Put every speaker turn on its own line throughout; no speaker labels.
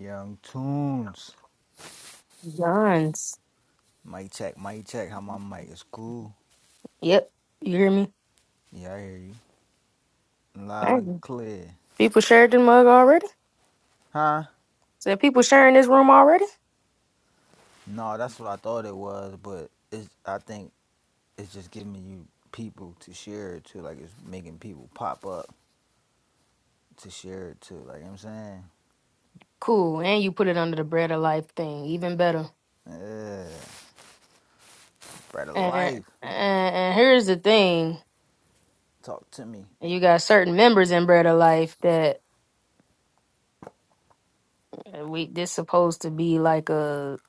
Young Tunes.
Guns.
Mic check, mic check. How my mic is cool.
Yep. You hear me?
Yeah, I hear you. Loud and
Dang.
clear.
People shared the mug already?
Huh?
Said people sharing this room already?
No, that's what I thought it was, but it's I think it's just giving you people to share it to. Like it's making people pop up to share it to. Like you know what I'm
Cool. And you put it under the bread of life thing. Even better.
saying? Yeah. Bread of
And,
life.
and, and here's the thing.
Talk to me.
You got certain members in Bread of Life that uh, we this supposed to be like a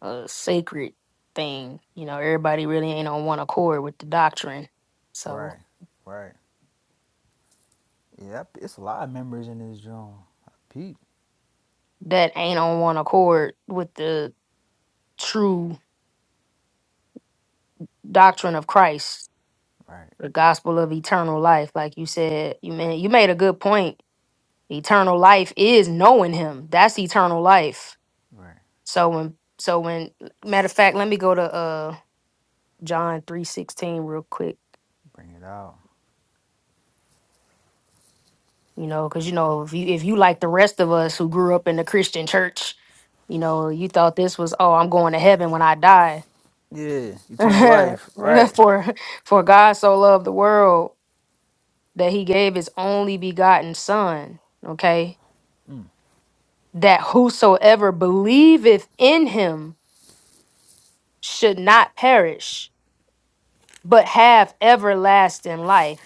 a sacred thing. You know, everybody really ain't on one accord with the doctrine. So
Right. Right. Yeah, it's a lot of members in this joint. Pete.
that ain't on one accord with the true doctrine of Christ.
Right.
the gospel of eternal life like you said you made you made a good point eternal life is knowing him that's eternal life
Right.
so when so when matter of fact let me go to uh john 3.16 real quick
Bring it out.
you know because you know if you if you like the rest of us who grew up in the christian church you know you thought this was oh i'm going to heaven when i die
Yeah. Eternal life. Right.
for for god so loved the world that he gave his only begotten son okay
Mm.
that whosoever believeth in him should not perish, but have everlasting life.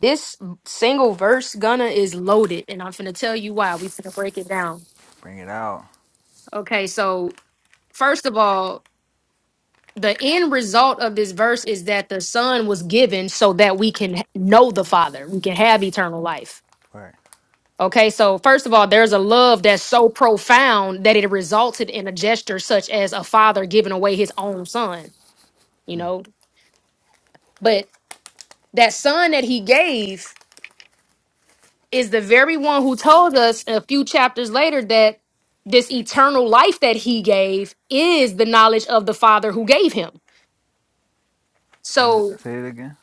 This single verse, Gunna, is loaded, and I'm finna tell you why. we finna break it down.
Bring it out.
Okay, so first of all, the end result of this verse is that the Son was given so that we can know the Father, we can have eternal life.
Right.
Okay, so first of all, there's a love that's so profound that it resulted in a gesture such as a father giving away his own son. you
Mm.
know. But that son that he gave is the very one who told us a few chapters later that this eternal life that he gave is the knowledge of the father who gave him.
Say it,
So
say it again.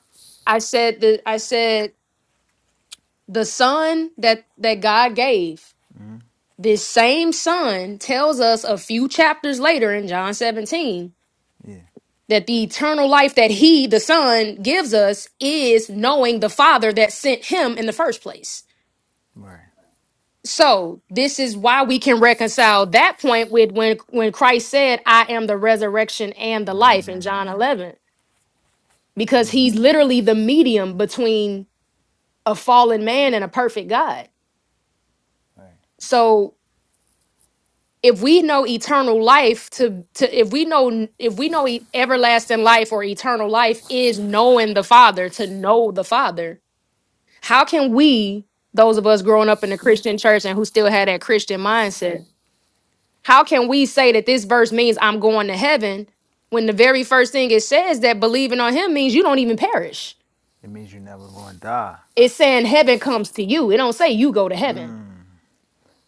I said the I said the son that that God gave,
Mm.
this same son tells us a few chapters later in John 17
Yeah.
that the eternal life that he the son gives us is knowing the father that sent him in the first place.
Right.
So this is why we can reconcile that point with when when Christ said, "I am the resurrection and the life" in John 11, because he's literally the medium between a fallen man and a perfect God.
Right.
So if we know eternal life to to if we know if we know e- everlasting life or eternal life is knowing the Father, to know the Father, how can we those of us growing up in the Christian church and who still had that Christian mindset How can we say that this verse means I'm going to heaven when the very first thing it says that believing on him means you don't even perish?
It means you're never going to die.
It's saying heaven comes to you. It don't say you go to heaven.
Mm.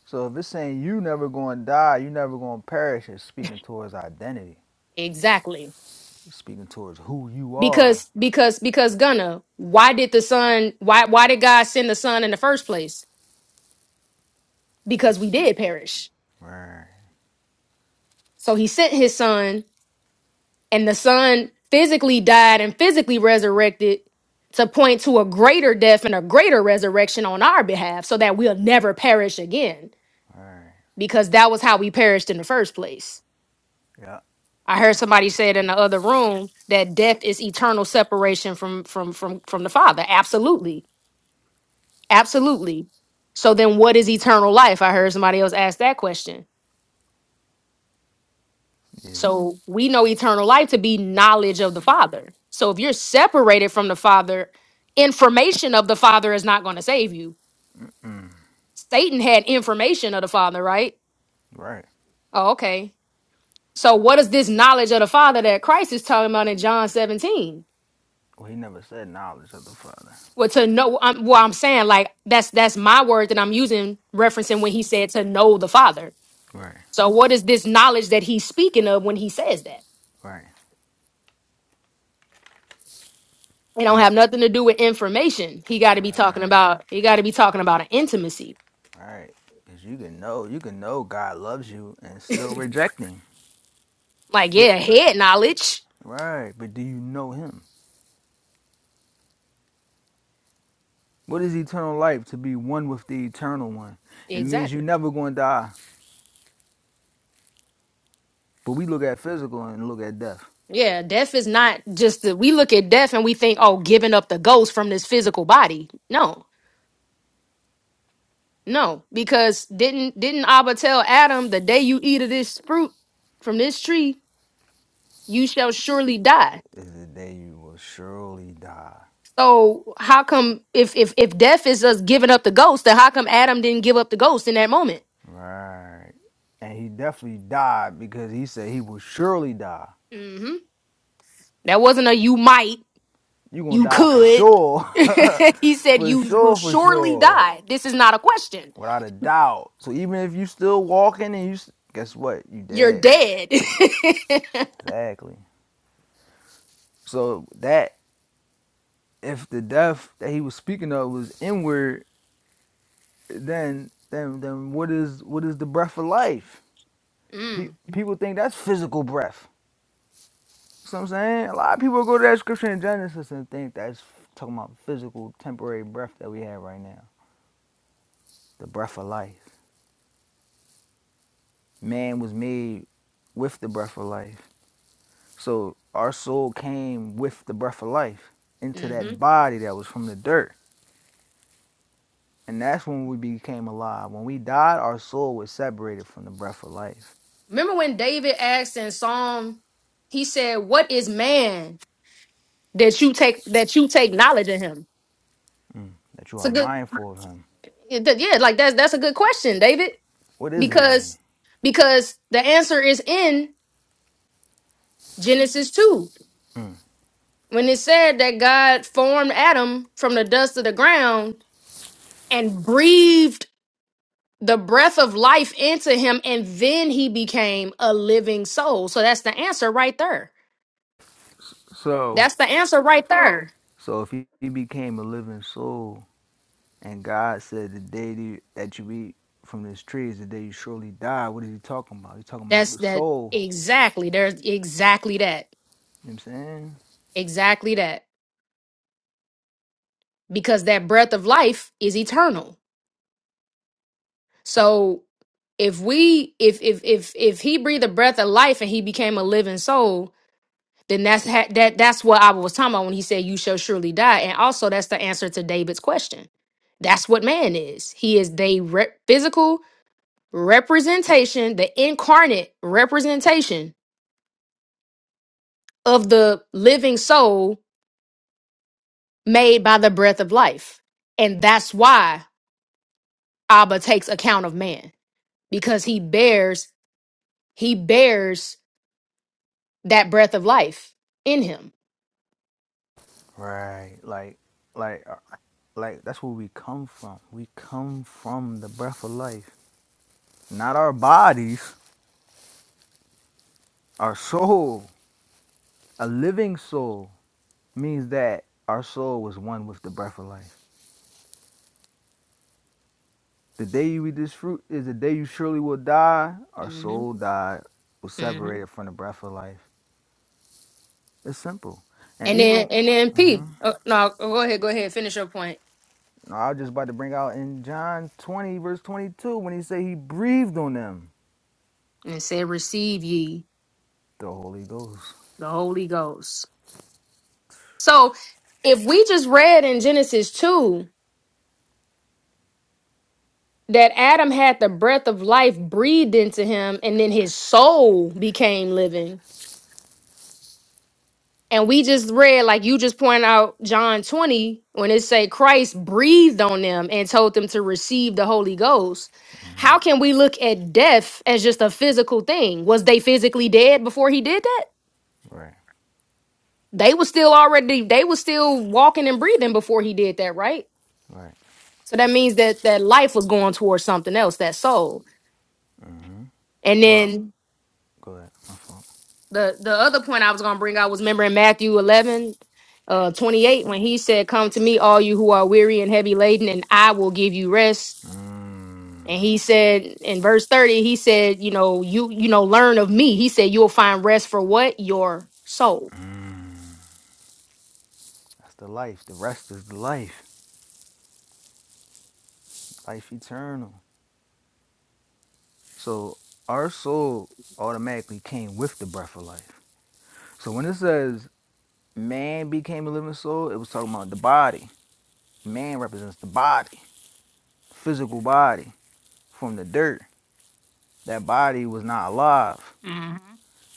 So if it's saying you never going to die, you never going to perish, it's speaking towards identity.
Exactly.
It's speaking towards who you are.
Because because because Gunna, why did the son why why did God send the son in the first place? Because we did perish.
Right.
So he sent his son and the son physically died and physically resurrected to point to a greater death and a greater resurrection on our behalf so that we'll never perish again
Right.
because that was how we perished in the first place.
Yeah.
I heard somebody say it in the other room that death is eternal separation from from from from the Father. Absolutely. Absolutely. So then what is eternal life? I heard somebody else ask that question.
Yeah.
So we know eternal life to be knowledge of the Father. So if you're separated from the Father, information of the Father is not going to save you.
Mm.
Satan had information of the Father, right?
Right.
Oh, okay. So what is this knowledge of the Father that Christ is talking about in John 17?
Well, he never said knowledge of the Father.
Well, to know, um, well, I'm saying like that's that's my word that I'm using, referencing when he said to know the Father.
Right.
So, what is this knowledge that he's speaking of when he says that?
Right.
It
It
don't
mean.
have nothing to do with information. He got to be talking
Right.
about. He got to be talking about an intimacy.
Right. Because you can know, you can know God loves you and still reject Him.
Like,
But
yeah, head knowledge.
right. But do you know Him? What is eternal life? To be one with the eternal one. It means you
Exactly.
never going to die. But we look at physical and look at death.
Yeah, death is not just that we look at death and we think, oh, giving up the ghost from this physical body. No, no, because didn't didn't Abba tell Adam the day you eat of this fruit from this tree, you shall surely die.
Is the day you will surely die.
So how come if if if death is us giving up the ghost, then how come Adam didn't give up the ghost in that moment?
Right. And he definitely died because he said he will surely die.
hmm That wasn't a you might,
you going
you
to die for
could.
sure.
he said
for
you will
sure, for
surely
sure.
die. This is not a question.
Without a doubt. So even if you still walking and you, s- guess what? You
You're
dead.
dead.
Exactly. So that, if the death that he was speaking of was inward, then then then what is what is the breath of life? Pe-
mm,
people think that's physical breath. So I'm saying a lot of people go to that scripture in Genesis and think that's talking about physical temporary breath that we have right now. The breath of life. Man was made with the breath of life. So our soul came with the breath of life into
hmm
that body that was from the dirt. And that's when we became alive. When we died, our soul was separated from the breath of life.
Remember when David asked in Psalm, he said, "What is man that you take that you take knowledge of him?"
Mm. That you
It's
are
a good,
mindful of him.
yeah, like that's that's a good question, David.
What is man?
because because the answer is in Genesis 2
Mm.
when it said that God formed Adam from the dust of the ground and breathed the breath of life into him and then he became a living soul. So that's the answer right there.
So,
That's the answer right there.
so if he, became a living soul, and God said the day that you that you eat from this tree is the day you surely die. What is he talking about? He talking about
That's
the
that
soul.
exactly. There's exactly that.
You know what I'm saying?
Exactly that. Because that breath of life is eternal. So if we if if if if he breathed the breath of life and he became a living soul then that's ha- that that's what i was talking about when he said you shall surely die and also that's the answer to david's question that's what man is he is the re- physical representation the incarnate representation of the living soul made by the breath of life and that's why abba takes account of man because he bears he bears that breath of life in him
Right. Like, like, uh, like that's where we come from. We come from the breath of life, not our bodies. Our soul, a living soul, means that our soul was one with the breath of life. The day you eat this fruit is the day you surely will die. Our
hmm
soul died was
hmm
separated from the breath of life. It's simple. And
And then
even
and then P. Oh, no, go ahead, go ahead, finish your point.
no, I was just about to bring out in John 20, verse 22, when he said he breathed on them
And it said, "Receive ye
the Holy Ghost.
the Holy Ghost." So, if we just read in Genesis two that Adam had the breath of life breathed into him, and then his soul became living. And we just read, like you just pointed out John 20, when it say Christ breathed on them and told them to receive the Holy Ghost. How can we look at death as just a physical thing? Was they physically dead before he did that?
Right,
They were still already, they were still walking and breathing before he did that, right?
right.
So that means that that life was going towards something else, that soul. And
Well,
then
go ahead. My fault.
the the other point I was gonna bring out was remember in Matthew eleven, uh, twenty eight when he said, "Come to me, all you who are weary and heavy laden, and I will give you rest."
Mm,
And he said in verse thirty, he said, "You know, you you know, learn of me." He said, "You'll find rest for what your soul."
that's the life. The rest is the life, life eternal. So our soul automatically came with the breath of life. So when it says man became a living soul, it was talking about the body Man represents the body, physical body, from the dirt. That body was not alive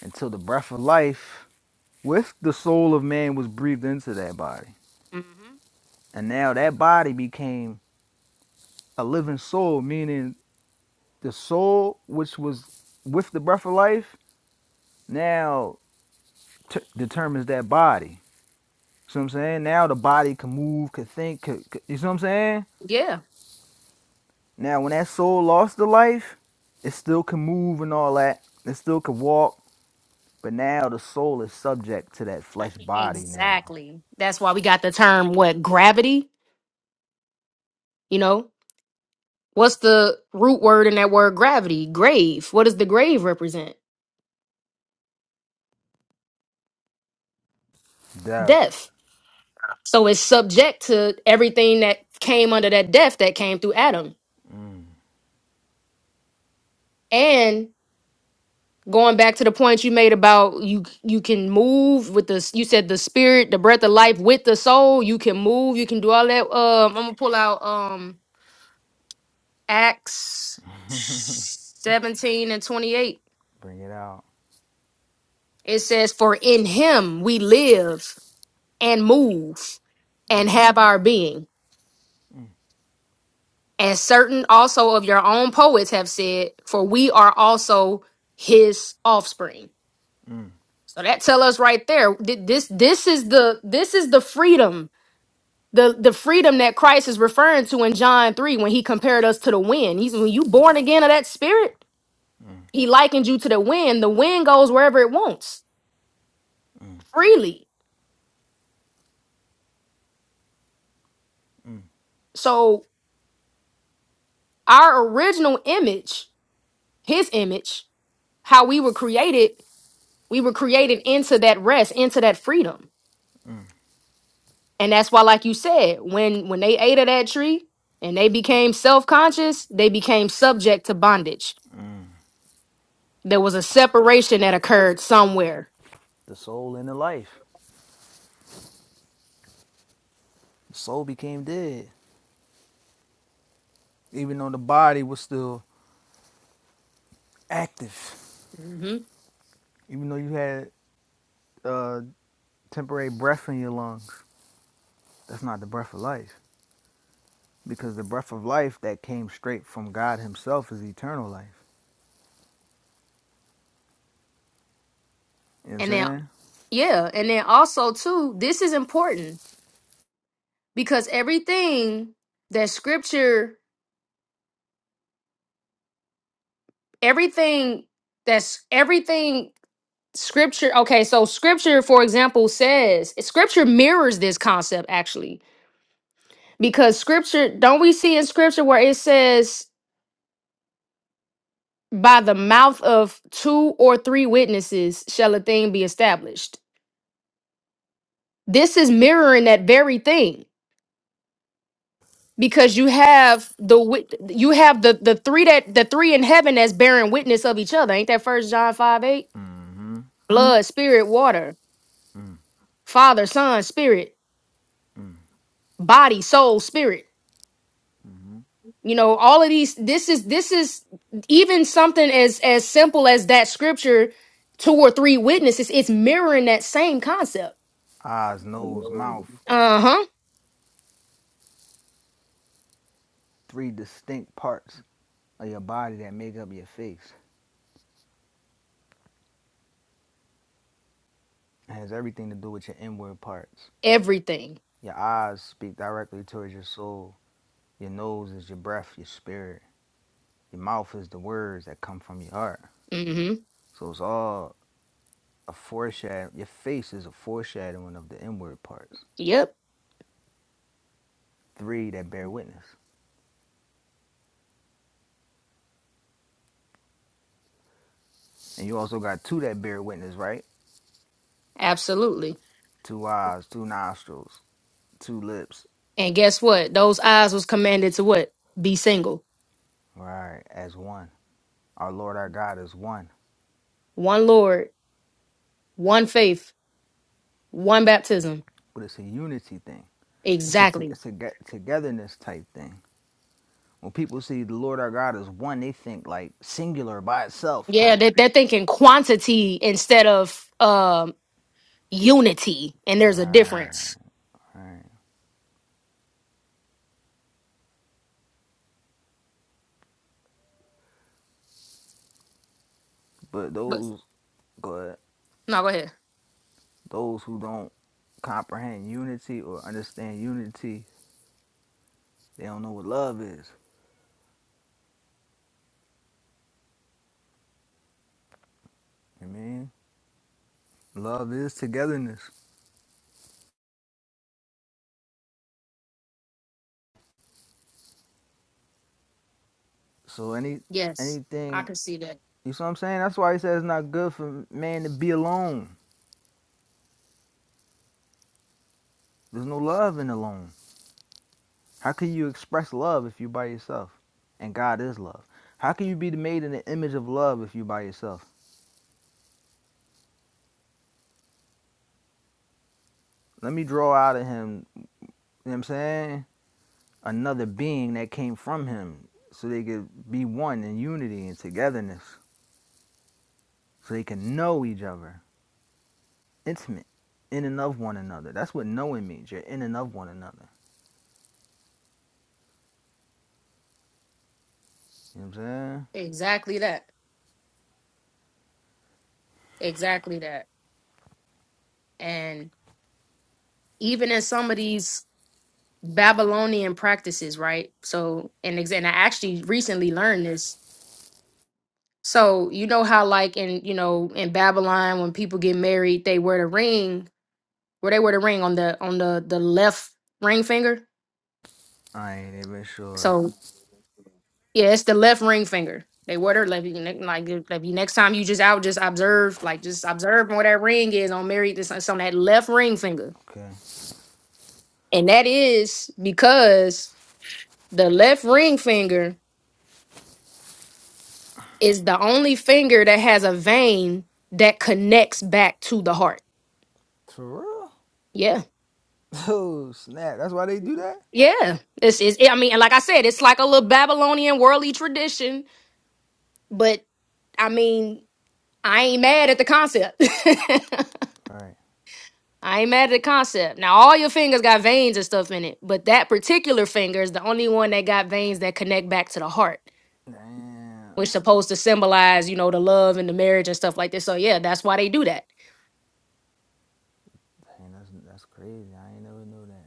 until the breath of life with the soul of man was breathed into that body.
hmm
And now that body became a living soul, meaning the soul which was with the breath of life now t- determines that body. See what I'm saying? Now the body can move, can think, could, could- you see what I'm saying?
Yeah,
Now when that soul lost the life, it still can move and all that. It still can walk But now the soul is subject to that flesh body now.
exactly. That's why we got the term what gravity. You know, what's the root word in that word gravity? Grave. What does the grave represent?
Death,
Death So it's subject to everything that came under that death that came through Adam. And going back to the point you made about you you can move with the you said the spirit, the breath of life with the soul, you can move, you can do all that. Um I'm gonna pull out um Acts 17 and 28.
bring it out.
It says, For in him we live and move and have our being. And certain also of your own poets have said, For we are also his offspring.
Mm,
So that tell us right there. th- This this is the this is the freedom. The, the freedom that Christ is referring to in John 3 when he compared us to the wind. He's when you born again of that spirit, he likened you to the wind. The wind goes wherever it wants freely.
mm.
So our original image, his image, how we were created, we were created into that rest, into that freedom. And that's why, like you said, when when they ate of that tree and they became self-conscious, they became subject to bondage. There was a separation that occurred somewhere.
The soul and the life. The soul became dead, even though the body was still active.
hmm
Even though you had uh, temporary breath in your lungs, that's not the breath of life. Because the breath of life that came straight from God Himself is eternal life. You know what
And
I'm
then
saying?
yeah, and then also too, this is important because everything that scripture, everything that's everything scripture okay, so scripture, for example, says scripture mirrors this concept actually. Because scripture, don't we see in scripture where it says by the mouth of two or three witnesses shall a thing be established this is mirroring that very thing because you have the wit- you have the the three that the three in heaven that's bearing witness of each other ain't that first john 5 8
Mm-hmm.
blood spirit water father son spirit
Mm-mm.
body soul spirit you know all of these this is this is even something as as simple as that scripture two or three witnesses it's mirroring that same concept
Eyes, nose, mouth,
uh-huh
three distinct parts of your body that make up your face. It has everything to do with your inward parts.
everything
Your eyes speak directly towards your soul. Your nose is your breath, your spirit. Your mouth is the words that come from your heart.
Mm-hmm.
So it's all a foreshadow. Your face is a foreshadowing of the inward parts.
Yep.
Three that bear witness. And you also got two that bear witness, right?
Absolutely.
Two eyes, two nostrils, two lips.
And guess what? Those eyes was commanded to what? Be single.
Right, as one. Our Lord our God is one.
One Lord, one faith, one baptism.
But it's a unity thing. It's a, t-
Exactly.
it's a get- togetherness type thing When people see the Lord our God as one, they think like singular by itself
Yeah,
type.
they they're thinking quantity instead of um unity. And
All
there's a difference.
Right, all right. But
But
those, but
no, go ahead.
those who don't comprehend unity or understand unity, they don't know what love is. You know what I mean love is togetherness. So any
Yes. I
anything,
can see that.
you see what I'm saying? That's why he says it's not good for man to be alone. There's no love in alone. How can you express love if you by yourself? And God is love. How can you be made in the image of love if you by yourself? Let me draw out of him, you know what I'm saying? Another being that came from him so they could be one in unity and togetherness. So they can know each other, intimate, in and of one another. That's what knowing means. You're in and of one another. You know what I'm saying?
Exactly that. Exactly that. And even in some of these Babylonian practices, right? So, and, ex- and I actually recently learned this So you know how like in you know in Babylon when people get married they wear the ring where they wear the ring on the on the the left ring finger.
I ain't even sure.
So yeah, it's the left ring finger. They wear their left you ne- like if if you next time you just out just observe like just observe where that ring is on married it's, it's on that left ring finger.
Okay.
And that is because the left ring finger is the only finger that has a vein that connects back to the heart.
For real?
Yeah.
Oh, snap. That's why they do that?
Yeah, it's, it's I mean, and like I said, it's like a little Babylonian worldly tradition, but I mean, I ain't mad at the concept.
All Right.
I ain't mad at the concept. Now, all your fingers got veins and stuff in it, but that particular finger is the only one that got veins that connect back to the heart,
Damn.
which supposed to symbolize, you know, the love and the marriage and stuff like this. So yeah, that's why they do that.
Dang, that's, that's crazy. I ain't never knew that.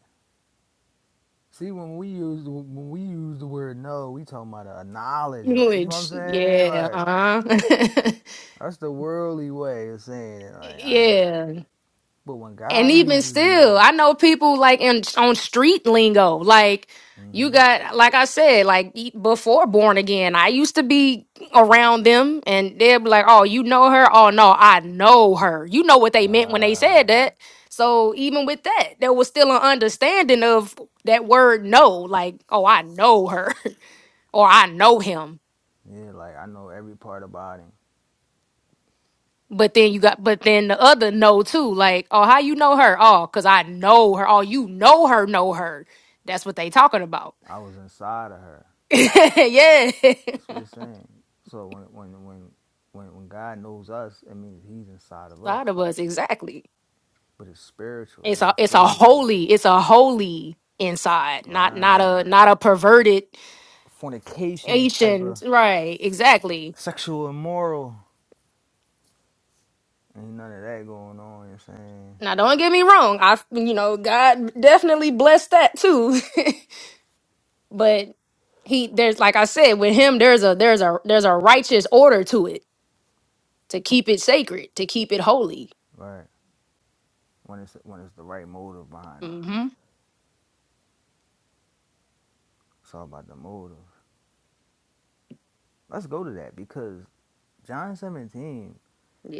See, when we use the- when we use the word know, we talking about a knowledge. Like you know what I'm
Which
saying?
yeah,
Like
uh-huh.
that's the worldly way of saying it. Like I ain't.
yeah,
But when
And
God
even
uses
still,
know,
I know people like in on street lingo. Like you
mm-hmm.
got, like I said, like e- before born again, I used to be around them, and they'll be like, "Oh, you know her? Oh no, I know her." You know what they meant when they
Right.
said that. So even with that, there was still an understanding of that word "no." Like, "Oh, I know her," or "I know him."
Yeah, like I know every part about him.
But then you got, but then the other no too. Like, oh, how you know her? Oh, cause I know her. Oh, you know her, know her. That's what they talking about.
I was inside of her.
yeah,
That's what it's saying. So when when when when when God knows us, it means he's inside of us.
side of us exactly.
But it's spiritual, it's
It's a,
not
it's a
physical.
holy, it's a holy inside, not not a
Right.
not a perverted
Fornication type of
ancient. Right, exactly.
sexual immoral Ain't none of that going on, you know what I'm saying?
Now, don't get me wrong. I, you know, God definitely blessed that too. but he, there's like I said, with him, there's a there's a there's a righteous order to it to keep it sacred, to keep it holy.
Right. When it's when it's the right motive behind it.
hmm
It's all about the motive. Let's go to that because John 17,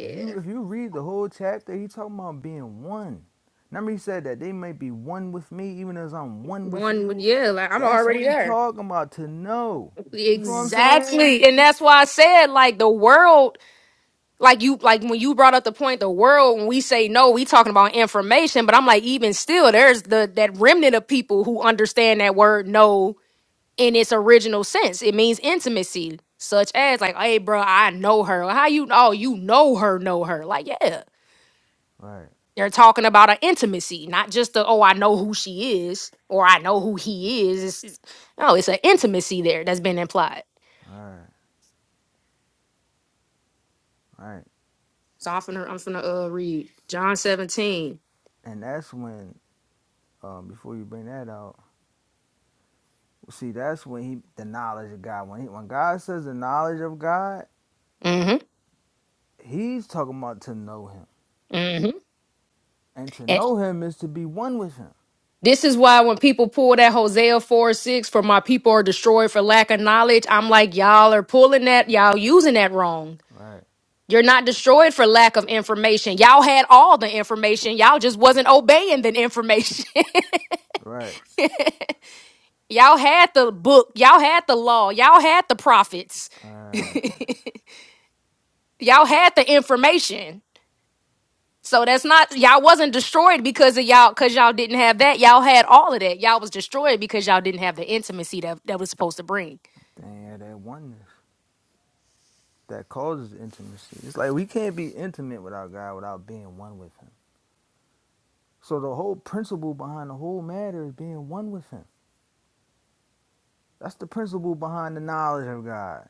if you if you read the whole chapter, he talking about being one. Remember he said that they may be one with me even as I'm one with
One would
you.
yeah, like I'm
That's
already
what he
there.
talking about to know. You feel what I'm saying?
Exactly. And that's why I said like the world, like you like when you brought up the point, the world, when we say no, we talking about information, but I'm like, even still, there's the that remnant of people who understand that word no in its original sense. It means intimacy. Such as like, hey bro, I know her. How you oh you know her, know her. Like, yeah.
Right,
They're talking about an intimacy, not just the oh, I know who she is or I know who he is. It's, it's- no, it's an intimacy there that's been implied.
right, right.
So I'm finna I'm finna uh, read John 17.
And that's when um, before you bring that out, see that's when he the knowledge of God. When he, when God says the knowledge of God,
Mm-hmm.
He's talking about to know him.
Mm-hmm.
And to
And
know him is to be one with him.
this is why when people pull that Hosea 4 6 for my people are destroyed for lack of knowledge, I'm like, y'all are pulling that, y'all using that wrong.
Right.
You're not destroyed for lack of information. Y'all had all the information. Y'all just wasn't obeying the information.
Right.
Y'all had the book, y'all had the law, y'all had the prophets.
Right.
y'all had the information. So that's not y'all wasn't destroyed because of y'all cuz y'all didn't have that. Y'all had all of that. Y'all was destroyed because y'all didn't have the intimacy that that was supposed to bring.
Dang, yeah, that oneness that causes intimacy. It's like we can't be intimate with our God without being one with him. So the whole principle behind the whole matter is being one with him. That's the principle behind the knowledge of God.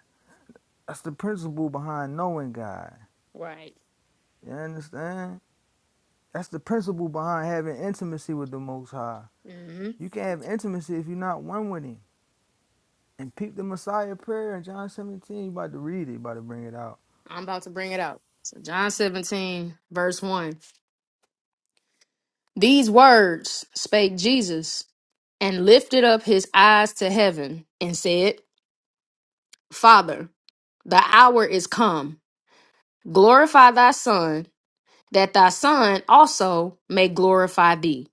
That's the principle behind knowing God.
Right.
You understand? That's the principle behind having intimacy with the Most High.
hmm
You can't have intimacy if you're not one with him. And peep the Messiah prayer in John 17. You about to read it, you about to bring it out.
I'm about to bring it out. So John 17 verse 1. These words spake Jesus and lifted up his eyes to heaven and said, "Father, the hour is come Glorify thy Son, that thy Son also may glorify thee,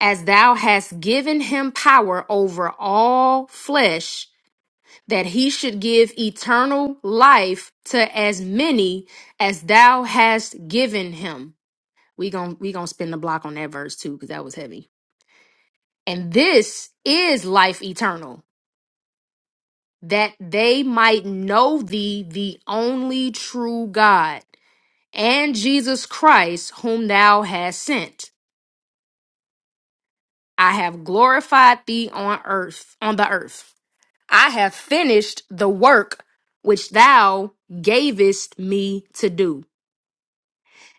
as thou hast given him power over all flesh, that he should give eternal life to as many as thou hast given him. We gon' we gonna spin the block on that verse too, because that was heavy. And this is life eternal, that they might know thee, the only true God, and Jesus Christ, whom thou hast sent. I have glorified thee on earth, on the earth. I have finished the work which thou gavest me to do.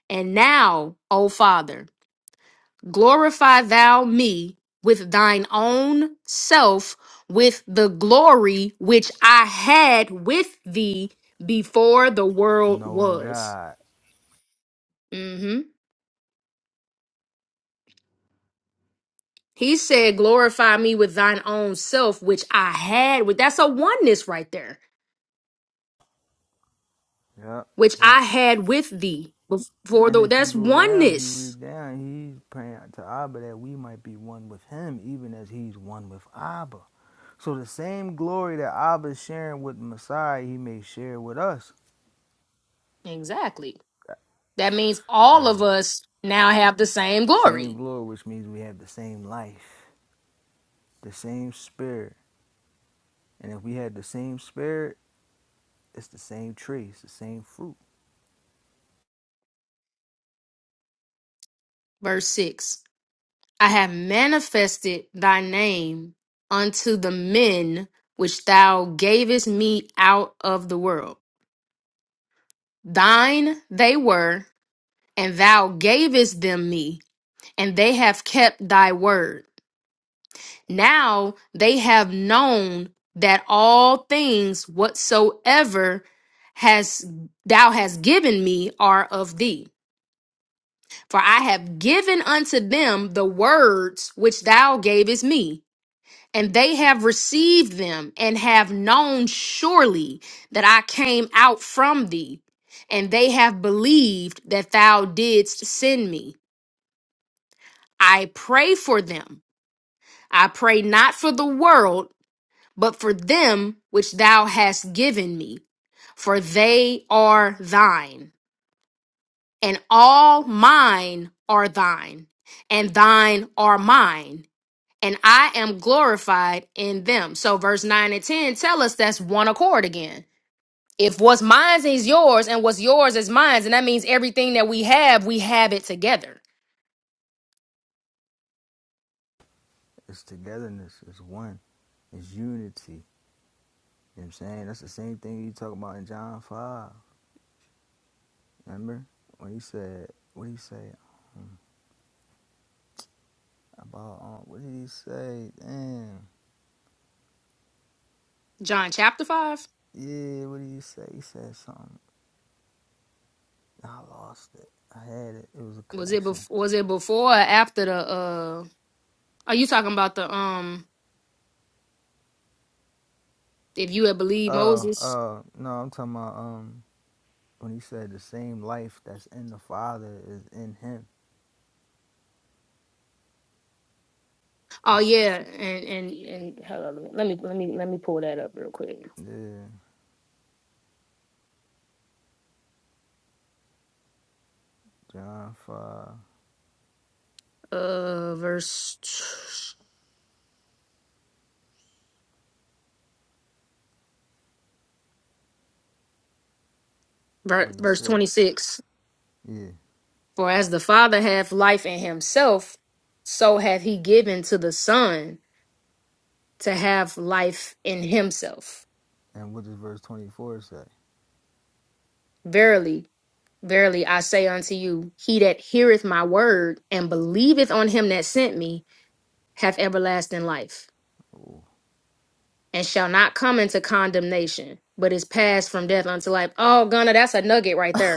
And now, O Father, glorify thou me with thine own self, with the glory which I had with thee before the world
Knowing
was.
God.
hmm He said, Glorify me with thine own self, which I had with. That's a oneness right there
Yep,
which I
yep.
had with thee before
And
the
if you
that's
go down, if you
oneness.
read down, he's praying to Abba that we might be one with him, even as he's one with Abba. So the same glory that Abba is sharing with the Messiah, he may share with us.
Exactly. That means all of
Heaven.
us now have the same
Same
glory.
glory, which means we have the same life, the same spirit. And if we had the same spirit, it's the same tree, it's the same fruit.
Verse 6 I have manifested thy name unto the men which thou gavest me out of the world. Thine they were, and thou gavest them me, and they have kept thy word. Now they have known that all things whatsoever has thou hast given me are of thee. For I have given unto them the words which thou gavest me, and they have received them, and have known surely that I came out from thee, and they have believed that thou didst send me. I pray for them. I pray not for the world but for them which thou hast given me, for they are thine, and all mine are thine, and thine are mine, and I am glorified in them. So, verse 9 and 10 tell us that's one accord again. If what's mine is yours, and what's yours is mine, and that means everything that we have, we have it together.
It's togetherness, it's one, it's unity You know what I'm saying? That's the same thing you talk about in John 5. Remember? When he said, what did he say about, um, what did he say? Damn.
John chapter 5.
Yeah, what did he say? He said something. Nah, I lost it. I had it. It was a
Was it
connection.
bef- was it before or after the uh are you talking about the um if you had believed
Oh,
Moses?
uh, no, I'm talking about, um, when he said the same life that's in the Father is in him.
Oh
This,
yeah, and and and hold on, let me let me let me pull that up real quick.
yeah, John five
Uh, verse ver-
twenty
verse twenty
six.
six.
Yeah.
For as the Father hath life in Himself, so hath He given to the Son to have life in Himself.
And what does verse 24 say?
Verily, verily, I say unto you, He that heareth my word and believeth on Him that sent me hath everlasting life
Ooh.
and shall not come into condemnation, but is passed from death unto life. Oh, Gunna, that's a nugget right there.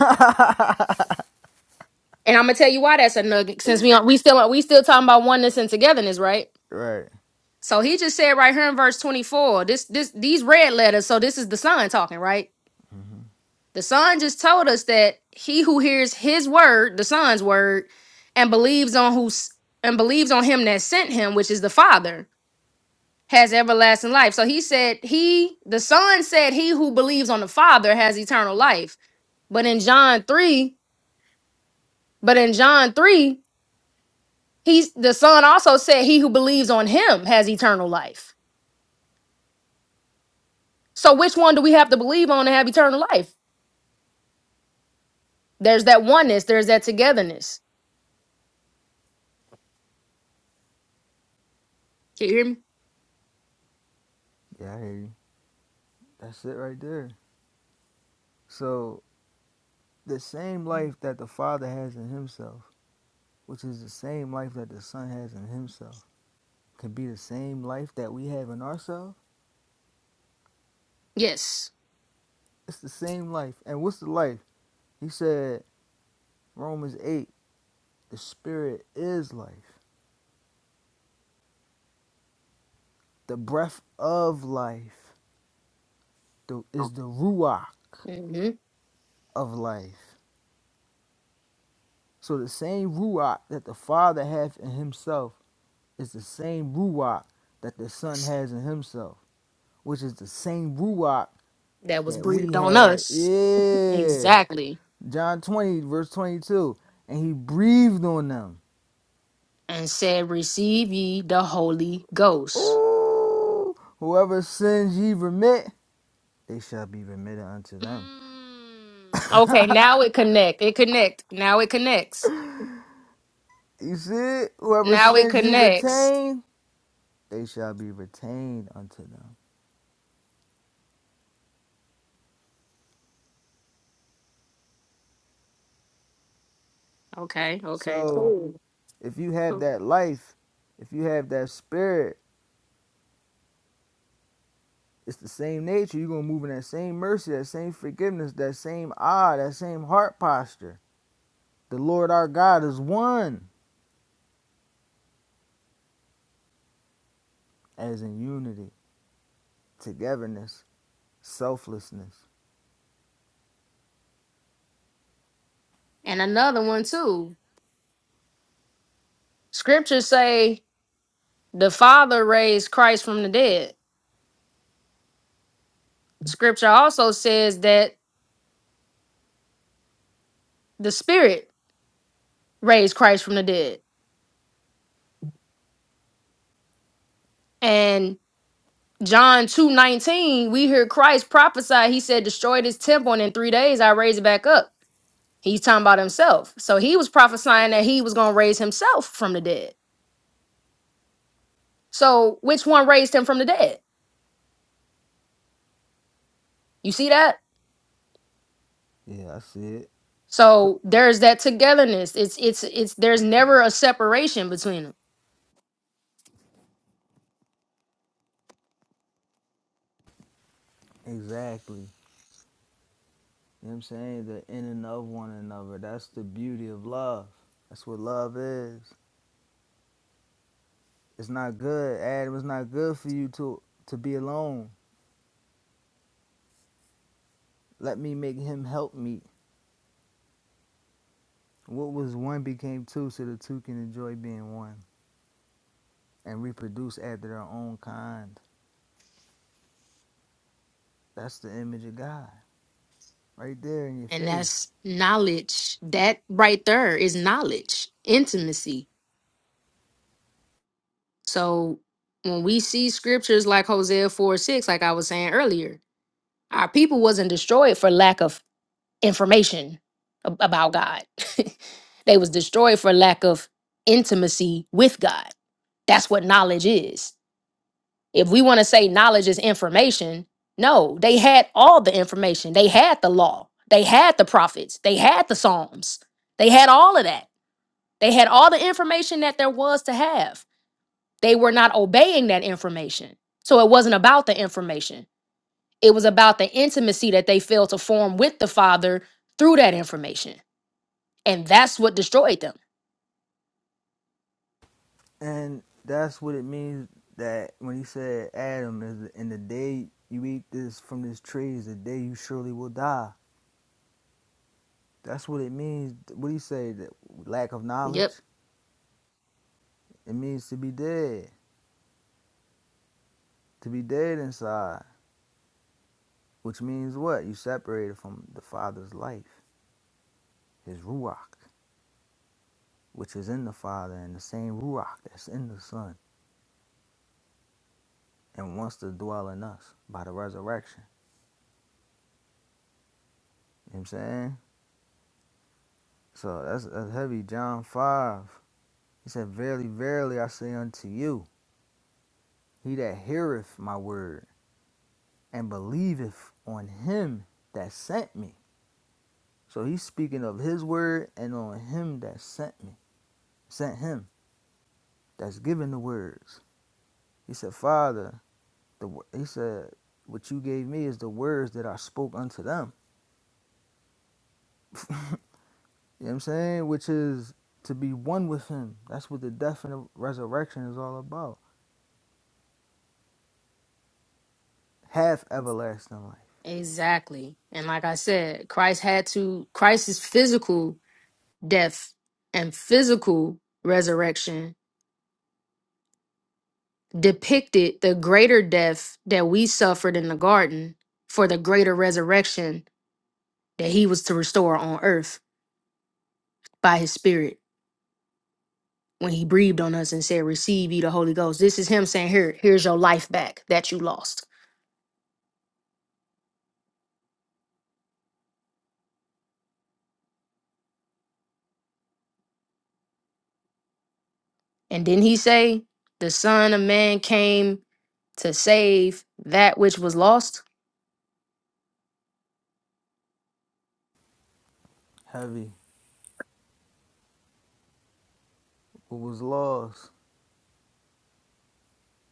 And I'm gonna tell you why that's a nugget, since we we still we still talking about oneness and togetherness, right?
Right.
So he just said right here in verse 24, this this these red letters. So this is the son talking, right?
hmm
The son just told us that he who hears his word, the son's word, and believes on who's and believes on him that sent him, which is the father, has everlasting life. So he said he the son said he who believes on the father has eternal life. But in John 3, but in John 3, He's the son also said he who believes on him has eternal life. So which one do we have to believe on to have eternal life? There's that oneness, there's that togetherness. Can you hear me?
Yeah, I hear you. That's it right there. So the same life that the Father has in Himself, which is the same life that the Son has in Himself, can be the same life that we have in ourselves.
Yes.
It's the same life. And what's the life? He said, Romans 8, the Spirit is life. The breath of life the- is the Ruach
hmm
of life. So the same Ruach that the Father has in Himself is the same Ruach that the Son has in Himself, which is the same Ruach
That was
that we
breathed on
have.
us.
Yeah.
Exactly.
John 20, verse 22. And he breathed on them.
And said, Receive ye the Holy Ghost.
Ooh. Whoever sins ye remit, they shall be remitted unto them.
Mm. Okay, now it connect. It connect. Now it connects.
You see it? Whoever
Now it
sins ye
connects.
retain, they shall be retained unto them.
Okay, okay,
So
cool.
if you have
cool.
that life, if you have that spirit, it's the same nature. You're going to move in that same mercy, that same forgiveness, that same eye, that same heart posture. The Lord our God is one. as in unity, togetherness, selflessness.
And another one too. Scriptures say The Father raised Christ from the dead. Scripture also says that the Spirit raised Christ from the dead. And John two nineteen, we hear Christ prophesy. He said, Destroy this temple, and in three days I raise it back up. He's talking about himself. So he was prophesying that he was going to raise himself from the dead. So which one raised him from the dead? You see that?
Yeah, I see it.
So there's that togetherness. It's it's it's there's never a separation between them.
Exactly. You know what I'm saying? The in and of one another. That's the beauty of love. That's what love is. It's not good. Adam, it's not good for you to to be alone. Let me make him help me. What was one became two so the two can enjoy being one and reproduce after their own kind. That's the image of God. Right there in your
And
face.
that's knowledge. That right there is knowledge, intimacy. So when we see scriptures like Hosea 4 6, like I was saying earlier, our people wasn't destroyed for lack of information ab- about God. they was destroyed for lack of intimacy with God. That's what knowledge is. If we want to say knowledge is information, no, they had all the information. They had the law. They had the prophets. They had the Psalms. They had all of that They had all the information that there was to have. They were not obeying that information. So it wasn't about the information, it was about the intimacy that they failed to form with the Father through that information. And that's what destroyed them.
And that's what it means that when he said, Adam, is in the day you eat this from this tree is the day you surely will die. That's what it means. What do you say? That lack of
Yep,
knowledge? It means to be dead, to be dead inside, which means what? You separated from the Father's life, His Ruach, which is in the Father, and the same Ruach that's in the Son, and wants to dwell in us by the resurrection. You know what I'm saying? So that's, that's heavy. John 5. He said, Verily, verily, I say unto you, he that heareth my word and believeth on him that sent me. So he's speaking of his word and on him that sent me, sent him, that's given the words. He said, Father, the he said, what you gave me is the words that I spoke unto them. You know what I'm saying? Which is to be one with him. That's what the death and the resurrection is all about. Have everlasting life.
exactly. And like I said, Christ had to, Christ's physical death, and physical resurrection depicted the greater death that we suffered in the garden for the greater resurrection that he was to restore on earth by his spirit when he breathed on us and said, Receive ye the Holy Ghost. This is him saying, Here, here's your life back that you lost. And didn't he say, The Son of Man came to save that which was lost?
Heavy. What was lost,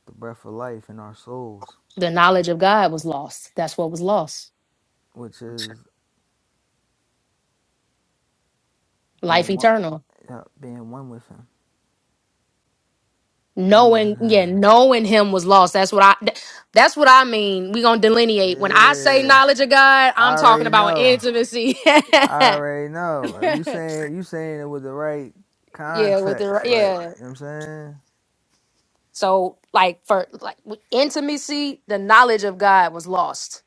the breath of life in our souls
The knowledge of God was lost. That's what was lost.
which is
Life
being one,
eternal
yeah, being one with him, knowing
knowing yeah
him.
knowing him was lost that's what i th- that's what i mean we gonna delineate when i say
Yeah,
knowledge of god i'm
I
talking
already
about
know.
intimacy yeah
I already know. You saying you saying it with the right
with the
context, like you know
yeah
what I'm saying
so like for like with intimacy the knowledge of god was lost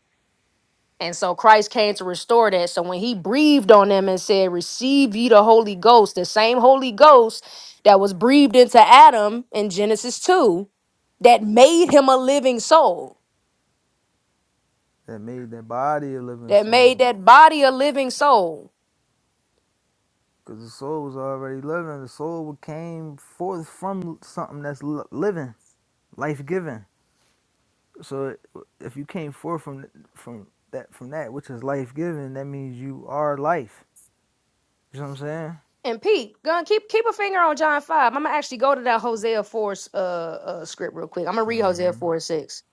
and so christ came to restore that so when he breathed on them and said receive ye the holy ghost the same holy ghost that was breathed into adam in genesis 2 that made him a living soul
that made that body a living
that
soul.
made that body a living soul.
Cause the soul was already living. The soul came forth from something that's li- living, life giving. So it- if you came forth from from that from that which is life giving, that means you are life. You know what I'm saying?
And Pete, gun keep keep a finger on John five. I'm gonna actually go to that Hosea four uh, uh script real quick. I'm gonna read Hosea four and six.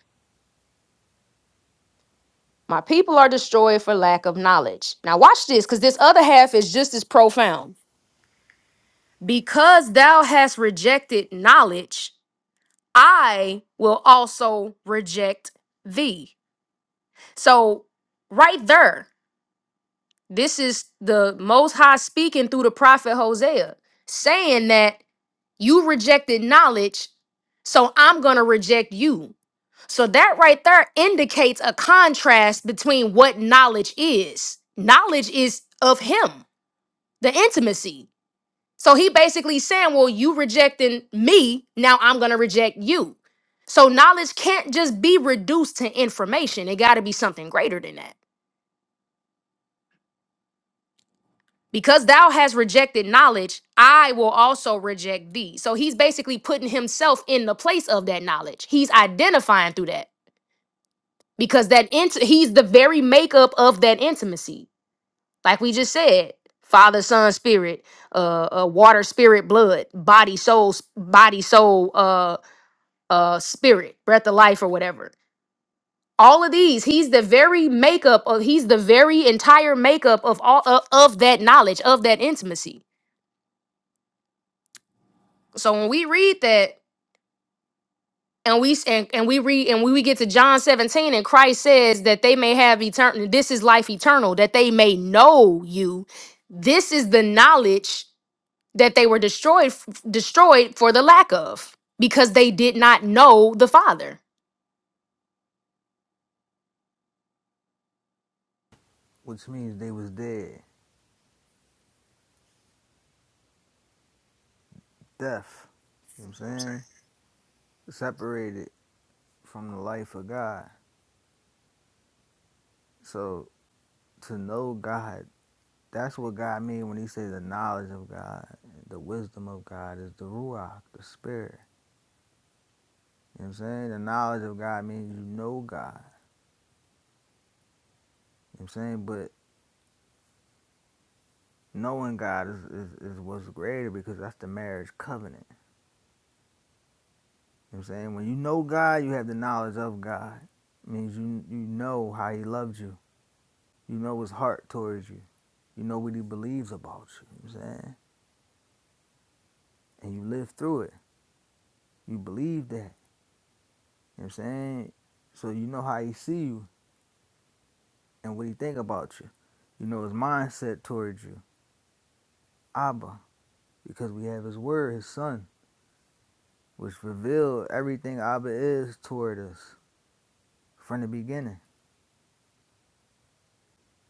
My people are destroyed for lack of knowledge. Now watch this, because this other half is just as profound. Because thou hast rejected knowledge, I will also reject thee. So right there, this is the Most High speaking through the prophet Hosea, saying that You rejected knowledge, so I'm going to reject you. So that right there indicates a contrast between what knowledge is. Knowledge is of him, the intimacy. So he basically saying, "Well, you rejecting me, now I'm going to reject you." So knowledge can't just be reduced to information. It got to be something greater than that. Because thou hast rejected knowledge, I will also reject thee. So he's basically putting himself in the place of that knowledge. He's identifying through that because that int- he's the very makeup of that intimacy. Like we just said, Father, Son, Spirit, uh, uh water, spirit, blood, body, soul, s- body, soul, uh, uh, spirit, breath of life, or whatever. All of these, he's the very makeup of. He's the very entire makeup of all of, of that knowledge of that intimacy. So when we read that and we and, and we read and we we get to John 17 and Christ says that they may have eternal this is life eternal that they may know you. This is the knowledge that they were destroyed f- destroyed for the lack of because they did not know the Father.
which means they was dead. Death, you know what I'm saying? Separated from the life of God. So to know God, that's what God mean when he say the knowledge of God, the wisdom of God is the ruach, the spirit. You know what I'm saying? The knowledge of God means you know God. You know what I'm saying? But knowing God is, is, is what's greater because that's the marriage covenant. You know what I'm saying? When you know God, you have the knowledge of God. It means you you know how he loved you. You know his heart towards you. You know what he believes about you, you know what I'm saying? And you live through it. You believe that, you know what I'm saying? So you know how he see you and what he think about you. You know his mindset towards you. Abba, because we have his word, his son, which revealed everything Abba is toward us from the beginning.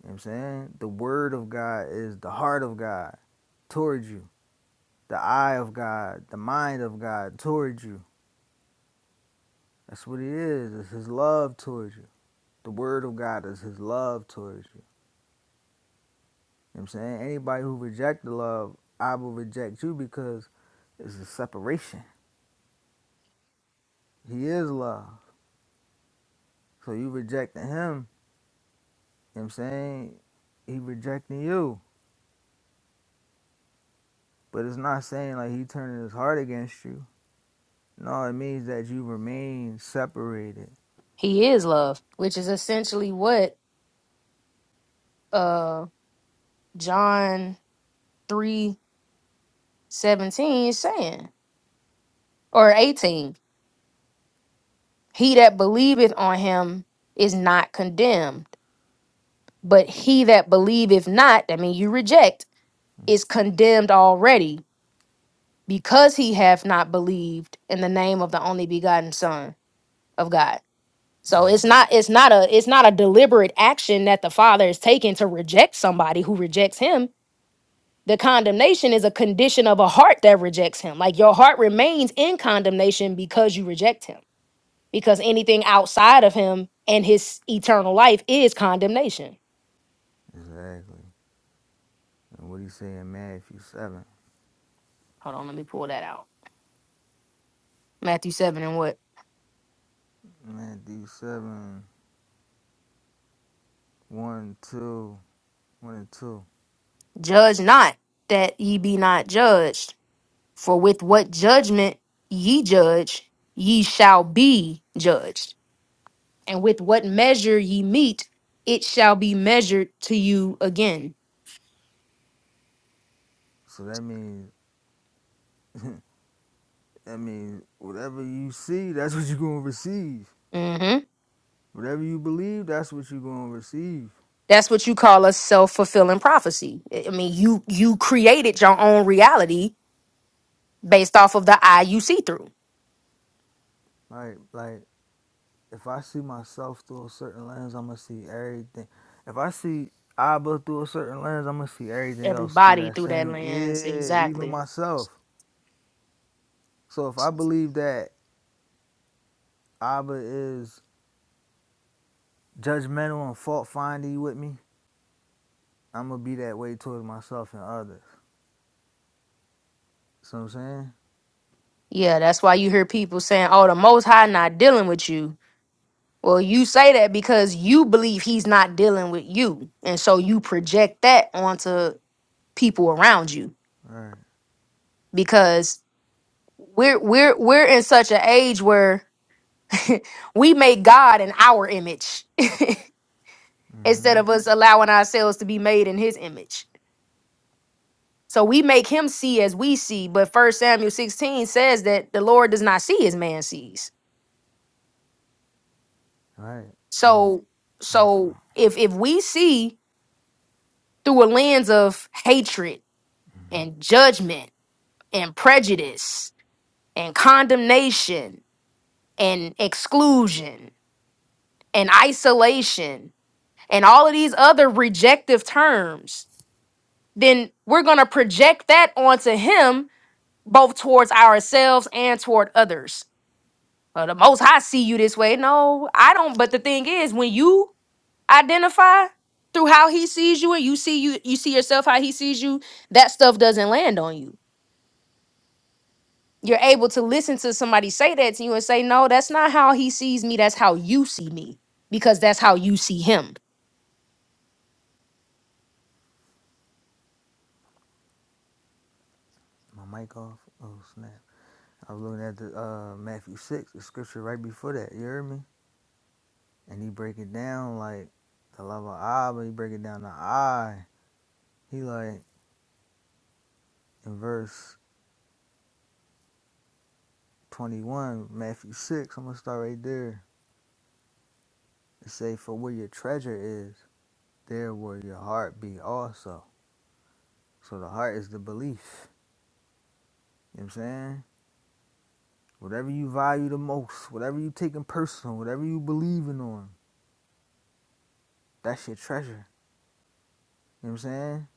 You know what I'm saying? The word of God is the heart of God towards you. The eye of God, the mind of God towards you. That's what it is. It's his love towards you. The word of God is his love towards you. You know what I'm saying? Anybody who rejects the love, I will reject you because it's a separation. He is love. So you rejecting him, you know what I'm saying? He rejecting you. But it's not saying like he turning his heart against you. No, it means that you remain separated.
He is love, which is essentially what uh John 3 17 is saying or 18. He that believeth on him is not condemned But he that believeth not, I mean, you reject, is condemned already because he hath not believed in the name of the only begotten Son of God. So it's not it's not a it's not a deliberate action that the Father is taking to reject somebody who rejects him. The condemnation is a condition of a heart that rejects him. Like your heart remains in condemnation because you reject him. Because anything outside of him and his eternal life is condemnation.
Exactly. And what he say in Matthew 7?
Hold on, let me pull that out. Matthew 7 and what?
Matthew seven one two one and 2.
Judge not, that ye be not judged. For with what judgment ye judge, ye shall be judged. And with what measure ye meet, it shall be measured to you again.
So that means, that means whatever you see, that's what you're going to receive.
hmm
Whatever you believe, that's what you're gonna receive.
That's what you call a self-fulfilling prophecy. I I mean, you you created your own reality based off of the eye you see through.
Like like if I see myself through a certain lens, I'm gonna see everything. If I see Abba through a certain lens, I'm gonna see everything else through
Everybody
that
through that
same
lens,
yeah, even
exactly.
myself. So if I believe that Abba is judgmental and fault finding with me, I'm gonna be that way towards myself and others. See what I'm saying?
Yeah, that's why you hear people saying, "Oh, the Most High not dealing with you." Well, you say that because you believe he's not dealing with you. And so you project that onto people around you
All Right.
because we're we're we're in such an age where we make God in our image
Mm-hmm.
instead of us allowing ourselves to be made in his image. So we make him see as we see, but first Samuel 16 says that the Lord does not see as man sees.
All Right. And it,
So
my phone,
so if if we see through a lens of hatred and judgment and prejudice and condemnation and exclusion and isolation and all of these other rejective terms, then we're going to project that onto him both towards ourselves and toward others. Well, the most I see you this way. No, I don't. But the thing is, when you identify through how he sees you and you see you you see yourself how he sees you, that stuff doesn't land on you you're able to listen to somebody say that to you and say, no, that's not how he sees me. That's how you see me because that's how you see him.
my mic off. Oh snap. I was looking at the uh, Matthew six, the scripture right before that. You hear me? And he break it down like the love of eye, but he break it down the eye. He like in verse twenty one, Matthew six. I'm gonna start right there. It say, "For where your treasure is, there will your heart be also." So the heart is the belief. You know what I'm saying? Whatever you value the most, whatever you taking personal, whatever you believing on, that's your treasure. You know what I'm saying?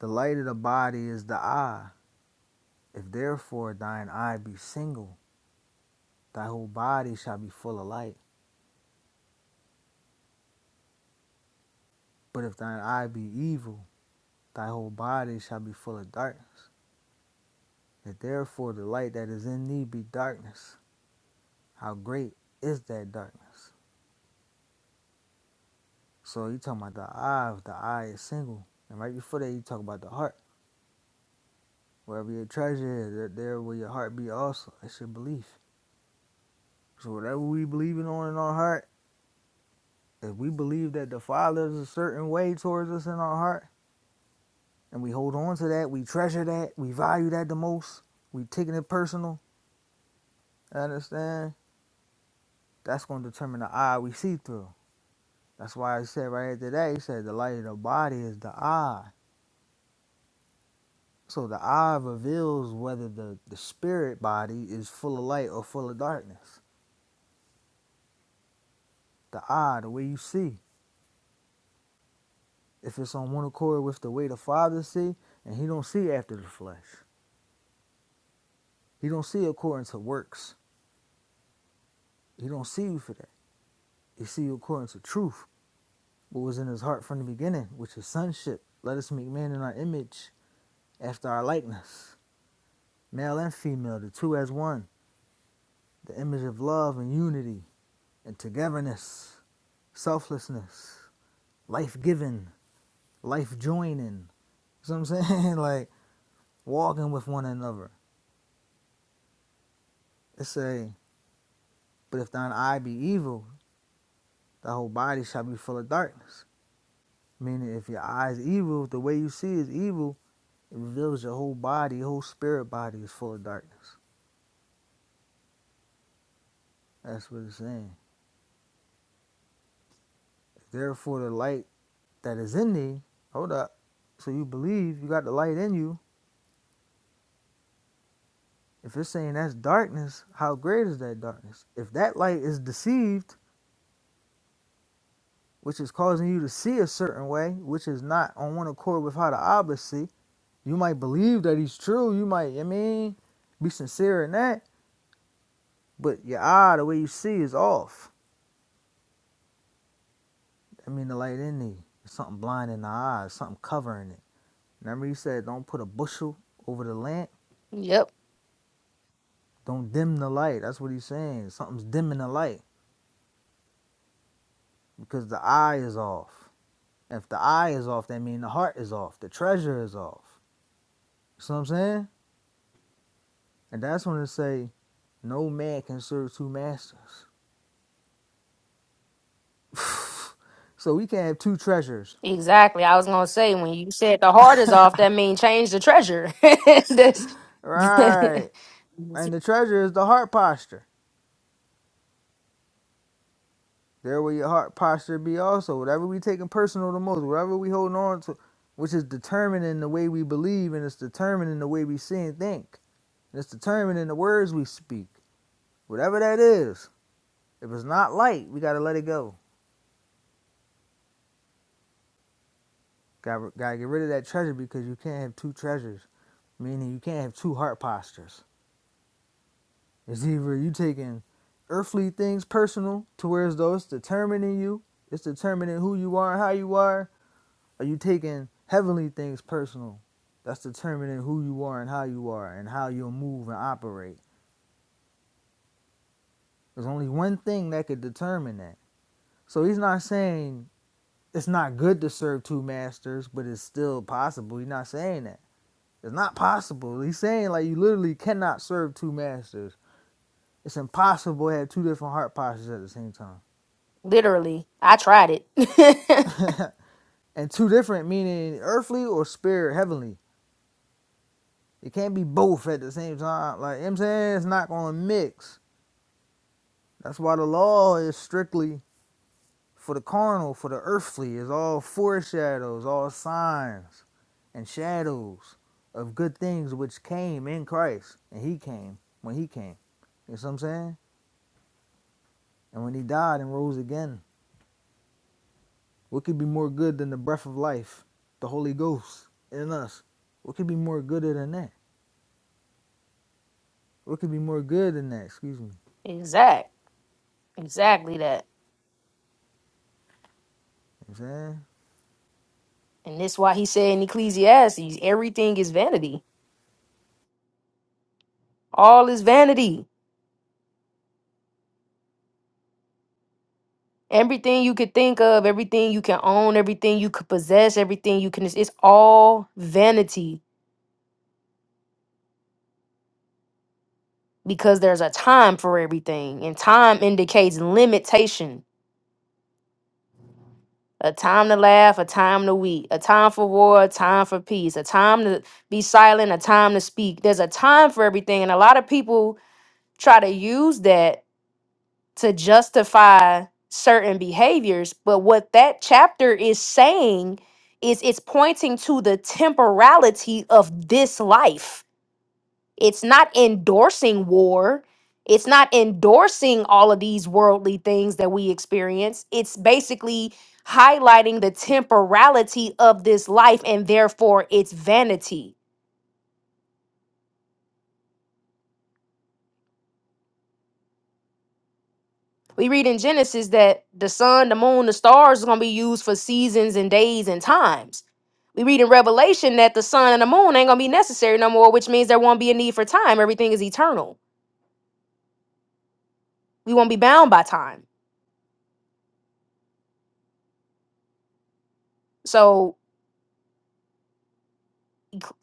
The light of the body is the eye. If therefore thine eye be single, thy whole body shall be full of light. But if thine eye be evil, thy whole body shall be full of darkness. If therefore the light that is in thee be darkness, how great is that darkness? So you talking about the eye, if the eye is single. And right before that you talk about the heart. Wherever your treasure is, there- there will your heart be also. It's your belief. So whatever we believing on in our heart, if we believe that the Father is a certain way towards us in our heart, and we hold on to that. We treasure that. We value that the most. We taking it personal. I understand. That's going to determine the eye we see through. That's why I said right after that, he said the light of the body is the eye. So the eye reveals whether the, the spirit body is full of light or full of darkness. The eye, the way you see. If it's on one accord with the way the Father see, and he don't see after the flesh. He don't see according to works. He don't see you for that. He see you according to truth. what was in his heart from the beginning, which is sonship. Let us make man in our image, after our likeness, male and female, the two as one, the image of love and unity and togetherness, selflessness, life giving, life joining. You know what I'm saying? like walking with one another. It's a, but if thine eye be evil, thy whole body shall be full of darkness. Meaning, if your eye is evil, the way you see is evil, it reveals your whole body, your whole spirit body is full of darkness. That's what it's saying. Therefore, the light that is in thee, hold up. So you believe you got the light in you. If you're saying that's darkness, how great is that darkness? If that light is deceived, which is causing you to see a certain way, which is not on one accord with how the obelisk see, you might believe that he's true. You might, I mean, be sincere in that, but your eye, the way you see, is off. I mean, the light in thee, there's something blind in the eyes, something covering it. Remember, he said, don't put a bushel over the lamp
Yep.
Don't dim the light. That's what he's saying. Something's dimming the light because the eye is off. If the eye is off, that means the heart is off. The treasure is off. You see what I'm saying? And that's when it say, no man can serve two masters. so we can't have two treasures.
Exactly. I was going to say, when you said the heart is off, that means change the treasure. that's
Right. And the treasure is the heart posture. There will your heart posture be also. Whatever we taking personal the most, whatever we holding on to, which is determining the way we believe and it's determining the way we see and think. And it's determining the words we speak. Whatever that is, if it's not light, we gotta let it go. Gotta, gotta get rid of that treasure because you can't have two treasures, meaning you can't have two heart postures. It's either you taking earthly things personal to where as though it's determining you, it's determining who you are and how you are, or you taking heavenly things personal. That's determining who you are and how you are and how you'll move and operate. There's only one thing that could determine that. So he's not saying it's not good to serve two masters, but it's still possible. He's not saying that. It's not possible. He's saying like you literally cannot serve two masters. It's impossible to have two different heart postures at the same
literally, I tried it.
time. and two different meaning earthly or spirit heavenly. It can't be both at the same time. Like you know what I'm saying, it's not gonna mix. That's why the law is strictly for the carnal, for the earthly, is all foreshadows, all signs and shadows of good things which came in Christ. And he came when he came. You see what I'm saying? And when he died and rose again, what could be more good than the breath of life, the Holy Ghost in us? What could be more good than that? What could be more good than that? Excuse me.
exact. Exactly that.
You know what I'm saying?
And this why he said in Ecclesiastes, everything is vanity. All is vanity. Everything you could think of, everything you can own, everything you could possess, everything you can, it's all vanity because there's a time for everything. And time indicates limitation a time to laugh, a time to weep, a time for war, a time for peace, a time to be silent, a time to speak. There's a time for everything. And a lot of people try to use that to justify certain behaviors. But what that chapter is saying is it's pointing to the temporality of this life. It's not endorsing war. It's not endorsing all of these worldly things that we experience. It's basically highlighting the temporality of this life and therefore its vanity We read in Genesis that the sun, the moon, the stars are going to be used for seasons and days and times. We read in Revelation that the sun and the moon ain't going to be necessary no more, which means there won't be a need for time. Everything is eternal. We won't be bound by time. So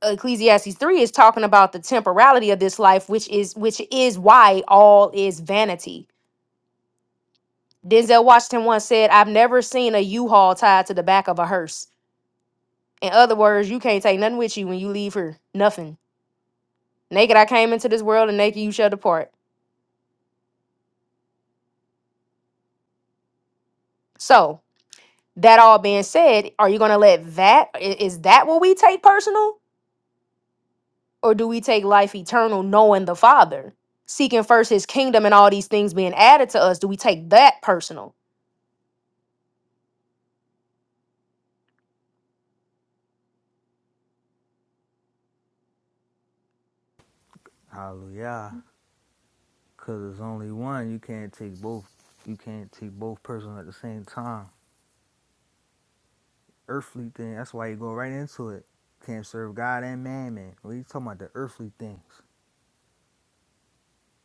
Ecclesiastes 3 is talking about the temporality of this life, which is which is why all is vanity. Denzel Washington once said, I've never seen a U-Haul tied to the back of a hearse. In other words, you can't take nothing with you when you leave here. Nothing. Naked I came into this world and naked you shall depart. So, that all being said, are you going to let that i- is that what we take personal or do we take life eternal knowing the Father? Seeking first his kingdom and all these things being added to us, do we take that personal?
Hallelujah. Because there's only one. You can't take both. You can't take both persons at the same time. earthly thing. That's why you go right into it. Can't serve God and man, man. What are you talking about? The earthly things,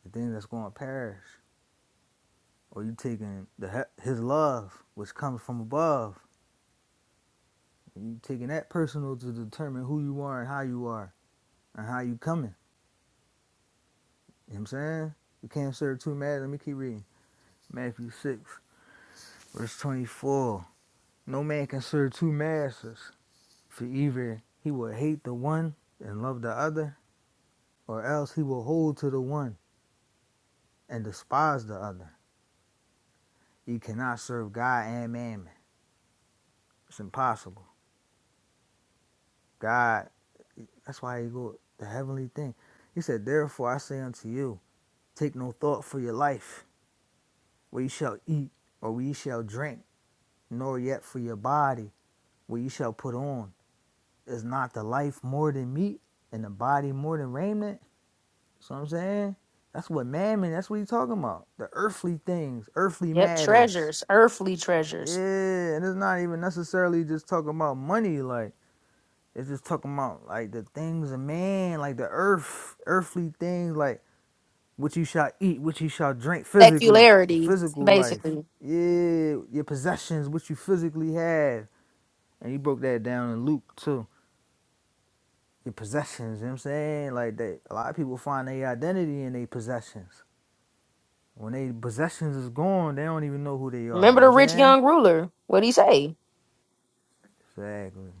the things that's going to perish. Or you taking the His love, which comes from above. You taking that personal to determine who you are and how you are and how you coming. You know what I'm saying? You can't serve two masters. Let me keep reading. Matthew 6, verse 24. No man can serve two masters, for either he will hate the one and love the other, or else he will hold to the one and despise the other. You cannot serve God and mammon. It's impossible. God, that's why you go the heavenly thing. He said, Therefore I say unto you, take no thought for your life, where you shall eat, or where you shall drink, nor yet for your body, where you shall put on. Is not the life more than meat, and the body more than raiment? So I'm saying, that's what mammon, that's what he's talking about. The earthly things, earthly
Yep,
matters.
treasures, earthly
Yeah,
treasures,
and it's not even necessarily just talking about money, like It's just talking about like the things of man, like the earth, earthly things, like what you shall eat, what you shall drink physically, your
secularity
physical life,
basically.
yeah, your possessions, what you physically have. And he broke that down in Luke too. Your possessions, you know what I'm saying? Like that a lot of people find their identity in their possessions. When their possessions is gone, they don't even know who they are,
Remember
you know what
the
I'm
rich
saying?
young ruler? What would he say?
Exactly.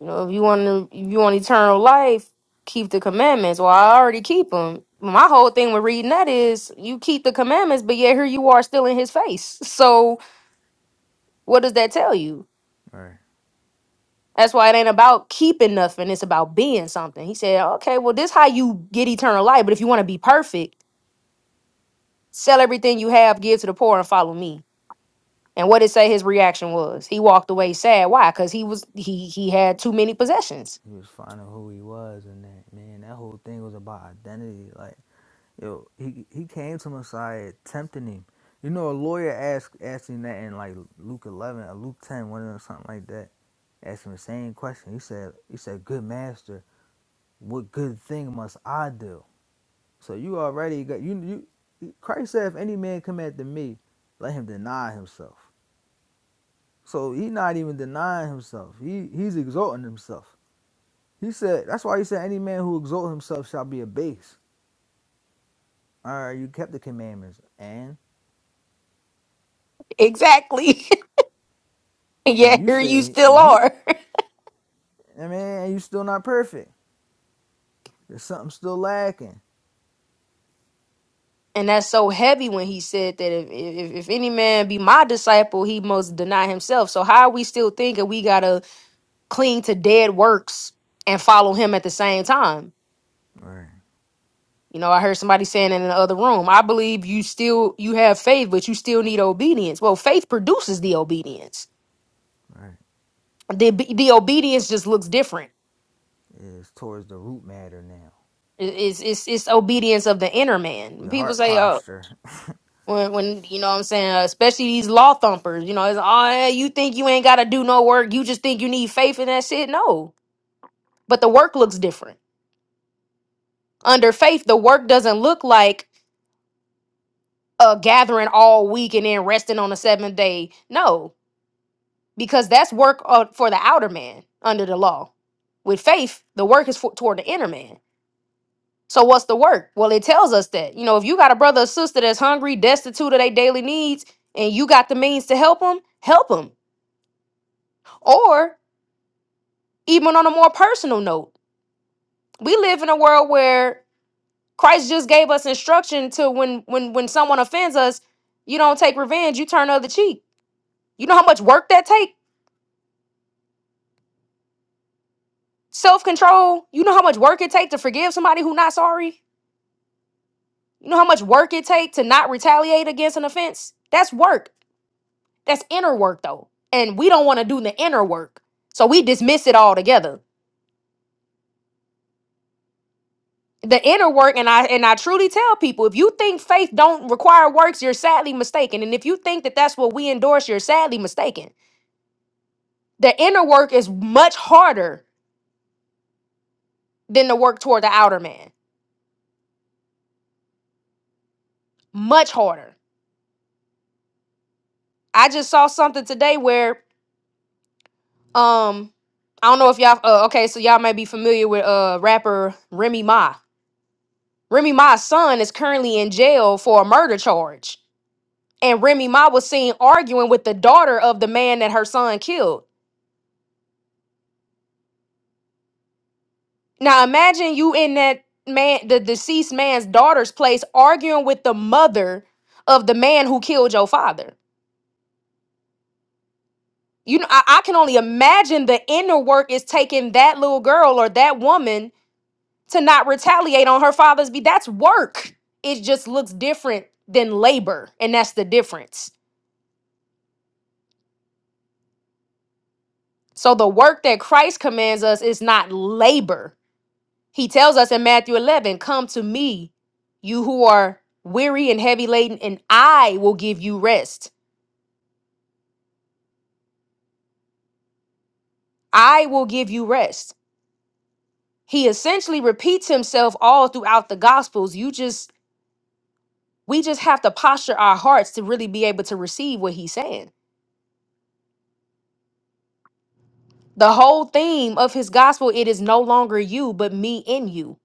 You know, if you want to, if you want eternal life, keep the commandments. Well, I already keep them. My whole thing with reading that is you keep the commandments, but yet here you are still in his face. So what does that tell you?
All Right.
That's why it ain't about keeping nothing. It's about being something. He said, okay, well, this how you get eternal life. But if you want to be perfect, sell everything you have, give to the poor, and follow me. And what did say his reaction was? He walked away sad. Why? Because he was he he had too many possessions.
He was finding who he was, and that man, that whole thing was about identity. Like, yo, he he came to Messiah tempting him. You know, a lawyer asked asked him that in like Luke eleven or Luke ten, one of them, something like that. Asked him the same question. He said, he said, "Good master, what good thing must I do?" So you already got you you. Christ said, "If any man come after me, let him deny himself." So he not even denying himself. He he's exalting himself. He said, that's why he said, any man who exalts himself shall be abased. All right, you kept the commandments. And
Exactly. yeah,
and you
here you
say, he,
still
he
are.
I mean, and you still not perfect. There's something still lacking.
And that's so heavy when he said that if, if, if any man be my disciple, he must deny himself. So how are we still thinking we gotta cling to dead works and follow him at the same time?
Right,
You know, I heard somebody saying in the other room, I believe you still you have faith, but you still need obedience. Well, faith produces the obedience.
right.
The the obedience just looks different.
It's towards the root matter now.
It- It's it's it's obedience of the inner man.
Your
People
heart
say, "Oh,
posture.
When, when you know what I'm saying, uh, especially these law thumpers, you know, it's oh, yeah, you think you ain't gotta do no work, you just think you need faith in that shit. No, but the work looks different. Under faith, the work doesn't look like uh gathering all week and then resting on the seventh day. No, because that's work uh, for the outer man under the law. With faith, the work is for, toward the inner man. So what's the work? Well, it tells us that you know if you got a brother or sister that's hungry, destitute of their daily needs, and you got the means to help them, help them. Or Even on a more personal note, we live in a world where Christ just gave us instruction to when when when someone offends us, you don't take revenge, you turn the other cheek. You know how much work that take? Self-control. You know how much work it take to forgive somebody who not sorry? You know how much work it take to not retaliate against an offense? That's work. That's inner work though. And we don't want to do the inner work. So we dismiss it all together the inner work and i and i truly tell people if you think faith don't require works you're sadly mistaken and if you think that that's what we endorse you're sadly mistaken the inner work is much harder than the work toward the outer man much harder i just saw something today where um i don't know if y'all uh, okay so y'all may be familiar with uh rapper remy ma remy ma's son is currently in jail for a murder charge and remy ma was seen arguing with the daughter of the man that her son killed Now imagine you in that man, the deceased man's daughter's place, arguing with the mother of the man who killed your father. You know, I, I can only imagine the inner work is taking that little girl or that woman to not retaliate on her father's be. That's work. It just looks different than labor, and that's the difference. So the work that Christ commands us is not labor. He tells us in Matthew 11, Come to me, you who are weary and heavy laden, and I will give you rest. I will give you rest. He essentially repeats himself all throughout the Gospels. You just, we just have to posture our hearts to really be able to receive what he's saying. The whole theme of his gospel, it is no longer you, but me in you.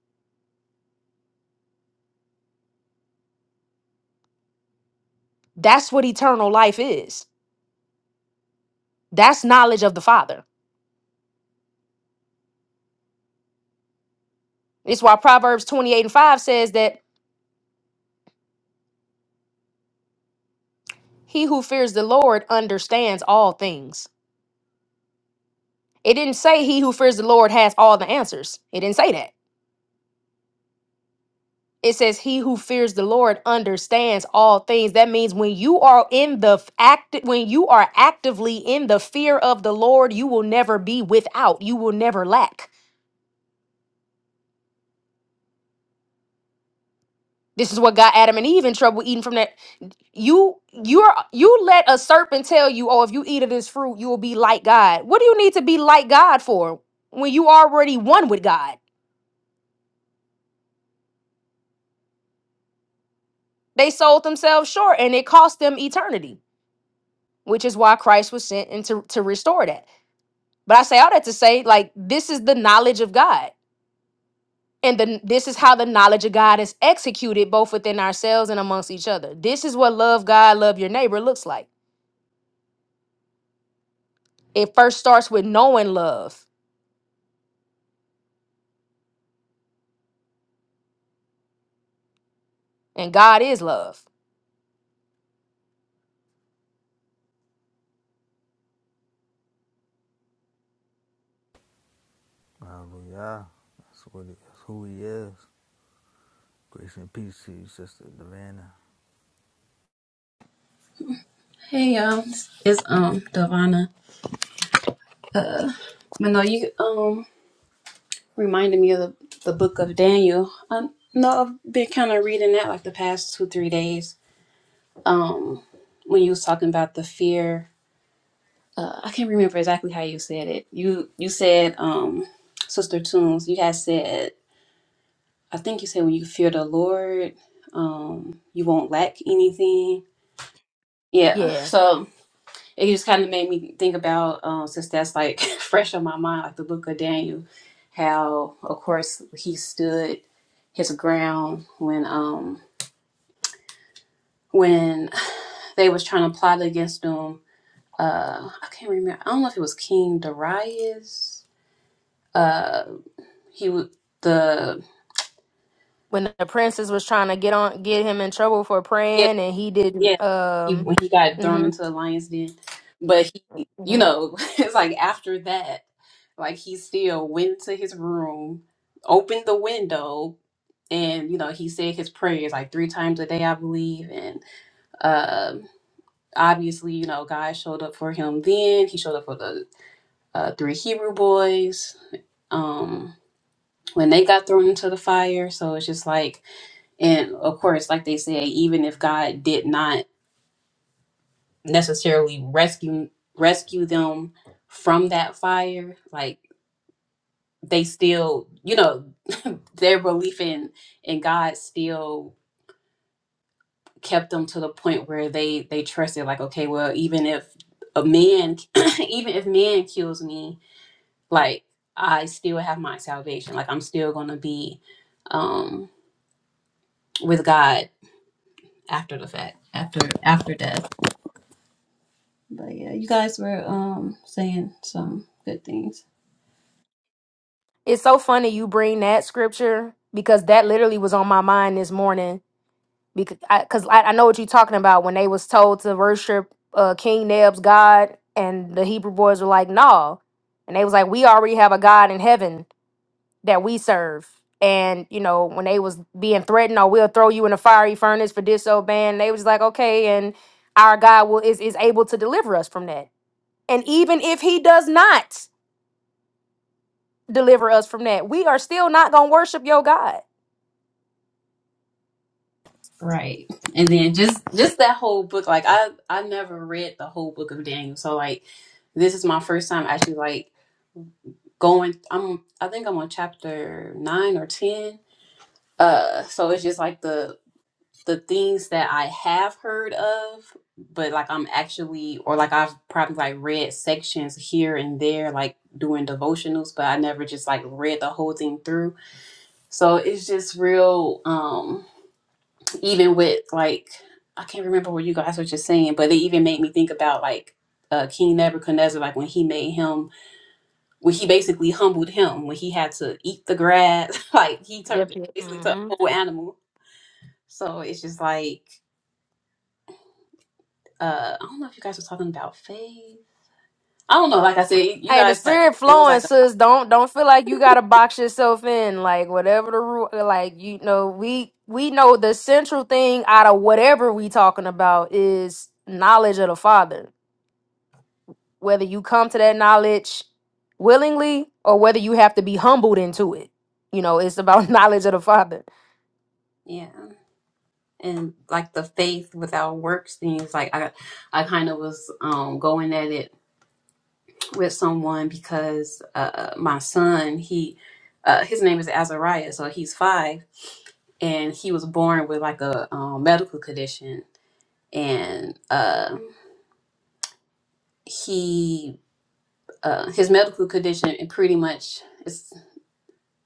That's what eternal life is. That's knowledge of the Father. It's why Proverbs 28 and 5 says that he who fears the Lord understands all things. It didn't say he who fears the Lord has all the answers. It didn't say that. It says he who fears the Lord understands all things. That means when you are in the f- act when you are actively in the fear of the Lord, you will never be without. You will never lack. This is what got Adam and Eve in trouble eating from that you you're you let a serpent tell you oh if you eat of this fruit you will be like god what do you need to be like god for when you already one with god they sold themselves short and it cost them eternity which is why Christ was sent and to, to restore that. But I say all that to say, like, this is the knowledge of God. And then this is how the knowledge of God is executed both within ourselves and amongst each other. This is what love God, love your neighbor looks like. It first starts with knowing love, and God is love.
Hallelujah. That's what it, that's who he is. Grace and peace to you, Sister Davana.
Hey y'all, it's um Davana. But no, you um reminded me of the, the book of Daniel. I know I've been kind of reading that like the past two three days. Um, when you was talking about the fear, uh, I can't remember exactly how you said it. You you said um Sister Tunes. You guys said I think you said when you fear the Lord, um you won't lack anything. Yeah.
Yeah.
So it just kind of made me think about um, since that's like fresh on my mind like the book of daniel how of course he stood his ground when um when they was trying to plot against him uh i can't remember i don't know if it was king darius uh he was the
When the princess was trying to get on get him in trouble for
yeah,
praying and he
Yeah,
didn't
he,
um
when he got thrown
hmm
into the lion's den, but he, you
hmm
know, it's like after that, like he still went to his room, opened the window, and you know he said his prayers like three times a day, I believe, and um, obviously, you know, God showed up for him. Then he showed up for the uh, three Hebrew boys. Um, when they got thrown into the fire, so it's just like, and of course, like they say, even if God did not necessarily rescue rescue them from that fire like they still you know their belief in in god still kept them to the point where they they trusted like okay well even if a man even if man kills me like i still have my salvation like i'm still gonna be um with god after the fact after after death but yeah you guys were um saying some good things
it's so funny you bring that scripture because that literally was on my mind this morning because I, 'cause I, I know what you're talking about when they was told to worship uh, King Neb's God, and the Hebrew boys were like, "No," and they was like, "We already have a God in heaven that we serve." And you know when they was being threatened, "Oh, we'll throw you in a fiery furnace for disobeying," they was like, "Okay," and our God will is is able to deliver us from that. And even if He does not deliver us from that, we are still not gonna worship your God.
Right. And then just just that whole book like I I never read the whole book of Daniel. So like this is my first time actually like going I'm I think I'm on chapter 9 or 10. Uh so it's just like the the things that I have heard of but like I'm actually or like I've probably like read sections here and there like doing devotionals but I never just like read the whole thing through. So it's just real Um even with like I can't remember what you guys were just saying, but it even made me think about like uh, King Nebuchadnezzar, like when he made him, when he basically humbled him, when he had to eat the grass, like he
Yep.
turned basically to a
yep.
whole animal. So it's just like uh, I don't know if you guys were talking about faith. I don't know. Like I said, you
Hey, the
guys had
spirit
it was
flowing,
like a,
sis. Don't don't feel like you gotta box yourself in. Like whatever the rule, like you know, we we know the central thing out of whatever we talking about is knowledge of the Father. Whether you come to that knowledge willingly or whether you have to be humbled into it, you know, it's about knowledge of the Father.
yeah, and like the faith without works things. Like I, I kind of was um going at it with someone because uh, my son, he, uh, his name is Azariah, so he's five, and he was born with like a um, medical condition, and uh, he, uh, his medical condition, it pretty much it's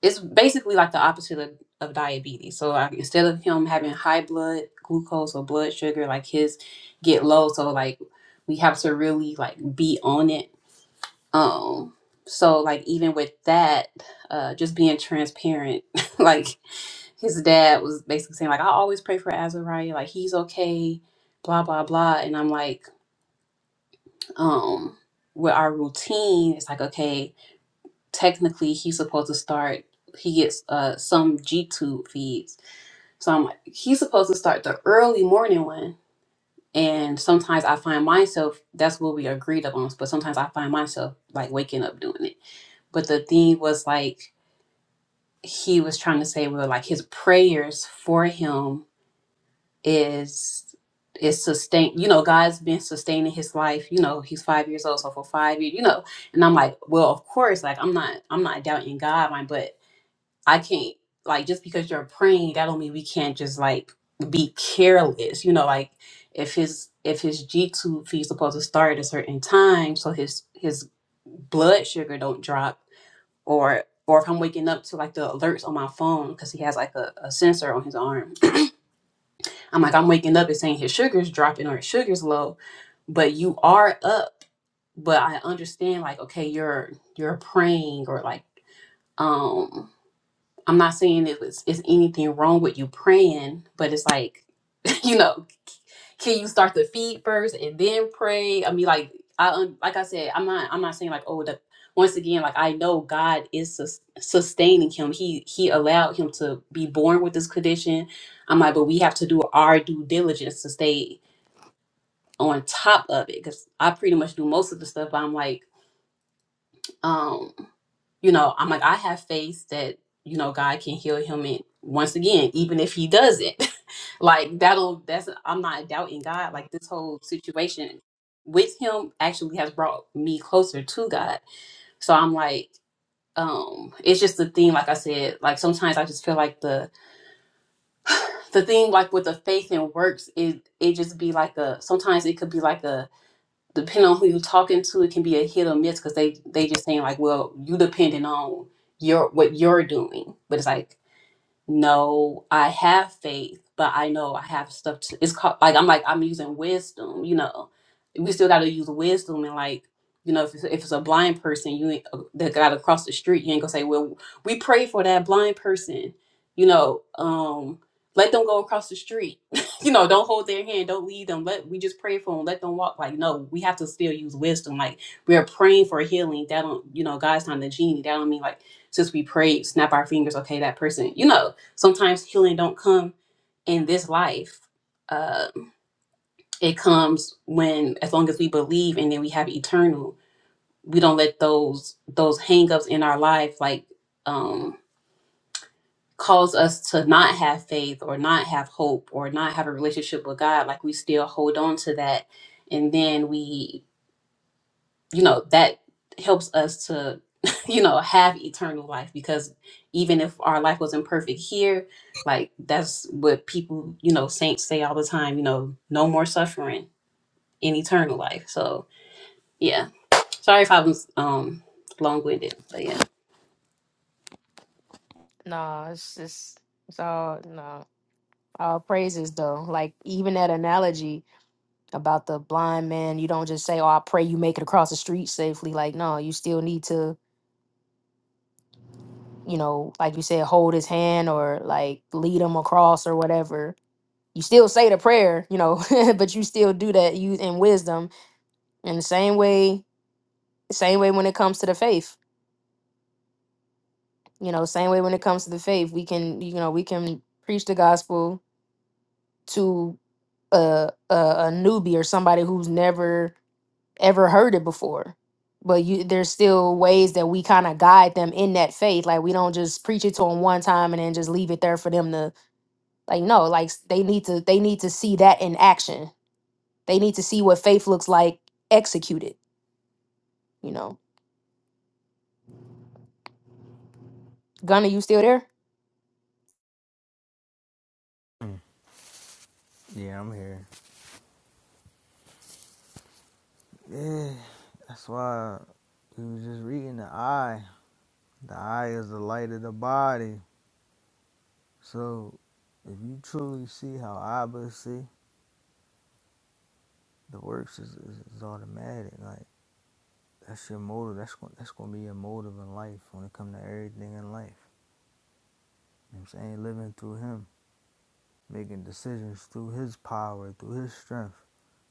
it's basically like the opposite of, of diabetes. So like, instead of him having high blood glucose or blood sugar, like his get low, so like we have to really like be on it Um, so like even with that, uh, just being transparent, like his dad was basically saying like I always pray for Azariah, like he's okay, blah blah blah, and I'm like, um, with our routine, it's like okay, technically he's supposed to start. He gets uh some G tube feeds, so I'm like he's supposed to start the early morning one. And sometimes I find myself that's what we agreed upon, but sometimes I find myself like waking up doing it. But the thing was like he was trying to say well, like his prayers for him is is sustain you know god's been sustaining his life you know he's five years old so for five years you know and i'm like well of course like i'm not i'm not doubting god like, but i can't like just because you're praying that don't mean we can't just like be careless you know like if his if his g tube feed's supposed to start at a certain time so his his blood sugar don't drop or or if I'm waking up to like the alerts on my phone because he has like a, a sensor on his arm. I'm like, I'm waking up and saying his sugar's dropping or his sugar's low, but you are up. But I understand like, okay, you're you're praying or like um I'm not saying it was it's anything wrong with you praying, but it's like, you know, can you start to feed first and then pray? I mean, like I un- like I said, I'm not I'm not saying like oh the once again like I know God is sus- sustaining him. He he allowed him to be born with this condition. I'm like, but we have to do our due diligence to stay on top of it because I pretty much do most of the stuff. But I'm like um you know i'm like i have faith that you know god can heal him and once again even if he doesn't like that'll that's i'm not doubting god like this whole situation with him actually has brought me closer to god so i'm like um it's just the thing like i said like sometimes i just feel like the the thing like with the faith and works it it just be like a sometimes it could be like a depending on who you're talking to, it can be a hit or miss because they they just saying like, well, you depending on your what you're doing, but it's like no, I have faith, but I know I have stuff to. It's called like I'm like I'm using wisdom. You know, we still got to use wisdom and like you know if it's, if it's a blind person you ain't, uh, that got across the street, you ain't gonna say, well, we pray for that blind person. You know, um, let them go across the street. you know, don't hold their hand, don't lead them. Let we just pray for them, let them walk. Like no, we have to still use wisdom. Like we are praying for healing. That don't you know God's not the genie. That don't mean like since we prayed, snap our fingers. Okay, that person, you know sometimes healing don't come in this life uh, it comes when as long as we believe and then we have eternal we don't let those those hangups in our life like um cause us to not have faith or not have hope or not have a relationship with god like we still hold on to that and then we you know that helps us to you know have eternal life because even if our life wasn't perfect here like that's what people you know saints say all the time you know no more suffering in eternal life so yeah sorry if i was um long-winded but yeah
No, it's just it's all no. All praises though. Like even that analogy. about the blind man. You don't just say, "Oh, I pray you make it across the street safely." Like, no, you still need to, you know, like you said, hold his hand or like lead him across or whatever. You still say the prayer, you know, but you still do that you in wisdom. And the same way, same way when it comes to the faith, you know, same way when it comes to the faith, we can, you know, we can preach the gospel to a a, a newbie or somebody who's never ever heard it before. But you, there's still ways that we kind of guide them in that faith. Like we don't just preach it to them one time and then just leave it there for them to like. No, like s- they need to they need to see that in action. They need to see what faith looks like executed. You know, Gunner, you still there?
Mm. Yeah, I'm here. Yeah, that's why he was just reading the eye. The eye is the light of the body. So if you truly see how Abba see, the works is, is, is automatic. Like that's your motive. That's gon- that's gonna be your motive in life when it comes to everything in life. You know what I'm saying living through Him, making decisions through His power, through His strength,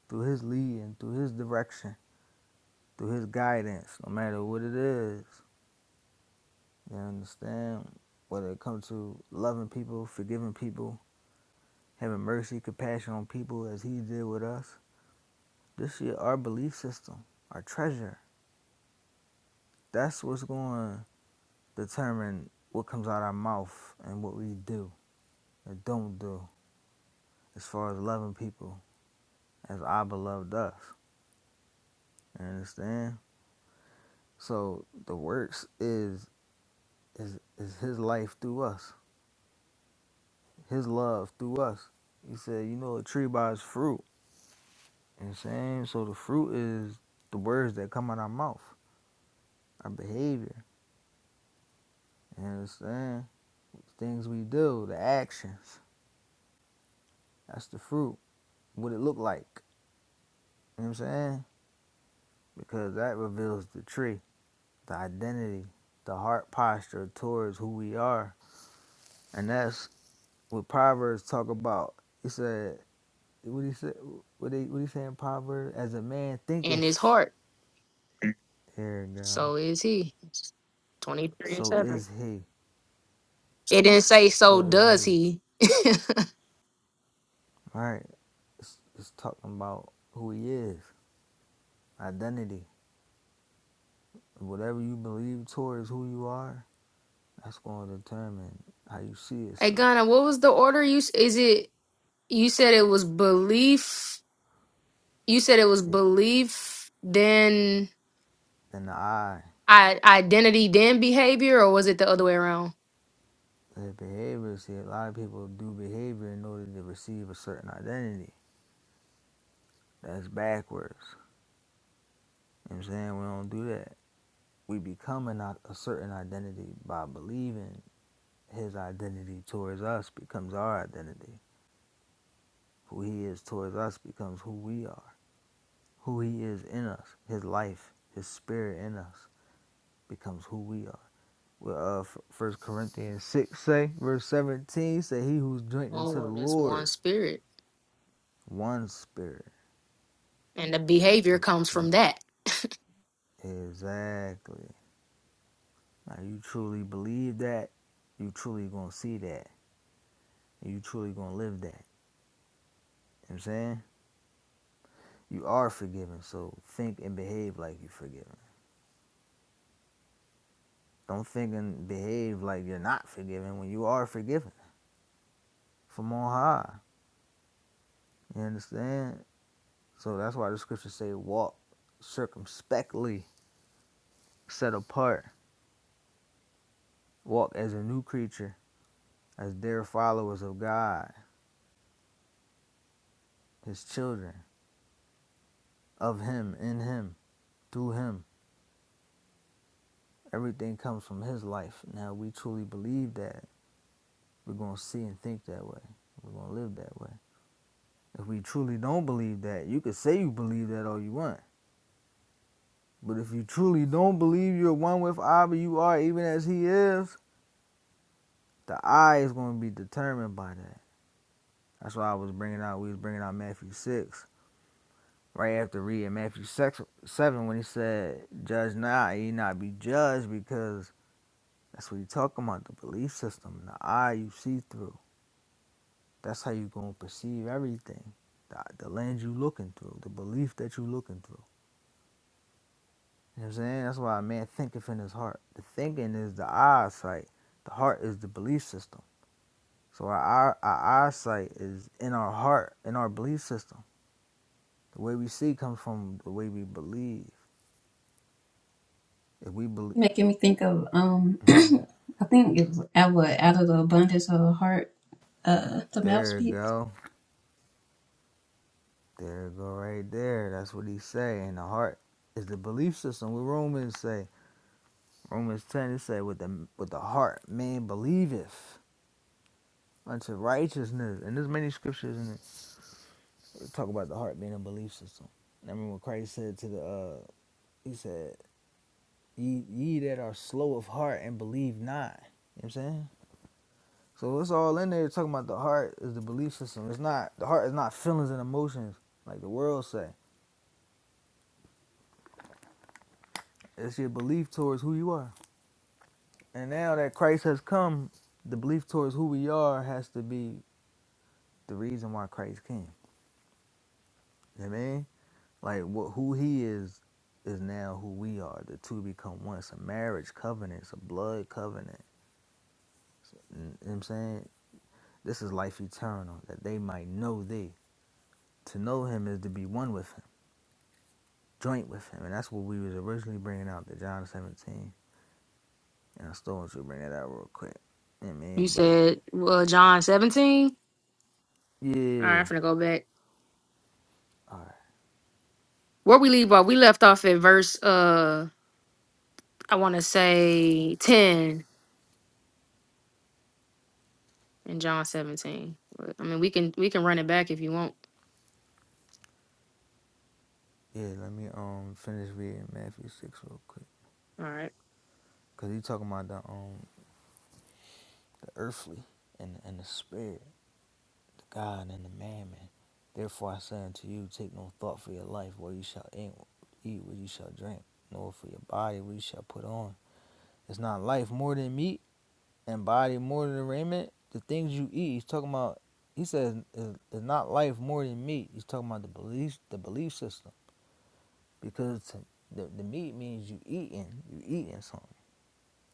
through His leading, through His direction, through His guidance. No matter what it is, you understand. Whether it comes to loving people, forgiving people, having mercy, compassion on people, as He did with us. This is our belief system, our treasure That's what's going to determine what comes out of our mouth and what we do and don't do as far as loving people as Abba loved us. You understand? So the works is is is his life through us, his love through us. He said, you know a tree by its fruit. You know what I'm saying? So the fruit is the words that come out our mouth, our behavior. You understand? Things we do, the actions. That's the fruit. What it look like. You know what I'm saying? because that reveals the tree, the identity, the heart posture towards who we are. And that's what Proverbs talk about. He said, what he said, what he, what he saying, Proverbs? As a man
In his
thinketh,
heart,
here it go,
so is he. Twenty three and
so
seven.
is he,
It didn't say so.
so is
Does
he.
he?
All right. It's, it's talking about who he is, identity. Whatever you believe towards who you are, that's going to determine how you see
Hey,
yourself.
Gunner, what was the order? You s- is it? You said it was belief. You said it was
Yeah.
belief. Then
And the eye.
I identity then behavior, or was it the other way around?
That behavior, see, a lot of people do behavior in order to receive a certain identity. That's backwards. You know what I'm saying? We don't do that. We become a i- a certain identity by believing his identity towards us becomes our identity. Who he is towards us becomes who we are. Who he is in us, his life, his spirit in us becomes who we are. Well, uh, F- Corinthians 6 say, verse 17 say, he who's joined
Oh,
into the
well, there's one
Lord,
spirit,
one spirit.
and the behavior comes from that.
Exactly. Now you truly believe that, you truly gonna see that. You truly gonna live that. You know what I'm saying? You are forgiven, so think and behave like you're forgiven. Don't think and behave like you're not forgiven when you are forgiven from on high. You understand? So that's why the scriptures say walk circumspectly, set apart, walk as a new creature, as dear followers of God, his children, of him, in him, through him Everything comes from His life. Now, we truly believe that, we're going to see and think that way. We're going to live that way. If we truly don't believe that, you can say you believe that all you want. But if you truly don't believe you're one with Abba, you are even as He is, the I is going to be determined by that. That's why I was bringing out, we was bringing out Matthew 6, right after reading Matthew 6, 7 when he said, Judge not, ye not be judged, because that's what he's talking about, the belief system, the eye you see through. That's how you gonna perceive everything. The, the lens you looking through, the belief that you looking through. You know what I'm saying? That's why a man thinketh in his heart. The thinking is the eyesight. The heart is the belief system. So our, our, our eyesight is in our heart, in our belief system. The way we see comes from the way we believe. If we believe,
Making me think of um I think it was out of, out of the abundance of the heart, uh the mouth
there it
speaks.
go, there it go right there. That's what he say. And the heart is the belief system. What Romans say, Romans ten, it say with the with the heart man believeth unto righteousness. And there's many scriptures in it that talk about the heart being a belief system. I mean, when Christ said to the, uh, he said, ye, ye that are slow of heart and believe not. You know what I'm saying? So it's all in there talking about the heart is the belief system. It's not, the heart is not feelings and emotions like the world say. It's your belief towards who you are. And now that Christ has come, the belief towards who we are has to be the reason why Christ came. You know what I mean? Like what who he is is now who we are. The two become one. It's a marriage covenant. It's a blood covenant. You know what I'm saying? This is life eternal, that they might know thee. To know him is to be one with him, joint with him. And that's what we was originally bringing out, the John 17. And I still want you to bring that out real quick. You know what I
You
mean? But,
said, well, John 17. All right,
yeah.
I'm gonna go back.
All right.
Where we leave off, we left off at verse, uh, I want to say 10 in John 17. But, I mean, we can we can run it back if you want.
Yeah, let me um finish reading Matthew 6 real quick.
All right,
Because he talking about the um the earthly and, and the spirit. to God and the mammon. Therefore I say unto you, take no thought for your life, what you shall eat, eat, what you shall drink, nor for your body, what you shall put on. It's not life more than meat, and body more than raiment. The things you eat, he's talking about. He says it's not life more than meat. He's talking about the belief, the belief system, because the, the meat means you eating, you eating something,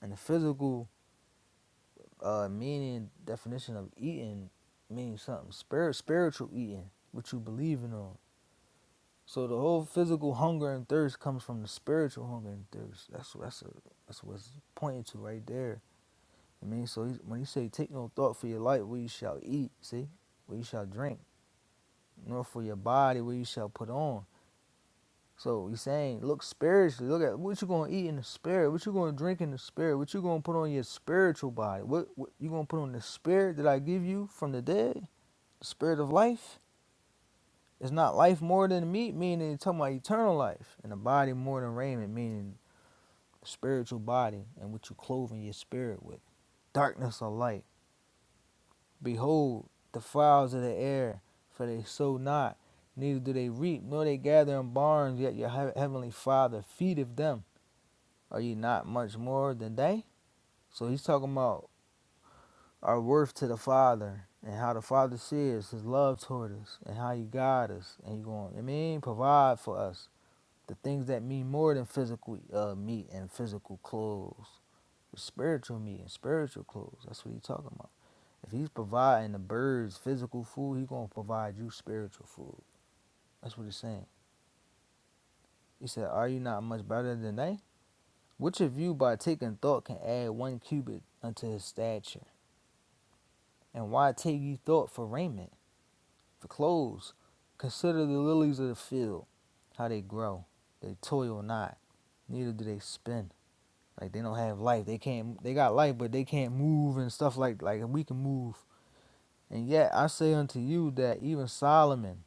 and the physical uh, meaning definition of eating means something. Spirit, spiritual eating, what you believing on So the whole physical hunger and thirst comes from the spiritual hunger and thirst. That's that's a, that's what's pointing to right there. I mean, so he's, when he say take no thought for your life, where you shall eat, see, where you shall drink, nor for your body, where you shall put on. So he's saying, look spiritually. Look at what you gonna eat in the spirit, what you gonna drink in the spirit, what you gonna put on your spiritual body. What, what you gonna put on the spirit that I give you from the dead, the spirit of life. It's not life more than meat, meaning it's talking about eternal life, and the body more than raiment, meaning spiritual body and what you clothing your spirit with. Darkness or light. Behold, the fowls of the air, for they sow not, neither do they reap, nor they gather in barns, yet your heavenly Father feedeth them. Are ye not much more than they? So he's talking about our worth to the Father and how the Father sees his love toward us and how he guides us and he going, I mean, provide for us the things that mean more than physical uh, meat and physical clothes spiritual meat and spiritual clothes. That's what he's talking about. If he's providing the birds physical food, he's gonna provide you spiritual food. That's what he's saying. He said, Are you not much better than they? Which of you by taking thought can add one cubit unto his stature? And why take ye thought for raiment, for clothes? Consider the lilies of the field, how they grow. They toil not, neither do they spin. Like they don't have life. They can't they got life but they can't move and stuff like like we can move And yet I say unto you that even Solomon,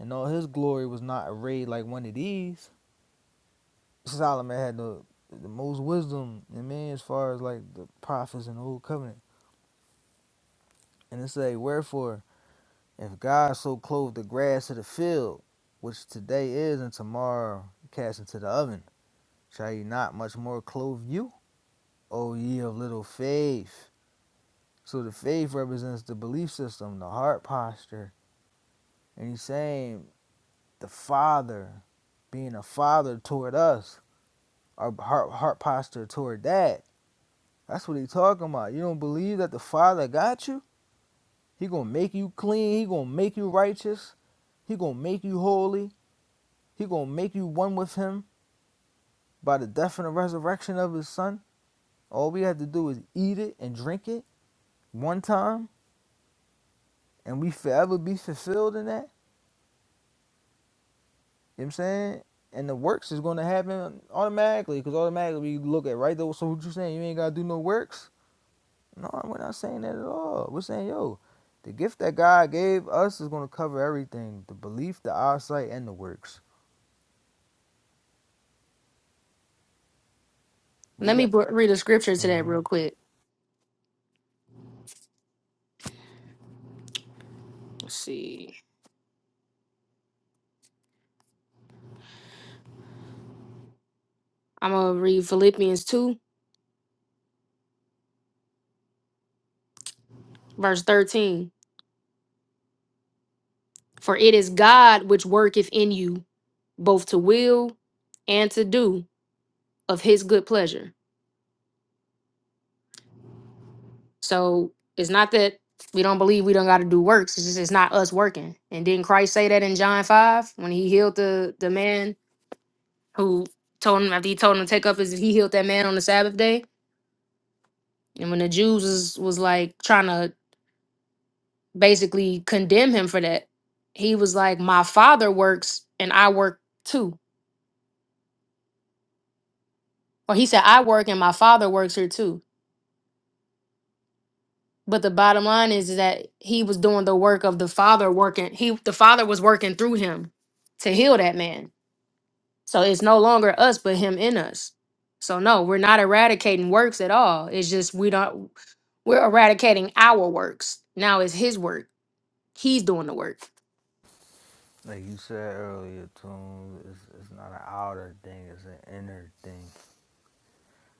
in all his glory, was not arrayed like one of these. Solomon had the, the most wisdom in man as far as like the prophets in the old covenant. And it say, Wherefore, if God so clothed the grass of the field, which today is and tomorrow cast into the oven, shall he not much more clothe you, O ye of little faith? So the faith represents the belief system, the heart posture. And he's saying the Father being a father toward us, our heart, heart posture toward that. That's what he talking about. You don't believe that the Father got you? He gonna make you clean. He gonna make you righteous. He gonna make you holy. He gonna make you one with Him by the death and the resurrection of His Son. All we have to do is eat it and drink it one time, and we forever be fulfilled in that. You know what I'm saying? And the works is gonna happen automatically, because automatically we look at right So what you saying? You ain't gotta do no works No, we're not saying that at all. We're saying, yo, the gift that God gave us is going to cover everything the belief, the eyesight, and the works. We
let me
got,
br- read a scripture to that
hmm
real quick. Let's see. I'm gonna read Philippians 2, verse 13. For it is God which worketh in you both to will and to do of his good pleasure. So it's not that we don't believe we don't got to do works. It's just it's not us working. And didn't Christ say that in John five when he healed the the man who told him after he told him to take up his he healed that man on the Sabbath day. And when the Jews was, was like trying to basically condemn him for that, he was like, "My father works and I work too." Or he said, "I work and my father works here too." But the bottom line is, is that he was doing the work of the father working. He the father was working through him to heal that man. So it's no longer us but him in us. So no, we're not eradicating works at all. It's just we don't we're eradicating our works. Now it's his work. He's doing the work.
like you said earlier, Tunes, it's, it's not an outer thing, it's an inner thing.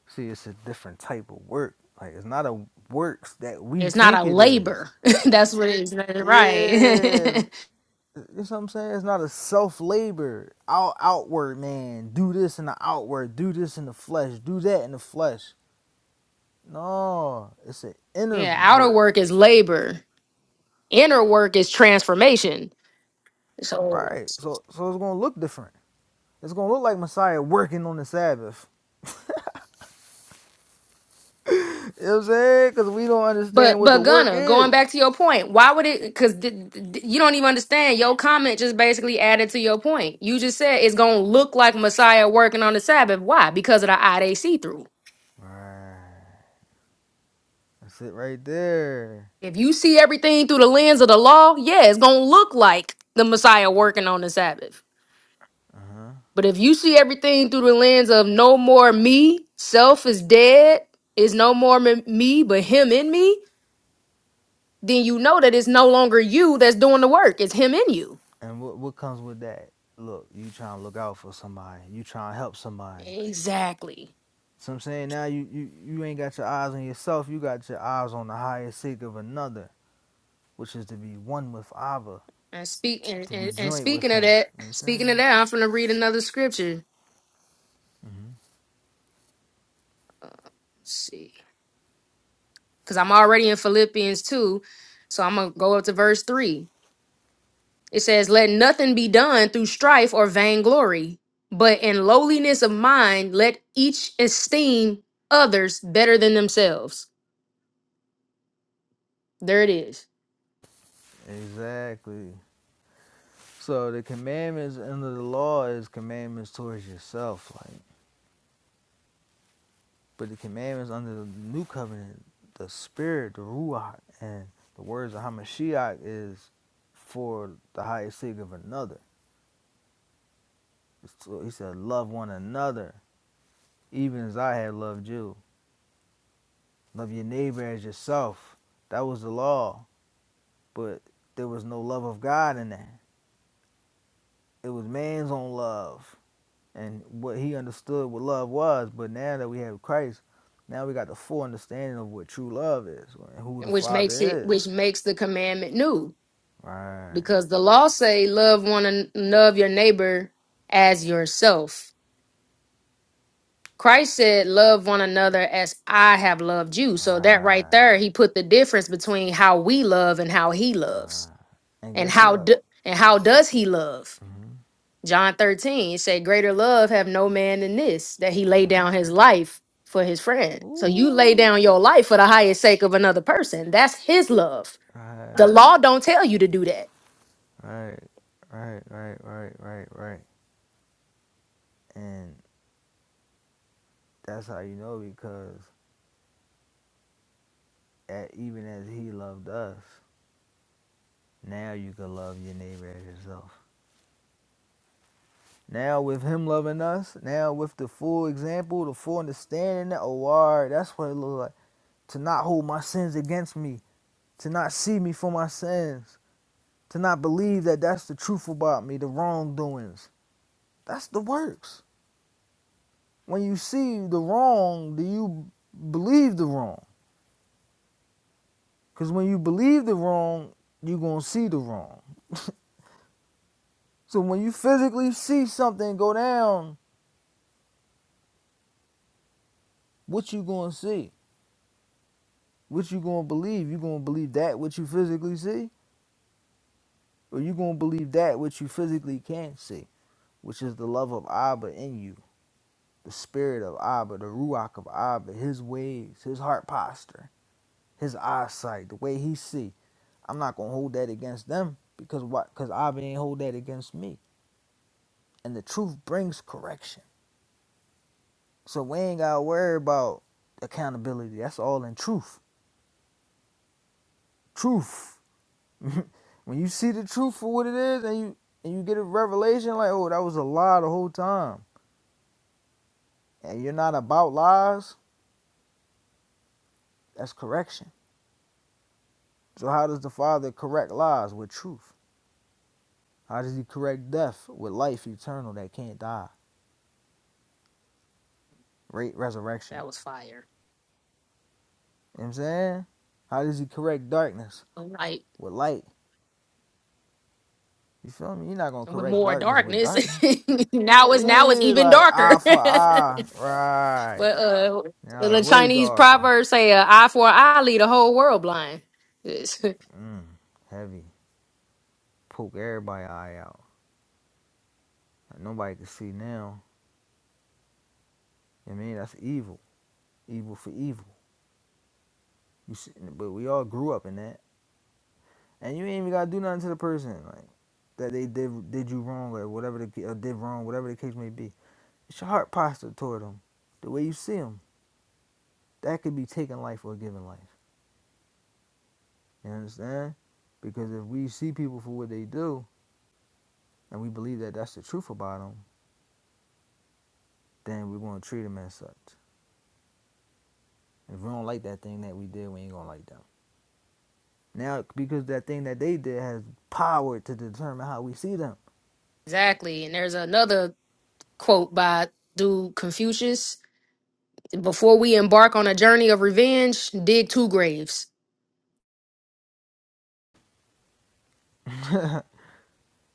See, it's a different type of work. Like, it's not a works that we
It's not
think
a
it is.
labor. That's what it is.
Yeah,
Right.
you know what I'm saying? It's not a self labor, out, outward man. Do this in the outward, do this in the flesh, do that in the flesh. No, it's an inner
yeah, outer
work,
work is labor. Inner work is transformation. So
right? So, so it's gonna look different. It's gonna look like Messiah working on the Sabbath. You know what I'm saying? Because we don't
But
understand what the
but
work
Gunna, going
is.
back to your point, why would it? Because th- th- you don't even understand. Your comment just basically added to your point. You just said it's gonna look like Messiah working on the Sabbath. Why? Because of the eye they see through.
Right. That's it right there.
If you see everything through the lens of the law, yeah, it's gonna look like the Messiah working on the Sabbath.
Uh huh.
But if you see everything through the lens of no more me, self is dead, is no more m- me, but him in me, then you know that it's no longer you that's doing the work. It's him in you.
And what what comes with that? Look, you trying to look out for somebody. You trying to help somebody.
Exactly.
So I'm saying now you, you you ain't got your eyes on yourself. You got your eyes on the higher sake of another, which is to be one with Abba,
And speak and,
to be
and, and
joint with
speaking of
Him.
that,
You know what I'm
speaking
saying?
of that, I'm gonna read another scripture.
Mm-hmm.
Let's see, because I'm already in Philippians two, so I'm gonna go up to verse three. It says, "Let nothing be done through strife or vainglory, but in lowliness of mind, let each esteem others better than themselves." There it is,
Exactly. So the commandments under the law is commandments towards yourself, like. But the commandments under the new covenant, the spirit, the ruach, and the words of Hamashiach is for the highest sake of another. So he said, "Love one another, even as I have loved you. Love your neighbor as yourself." That was the law, but there was no love of God in that. It was man's own love. and what he understood what love was. But now that we have Christ, now we got the full understanding of what true love is and who the
which makes it
Father is.
which makes the commandment new,
Right.
because the law say, "Love one and love your neighbor as yourself." Christ said, Love one another as I have loved you. So that right
Right.
there, he put the difference between how we love and how he loves.
And
And
guess
how
what?
do, and how does he love? John 13 it say, Greater love have no man than this, that he laid down
Right.
his life for his friend. So you lay
Ooh.
down your life for the highest sake of another person. That's his love. The
Right.
law don't tell you to do that.
Right. Right. Right. Right. Right. Right. And that's how you know because at, even as he loved us, now you can love your neighbor as yourself. Now with him loving us, now with the full example, the full understanding, oh, wow, that's what it looks like. to not hold my sins against me, to not see me for my sins, to not believe that that's the truth about me, the wrongdoings. That's the works. When you see the wrong, do you believe the wrong? Because when you believe the wrong, you're going to see the wrong. So when you physically see something go down, what you going to see? What you going to believe? You going to believe that which you physically see? Or you going to believe that which you physically can't see, which is the love of Abba in you? the spirit of Abba, the Ruach of Abba, his ways, his heart posture, his eyesight, the way he see. I'm not gonna hold that against them because what? Because Abba ain't hold that against me. And the truth brings correction. So we ain't gotta worry about accountability. That's all in truth. Truth. when you see the truth for what it is, and you and you get a revelation like, oh, that was a lie the whole time, and you're not about lies. That's correction. So how does the Father correct lies with truth? How does he correct death with life eternal that can't die? Rate resurrection.
That was fire.
You know what I'm saying? How does he correct darkness
All right.
with light? You feel me? You're not gonna
And with
correct
more
darkness with
darkness,
darkness.
now it's now it's
Yeah,
even
like
darker.
eye for eye. Right.
But uh,
Now
the
it's way
Chinese
darker.
proverb say, uh, "Eye for an eye, lead the whole world blind." Yes.
Mm, heavy. Poke everybody eye out. Like, nobody can see now. You know what I mean, that's evil. Evil for evil. You see, but we all grew up in that. and you ain't even gotta do nothing to the person like that they did did you wrong or whatever the ca- or did wrong, whatever the case may be. It's your heart posture toward them, the way you see them. That could be taking life or giving life. You understand? Because if we see people for what they do and we believe that that's the truth about them, then we're gonna treat them as such. If we don't like that thing that we did, we ain't gonna like them. Now, because that thing that they did has power to determine how we see them.
exactly. And there's another quote by dude Confucius: "Before we embark on a journey of revenge, dig two graves."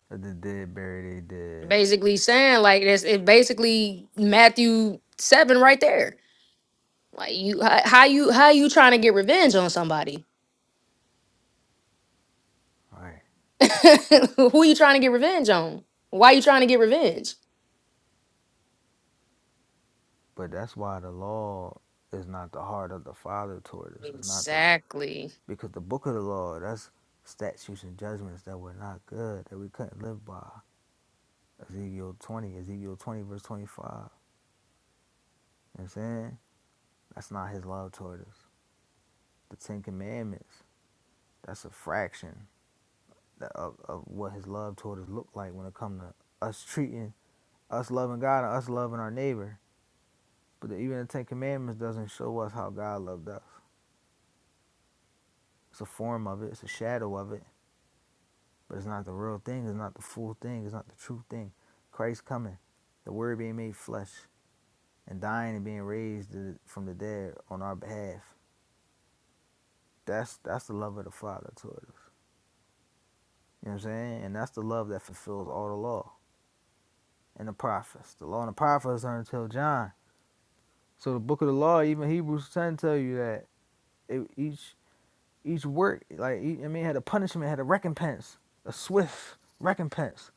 The dead bury they dead.
Basically saying like this, it basically Matthew seven right there. Like you, how, how you, how you trying to get revenge on somebody?
All right.
Who you trying to get revenge on? Why you trying to get revenge?
But that's why the law is not the heart of the Father toward us. It's not the
Exactly.
because the book of the law, that's statutes and judgments that were not good, that we couldn't live by. Ezekiel twenty, Ezekiel twenty verse twenty five. You know what I'm saying? That's not his love toward us. The Ten Commandments, that's a fraction of, of what his love toward us looked like when it come to us treating us loving God and us loving our neighbor. But even the Ten Commandments doesn't show us how God loved us. It's a form of it, it's a shadow of it But it's not the real thing. It's not the full thing. It's not the true thing. Christ coming, the Word being made flesh, and dying and being raised from the dead on our behalf. That's that's the love of the Father toward us. You know what I'm saying? And that's the love that fulfills all the law and the prophets. The law and the prophets are until John. So the book of the law, even Hebrews 10, tell you that it, each each work, like e, I mean, had a punishment, had a recompense, a swift recompense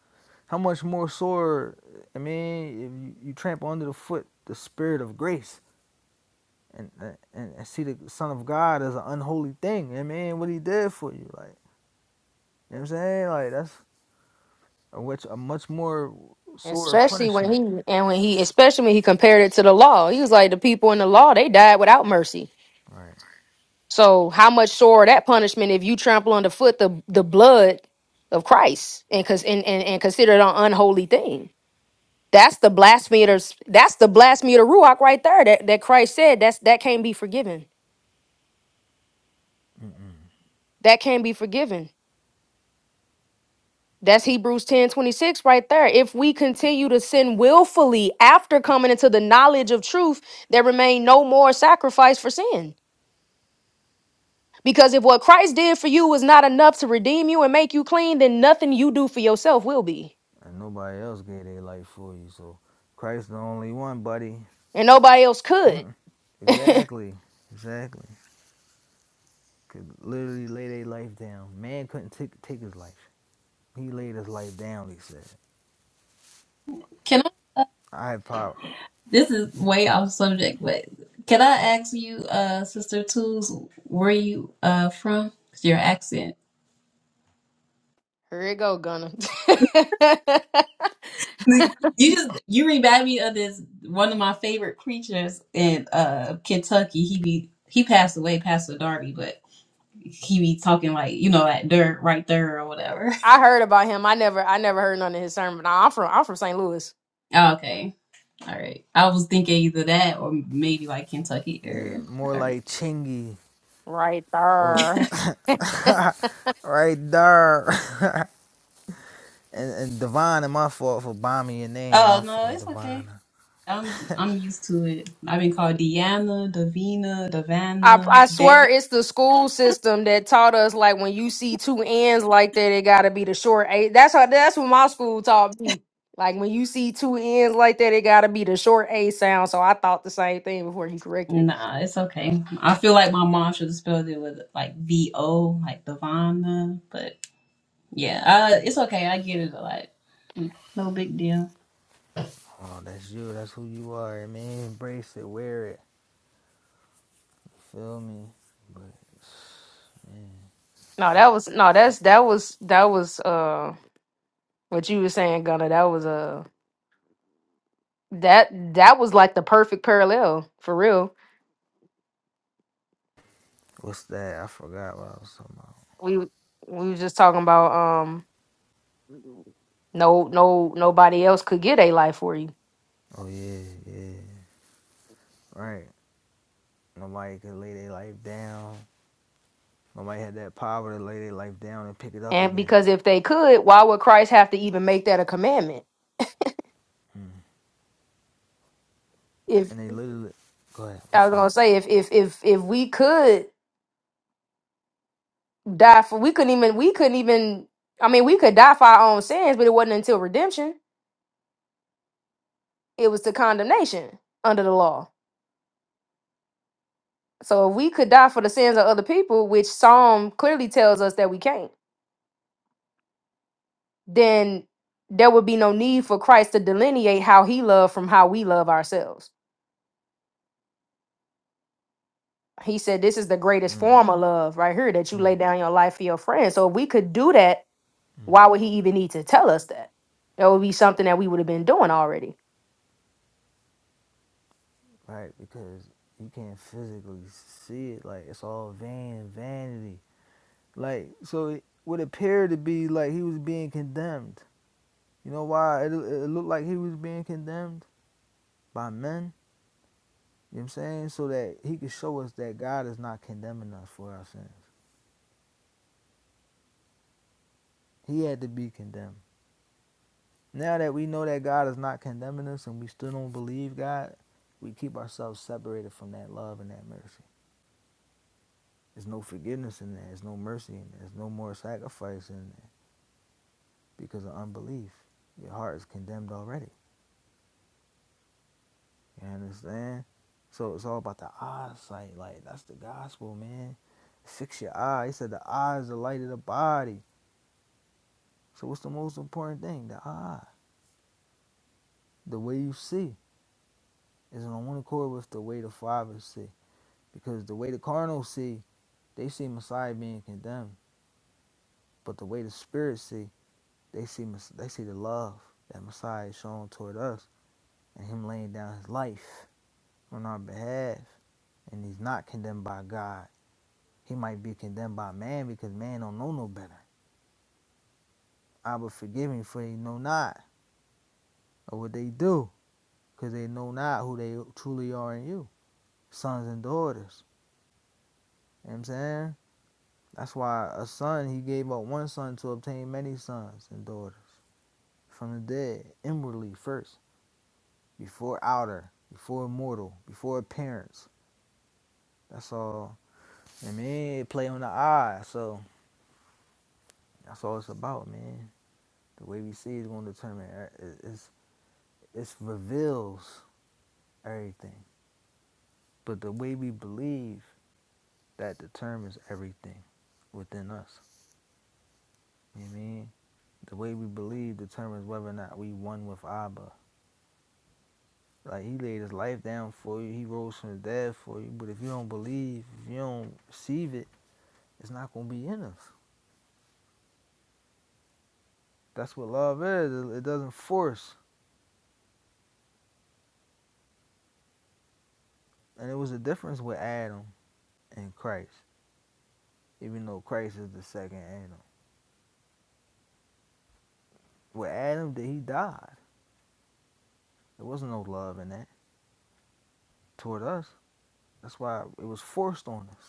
How much more sore, I mean, if you, you trample under the foot the spirit of grace and, and and see the Son of God as an unholy thing. I mean, what He did for you, like you know what I'm saying, like that's a much a much more sore
Especially when he
punishment,
and when he, especially when he compared it to the law, he was like, the people in the law they died without mercy.
right?
So how much sore that punishment if you trample underfoot the the blood of Christ and cause and, and, and consider it an unholy thing. That's the blasphemy. of the- s- That's the blasphemy of the ruach right there. That that Christ said that's that can't be forgiven. That can't be forgiven That's Hebrews 10 26 right there. If we continue to sin willfully after coming into the knowledge of truth, there remain no more sacrifice for sin. Because if what Christ did for you is not enough to redeem you and make you clean, then nothing you do for yourself will be.
And nobody else gave their life for you, so Christ the only one, buddy.
And nobody else could. Here
Exactly, exactly. Could literally lay their life down. Man couldn't take take his life. He laid his life down. He said, "I have power.
This is way off subject, but can I ask you, uh, Sister Tools, where you uh from? 'Cause Your accent.
it go, Gunner.
You just you remind me of this one of my favorite preachers in uh Kentucky. He be he passed away, Pastor Darby, but he be talking like you know like dirt right there or whatever.
I heard about him. I never I never heard none of his sermon. Nah, I'm from I'm from St. Louis.
Oh, okay, all right. I was thinking either that or maybe like Kentucky
Yeah,
area.
more
All right.
like Chingy
Right
or
there.
right there. and, and Divine, my fault for bombing your name. My
Oh no,
fault,
it's okay.
Divine.
I'm I'm used to it. I've been called Deanna, Davina,
I
Davana,
I swear
Devi.
it's the school system that taught us like when you see two ends like that, it gotta be the short a. That's how that's what my school taught me. Like when you see two ends like that, it gotta be the short a sound. So I thought the same thing before he corrected it.
Nah, it's okay. I feel like my mom should have spelled it with like V O, like Davana. But yeah, uh, it's okay. I get it a lot. No big deal.
Oh, that's you. That's who you are, man. Embrace it, wear it. Feel me? But man,
No,
I,
that was no, that's that was that was uh what you were saying, Gunner. That was uh that that was like the perfect parallel for real.
what's that? I forgot what I was talking about.
We we was just talking about um no no nobody else could get a life for you.
Oh yeah, yeah. Right. Nobody could lay their life down. Nobody had that power to lay their life down and pick it up
And
again.
because if they could, why would Christ have to even make that a commandment?
Mm.
If
And they literally. Go ahead. My
I was
fault.
gonna say, if if if if we could die for, we couldn't even we couldn't even. I mean, we could die for our own sins, but it wasn't until redemption. It was to condemnation under the law. So if we could die for the sins of other people, which Psalm clearly tells us that we can't, then there would be no need for Christ to delineate how He loved from how we love ourselves. He said, This is the greatest
Mm.
form of love right here that you
Mm.
lay down your life for your friend. So if we could do that,
Mm.
why would he even need to tell us that? That would be something that we would have been doing already.
right? Because you can't physically see it. Like it's all vain vanity. Like so, it would appear to be like he was being condemned. You know why it, it looked like he was being condemned by men. You know what I'm saying? So that he could show us that God is not condemning us for our sins. He had to be condemned. Now that we know that God is not condemning us and we still don't believe God, we keep ourselves separated from that love and that mercy. There's no forgiveness in that. There's no mercy in that. There's no more sacrifice in that. because of unbelief. Your heart is condemned already. You understand? So it's all about the eyesight. Like that's the gospel, man. Fix your eye. He said the eye is the light of the body. So what's the most important thing? The eye. The way you see is on one accord with the way the Father see. Because the way the carnal see, they see Messiah being condemned. But the way the Spirit see, they see they see the love that Messiah is showing toward us and Him laying down His life on our behalf. and he's not condemned by God. He might be condemned by man because man don't know no better. I will forgive him for they know not or what they do because they know not who they truly are in you, sons and daughters. You know what I'm saying? That's why a son, he gave up one son to obtain many sons and daughters from the dead, inwardly first, before outer, before mortal, before appearance. That's all. And man, it play on the eye, so that's all it's about, man. The way we see is going to determine. It's This reveals everything. But the way we believe, that determines everything within us. You know what I mean? The way we believe determines whether or not we one with Abba. Like he laid his life down for you, he rose from the dead for you. But if you don't believe, if you don't receive it, it's not gonna be in us. That's what love is. It it doesn't force. And it was a difference with Adam and Christ, even though Christ is the second Adam. With Adam, that he died. There wasn't no love in that toward us. That's why it was forced on us.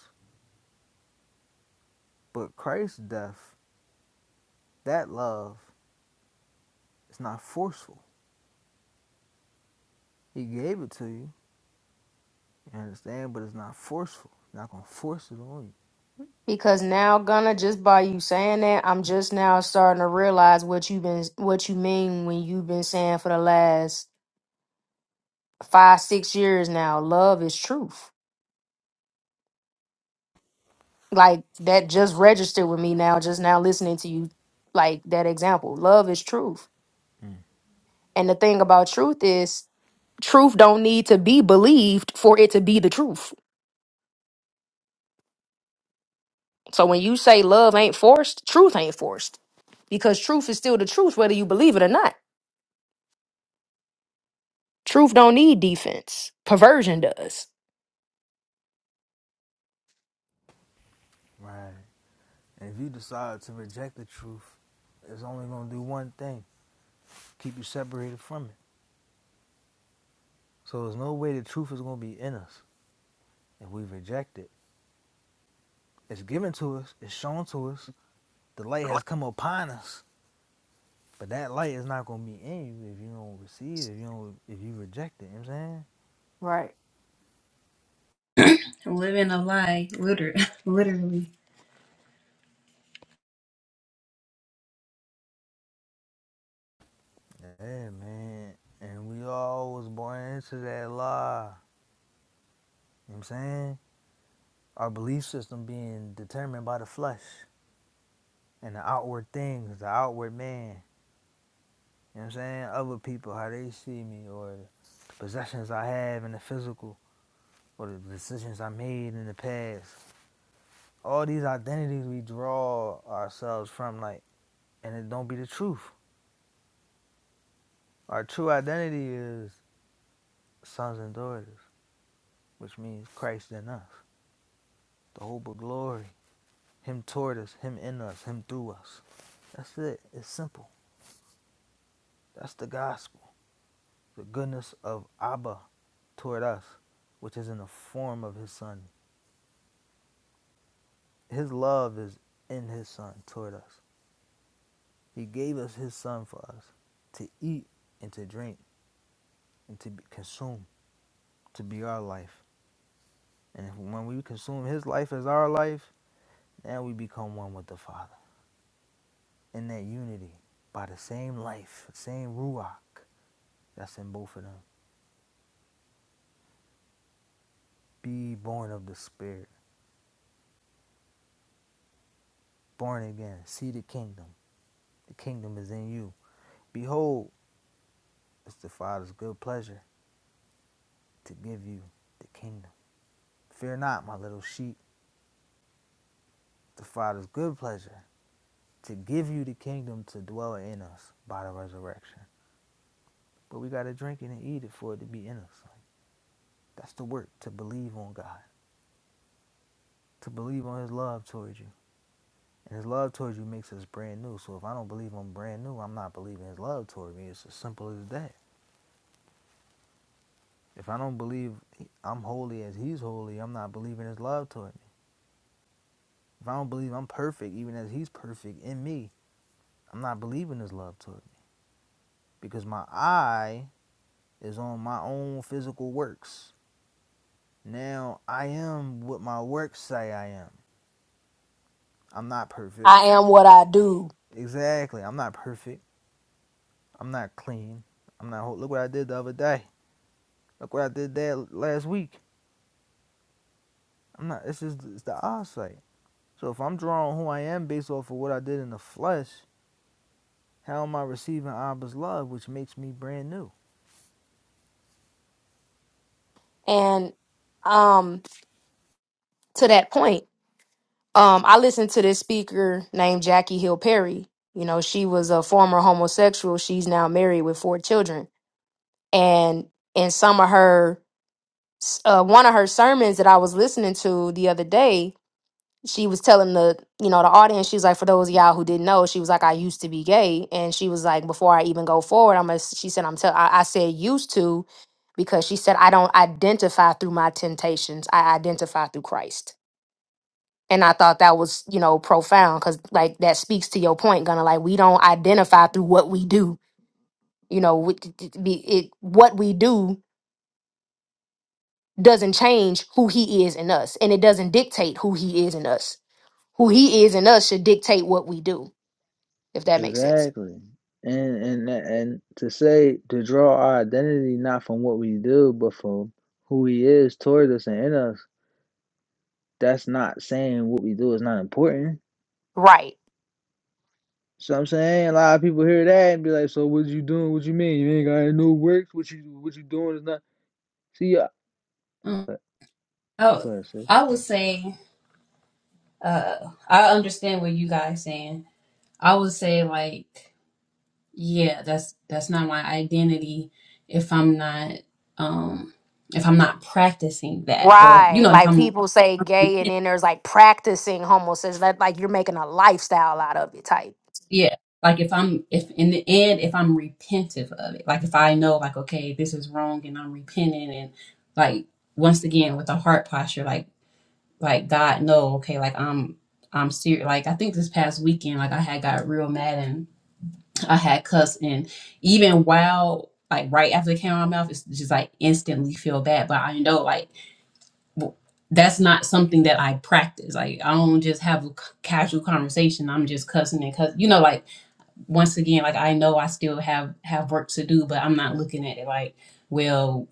But Christ's death, that love, is not forceful. He gave it to you, you understand, but it's not forceful. He's not gonna force it on
Because now, Gunna, just by you saying that, I'm just now starting to realize what you've been what you mean when you've been saying for the last five, six years now, love is truth. Like that just registered with me now, just now listening to you, like that example. Love is truth.
you. Mm.
And the thing about truth is truth don't need to be believed for it to be the truth. So when you say love ain't forced, truth ain't forced because truth is still the truth whether you believe it or not. Truth don't need defense. Perversion does.
Right. And if you decide to reject the truth, it's only gonna do one thing: keep you separated from it. So there's no way the truth is gonna be in us if we reject it. It's given to us, it's shown to us, the light has come upon us. But that light is not gonna be in you if you don't receive, it, if you don't if you reject it, you know what I'm saying?
Right.
I'm living a lie, literally. literally.
Yeah, man. And we all was born into that lie. You know what I'm saying? Our belief system being determined by the flesh and the outward things, the outward man. You know what I'm saying? Other people, how they see me, or the possessions I have in the physical, or the decisions I made in the past. All these identities we draw ourselves from, like, and it don't be the truth. Our true identity is sons and daughters, which means Christ in us, the hope of glory. Him toward us, Him in us, Him through us. That's it. It's simple. That's the gospel. The goodness of Abba toward us, which is in the form of His Son. His love is in His Son toward us. He gave us His Son for us to eat and to drink and to be consumed, to be our life. And if, when we consume His life as our life, now we become one with the Father in that unity by the same life, the same Ruach that's in both of them. Be born of the Spirit. born again, see the kingdom. The kingdom is in you. Behold, it's the Father's good pleasure to give you the kingdom. Fear not, my little sheep. The Father's good pleasure to give you the kingdom to dwell in us by the resurrection. But we got to drink it and eat it for it to be in us. Like, that's the work to believe on God, to believe on His love towards you. And His love towards you makes us brand new. So if I don't believe I'm brand new, I'm not believing His love towards me. It's as simple as that. If I don't believe I'm holy as He's holy, I'm not believing His love toward me. If I don't believe I'm perfect, even as He's perfect in me, I'm not believing His love toward me because my eye is on my own physical works. Now I am what my works say I am. I'm not perfect.
I am what I do.
Exactly. I'm not perfect. I'm not clean. I'm not. whole. Look what I did the other day. Look what I did that last week. I'm not. It's just it's the eyesight. So if I'm drawing who I am based off of what I did in the flesh, How am I receiving Abba's love, which makes me brand new?
And um to that point, um I listened to this speaker named Jackie Hill Perry. You know, she was a former homosexual. She's now married with four children. And in some of her uh, one of her sermons that I was listening to the other day, she was telling the you know the audience, she's like, for those of y'all who didn't know, she was like, I used to be gay, and she was like, before I even go forward, I'm gonna, she said, I'm tell, I, I said used to, because she said I don't identify through my temptations, I identify through Christ. And I thought that was, you know, profound because, like, that speaks to your point, Gonna Like, we don't identify through what we do. You know, we, it, it, what we do doesn't change who he is in us and it doesn't dictate who he is in us who he is in us should dictate what we do if that makes sense
Exactly. And and and to say to draw our identity not from what we do, but from who he is toward us and in us, that's not saying what we do is not important.
Right.
So I'm saying a lot of people hear that and be like, So what you doing? What you mean? You ain't got any no works, what you what you doing is not see ya
Mm.
go
Oh,
go ahead, sis.
I would say uh, I understand what you guys saying. I would say like yeah that's that's not my identity if i'm not um if i'm not practicing that or you
Right.
know if
Like
i'm
people say gay and then there's like practicing homosexuality. Like like you're making a lifestyle out of it type.
yeah like if i'm if in the end if i'm repentive of it like if i know like okay this is wrong and i'm repenting and like once again with a heart posture like like god no okay like i'm i'm serious like i think this past weekend like i had got real mad I had cussed, and even while like right after it came out of my mouth, it's just like instantly feel bad. But I know like w- that's not something that I practice. Like I don't just have a c- casual conversation. I'm just cussing and cuss. You know, like once again, like I know I still have have work to do, but I'm not looking at it like well.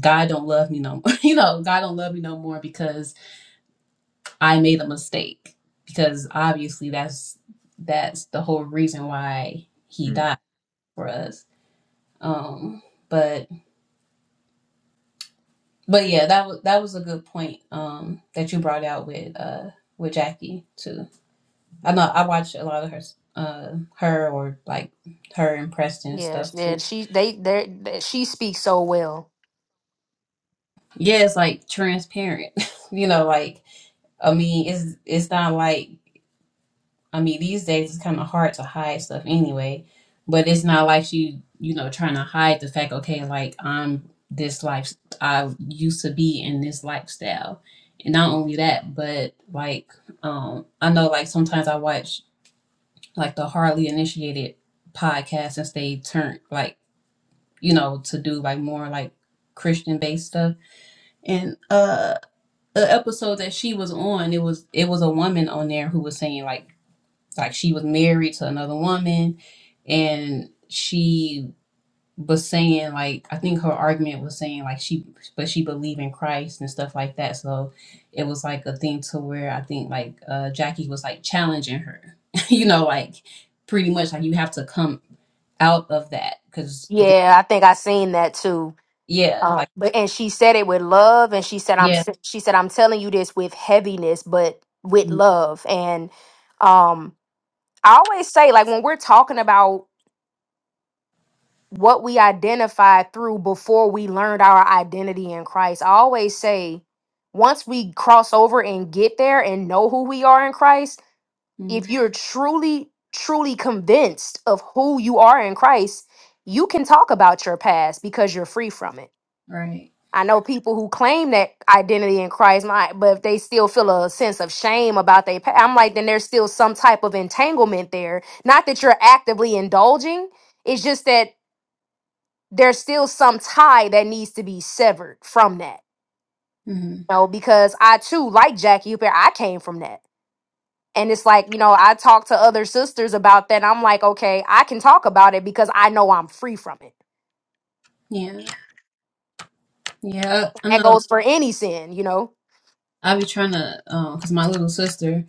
God don't love me no more. You know, God don't love me no more because I made a mistake. Because obviously that's that's the whole reason why he
Mm.
died for us Um, but but yeah, that was that was a good point um that you brought out with uh with Jackie too. I know I watch a lot of her s- uh her or like her and Preston and
yes
stuff
yeah
too.
she they they they- she speaks so well
Yeah, it's like transparent. you know, like I mean, it's it's not like I mean, these days it's kind of hard to hide stuff anyway, but it's not like she, you know, trying to hide the fact, okay, like I'm this life, I used to be in this lifestyle. And not only that, but like, um, I know like sometimes I watch like the hardly initiated podcast since they turn like, you know, to do like more like Christian based stuff. And uh, the episode that she was on, it was it was a woman on there who was saying like like she was married to another woman and she was saying like I think her argument was saying like she but she believed in Christ and stuff like that. So it was like a thing to where I think like uh Jackie was like challenging her. you know, like pretty much like you have to come out of that because you're
Yeah, I think I seen that too.
yeah
Uh,
like
but and she said it with love, and she said I'm
yeah
s- she said I'm telling you this with heaviness, but with love. And um, I always say, like, when we're talking about what we identified through before we learned our identity in Christ, I always say, once we cross over and get there and know who we are in Christ,
hmm
if you're truly, truly convinced of who you are in Christ, you can talk about your past because you're free from it.
right
I know people who claim that identity in Christ, my, but if they still feel a sense of shame about their past, I'm like, then there's still some type of entanglement there. Not that you're actively indulging, it's just that there's still some tie that needs to be severed from that.
hmm
You know, because I too, like Jackie Hooper, I came from that. And it's like, you know, I talk to other sisters about that. I'm like, okay, I can talk about it because I know I'm free from it.
yeah yeah i
That
know
goes for any sin, you know?
i be trying to um because my little sister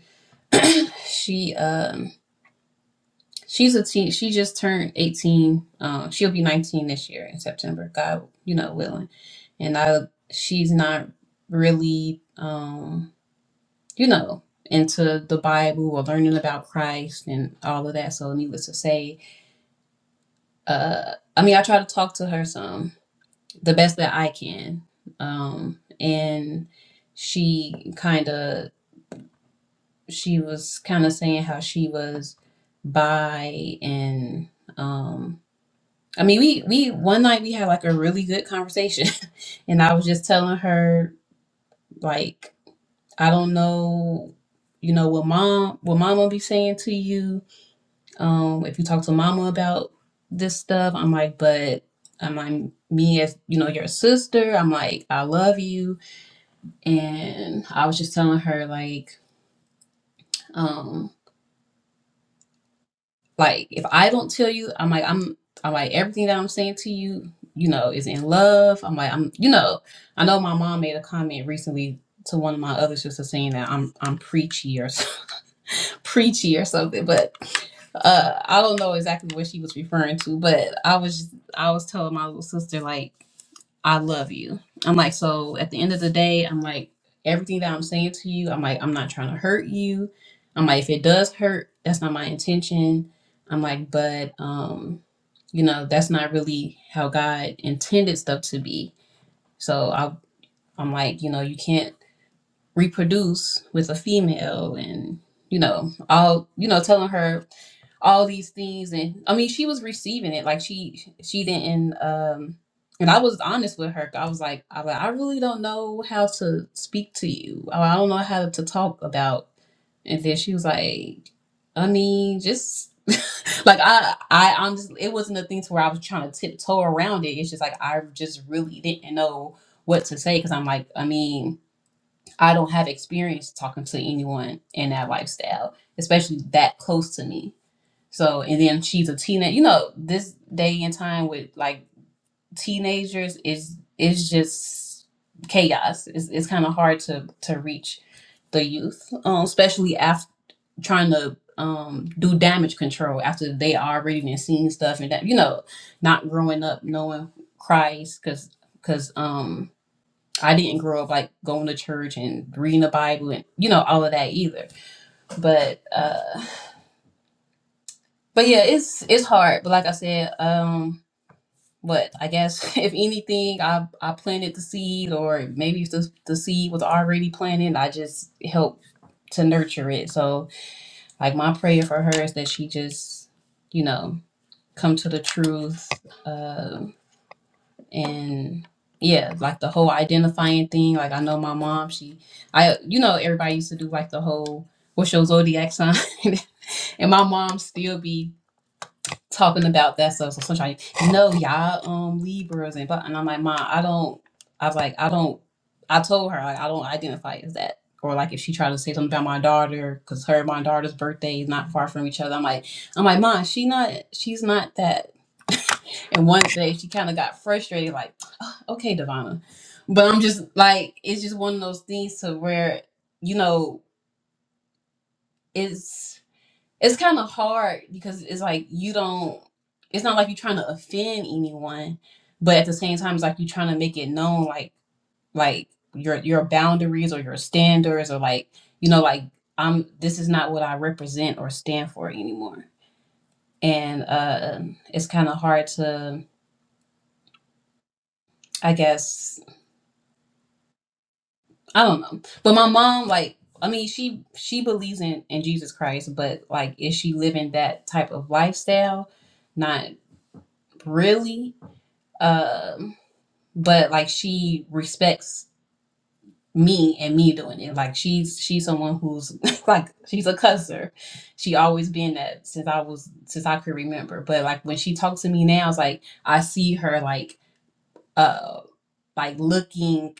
she um She's a teen. She just turned 18. Um, she'll be 19 this year in September, God, you know, willing. And I, she's not really, um, you know, into the Bible or learning about Christ and all of that. So, needless to say, uh, I mean, I try to talk to her some the best that I can. Um, and she kind of, she was kind of saying how she was by and, um, I mean, we we one night we had like a really good conversation, and I was just telling her like I don't know, you know what mom what mama be saying to you. Um, if you talk to mama about this stuff, I'm like, but I'm like me as you know your sister. I'm like I love you, and I was just telling her like. um, Like if I don't tell you, I'm like I'm I'm like everything that I'm saying to you, you know, is in love. I'm like I'm you know, I know my mom made a comment recently to one of my other sisters saying that I'm I'm preachy or so, preachy or something, but uh I don't know exactly what she was referring to, but I was just, I was telling my little sister like I love you. I'm like, so at the end of the day, I'm like, everything that I'm saying to you, I'm like, I'm not trying to hurt you. I'm like, if it does hurt, that's not my intention. I'm like, but um, you know, that's not really how God intended stuff to be. So I I'm like, you know, you can't reproduce with a female and you know, all you know, telling her all these things and i mean she was receiving it like she she didn't um and i was honest with her i was like i like i really don't know how to speak to you i I don't know how to talk about and then she was like i mean just like i i honestly it wasn't a thing to where i was trying to tiptoe around it it's just like i just really didn't know what to say because i'm like i mean i don't have experience talking to anyone in that lifestyle especially that close to me so and then she's a teenage. You know, this day and time with like teenagers is is just chaos. It's it's kind of hard to to reach the youth, um, especially after trying to um do damage control after they already been seeing stuff and that you know not growing up knowing Christ because because um. I didn't grow up like going to church and reading the Bible and you know all of that either. But uh but yeah, it's it's hard. But like I said, um But I guess if anything, I I planted the seed, or maybe if the the seed was already planted, I just helped to nurture it. So like my prayer for her is that she just, you know, come to the truth, uh, and yeah, like the whole identifying thing. Like I know my mom, she, I, you know, everybody used to do like the whole what's your zodiac sign, and my mom still be talking about that stuff. So sometimes, no, y'all um Libras and but and I'm like, Mom, I don't I was like, I don't I told her like I don't identify as that. Or like if she tried to say something about my daughter, because her and my daughter's birthday is not far from each other. I'm like, I'm like, Mom, she not she's not that. and one day she kind of got frustrated, like, "Ah, okay, Devonna. But I'm just like, it's just one of those things to where, you know, it's it's kind of hard because it's like you don't it's not like you're trying to offend anyone but at the same time it's like you're trying to make it known like like your your boundaries or your standards or like you know like i'm this is not what i represent or stand for anymore and uh it's kind of hard to i guess i don't know but my mom like i mean she she believes in in jesus christ but like is she living that type of lifestyle not really um but like she respects me and me doing it like she's she's someone who's like she's a cusser she always been that since i was since i could remember but like when she talks to me now it's like i see her like uh like looking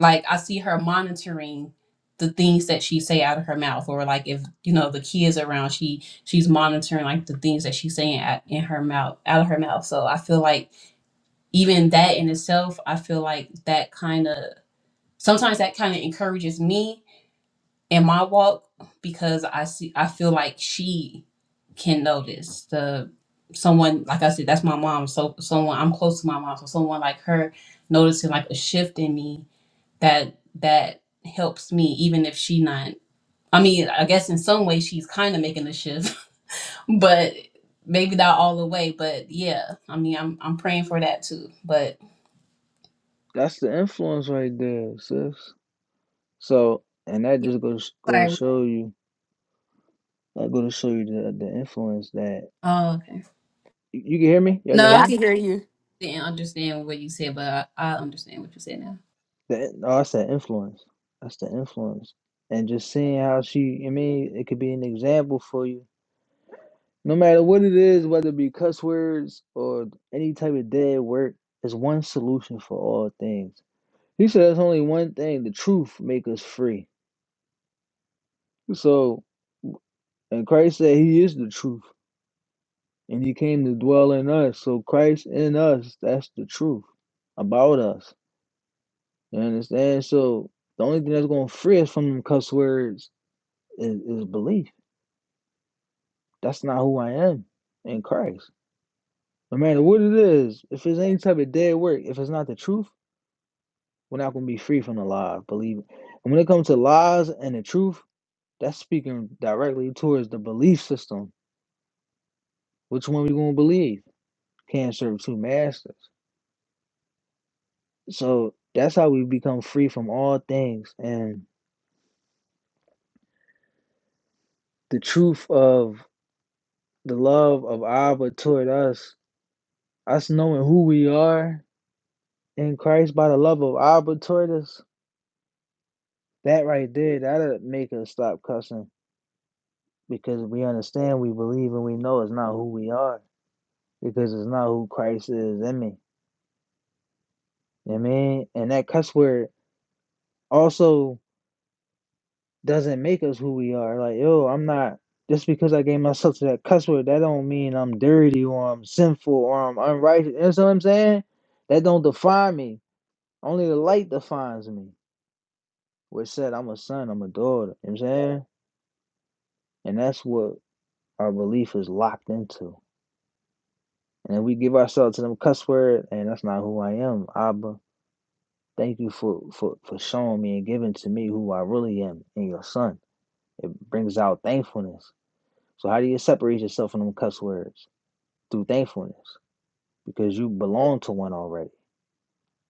like i see her monitoring the things that she say out of her mouth or like if you know the kids around she she's monitoring like the things that she's saying at, in her mouth out of her mouth so i feel like even that in itself, I feel like that kind of sometimes that kind of encourages me in my walk because I see I feel like she can notice the someone like I said that's my mom so someone I'm close to my mom so someone like her noticing like a shift in me that that helps me even if she not I mean I guess in some way she's kind of making a shift but maybe not all the way but yeah I mean I'm I'm praying for that too but
That's the influence right there, sis. So and that just goes go to show you I go to show you the the influence that
Oh, okay.
You, you can hear me? Y'all can
No,
Yeah,
hear
I
I
me?
can
can hear you.
didn't understand what you said, but I, I understand what you said now.
the in- oh, that's the influence. That's the influence. And just seeing how she, I mean, it could be an example for you. No matter what it is, whether it be cuss words or any type of dead work, there's one solution for all things. He said there's only one thing, the truth make us free. So and Christ said he is the truth. And he came to dwell in us. So Christ in us, that's the truth about us. You understand? So the only thing that's gonna free us from them cuss words is, is belief. That's not who I am in Christ. No matter what it is, if it's any type of dead work, if it's not the truth, we're not gonna be free from the lie. Believe it. And when it comes to lies and the truth, that's speaking directly towards the belief system. Which one we gonna believe? Can't serve two masters. So that's how we become free from all things and the truth of the love of Abba toward us Us knowing who we are in Christ by the love of Abba toward us, that right there, that'll make us stop cussing because we understand, we believe, and we know it's not who we are because it's not who Christ is in me. You know what I mean? And that cuss word also doesn't make us who we are. Like, yo, I'm not, just because I gave myself to that cuss word, that don't mean I'm dirty or I'm sinful or I'm unrighteous. You know what I'm saying? That don't define me. Only the light defines me. which said, I'm a son, I'm a daughter. You know what I'm saying? And that's what our belief is locked into. And if we give ourselves to them cuss word, and that's not who I am, Abba. Thank you for, for, for showing me and giving to me who I really am in your son. It brings out thankfulness. So how do you separate yourself from them cuss words? Through thankfulness. Because you belong to one already.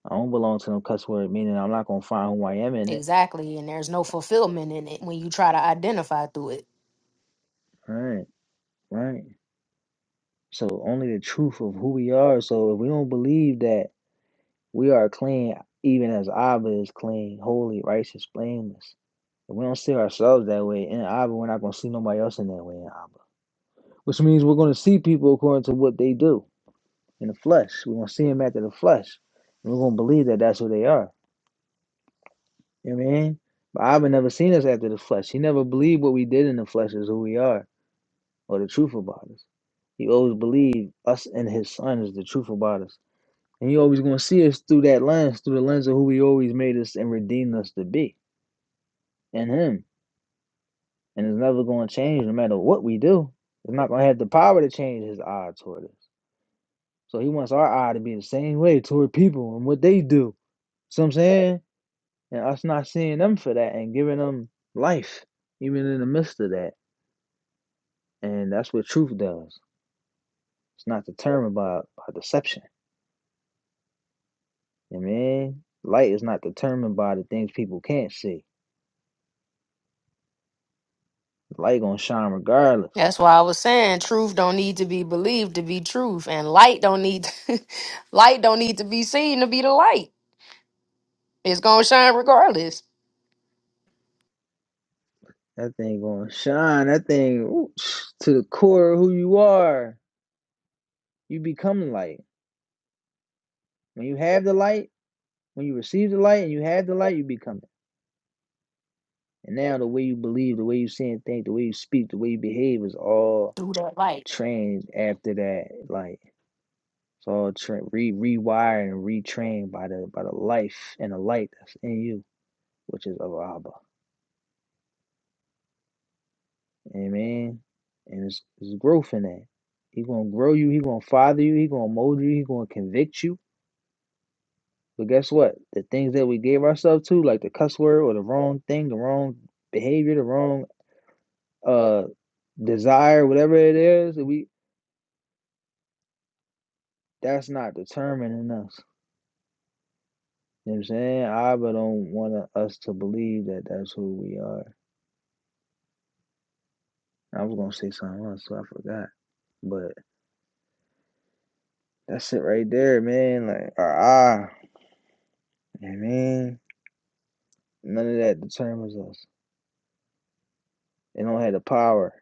I don't belong to them cuss word, meaning I'm not gonna find who I am in it.
Exactly, and there's no fulfillment in it when you try to identify through it.
Right, right. So only the truth of who we are. So if we don't believe that We are clean, even as Abba is clean, holy, righteous, blameless. If we don't see ourselves that way in Abba, we're not going to see nobody else in that way in Abba. Which means we're going to see people according to what they do in the flesh. We're going to see them after the flesh. And we're going to believe that that's who they are. You know what I mean? But Abba never seen us after the flesh. He never believed what we did in the flesh is who we are or the truth about us. He always believed us and his son is the truth about us. And you always gonna see us through that lens, through the lens of who he always made us and redeemed us to be in him. And it's never gonna change no matter what we do. It's not gonna have the power to change his eye toward us. So he wants our eye to be the same way toward people and what they do. See what I'm saying? And us not seeing them for that and giving them life, even in the midst of that. And that's what truth does. It's not determined by, by deception. You know what I mean? Light is not determined by the things people can't see. The Light gonna shine regardless.
That's why I was saying truth don't need to be believed to be truth, and light don't need light don't need to be seen to be the light. It's gonna shine regardless
That thing gonna shine. That thing ooh, to the core of who you are. You become light. When you have the light, when you receive the light and you have the light, you become it. And now the way you believe, the way you see and think, the way you speak, the way you behave is all
through that light.
trained after that light. It's all tra- re- rewired and retrained by the by the life and the light that's in you, which is of Abba. Amen. And it's, it's growth in that. He gonna grow you. He gonna father you. He gonna mold you. He gonna convict you But guess what? The things that we gave ourselves to, like the cuss word or the wrong thing, the wrong behavior, the wrong uh desire, whatever it is, we that's not determining us. You know what I'm saying? I but don't want us to believe that that's who we are. I was gonna say something else, so I forgot. But that's it right there, man. Like our eye, you know what I mean, none of that determines us. It don't have the power,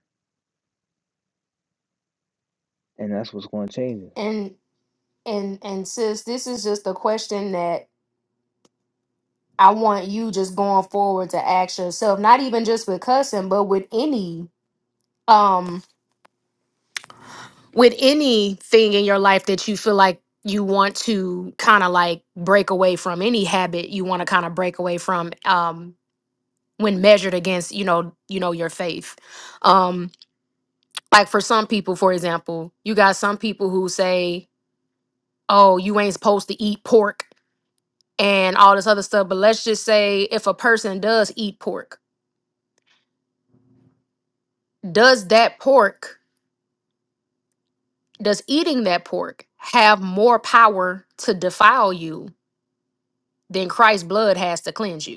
and that's what's going to change us.
And and and sis, this is just a question that I want you just going forward to ask yourself, not even just with cussing, but with any um. with anything in your life that you feel like you want to kind of like break away from any habit you want to kind of break away from um when measured against you know you know your faith um like for some people for example you got some people who say oh you ain't supposed to eat pork and all this other stuff but let's just say if a person does eat pork does that pork does eating that pork have more power to defile you than christ's blood has to cleanse you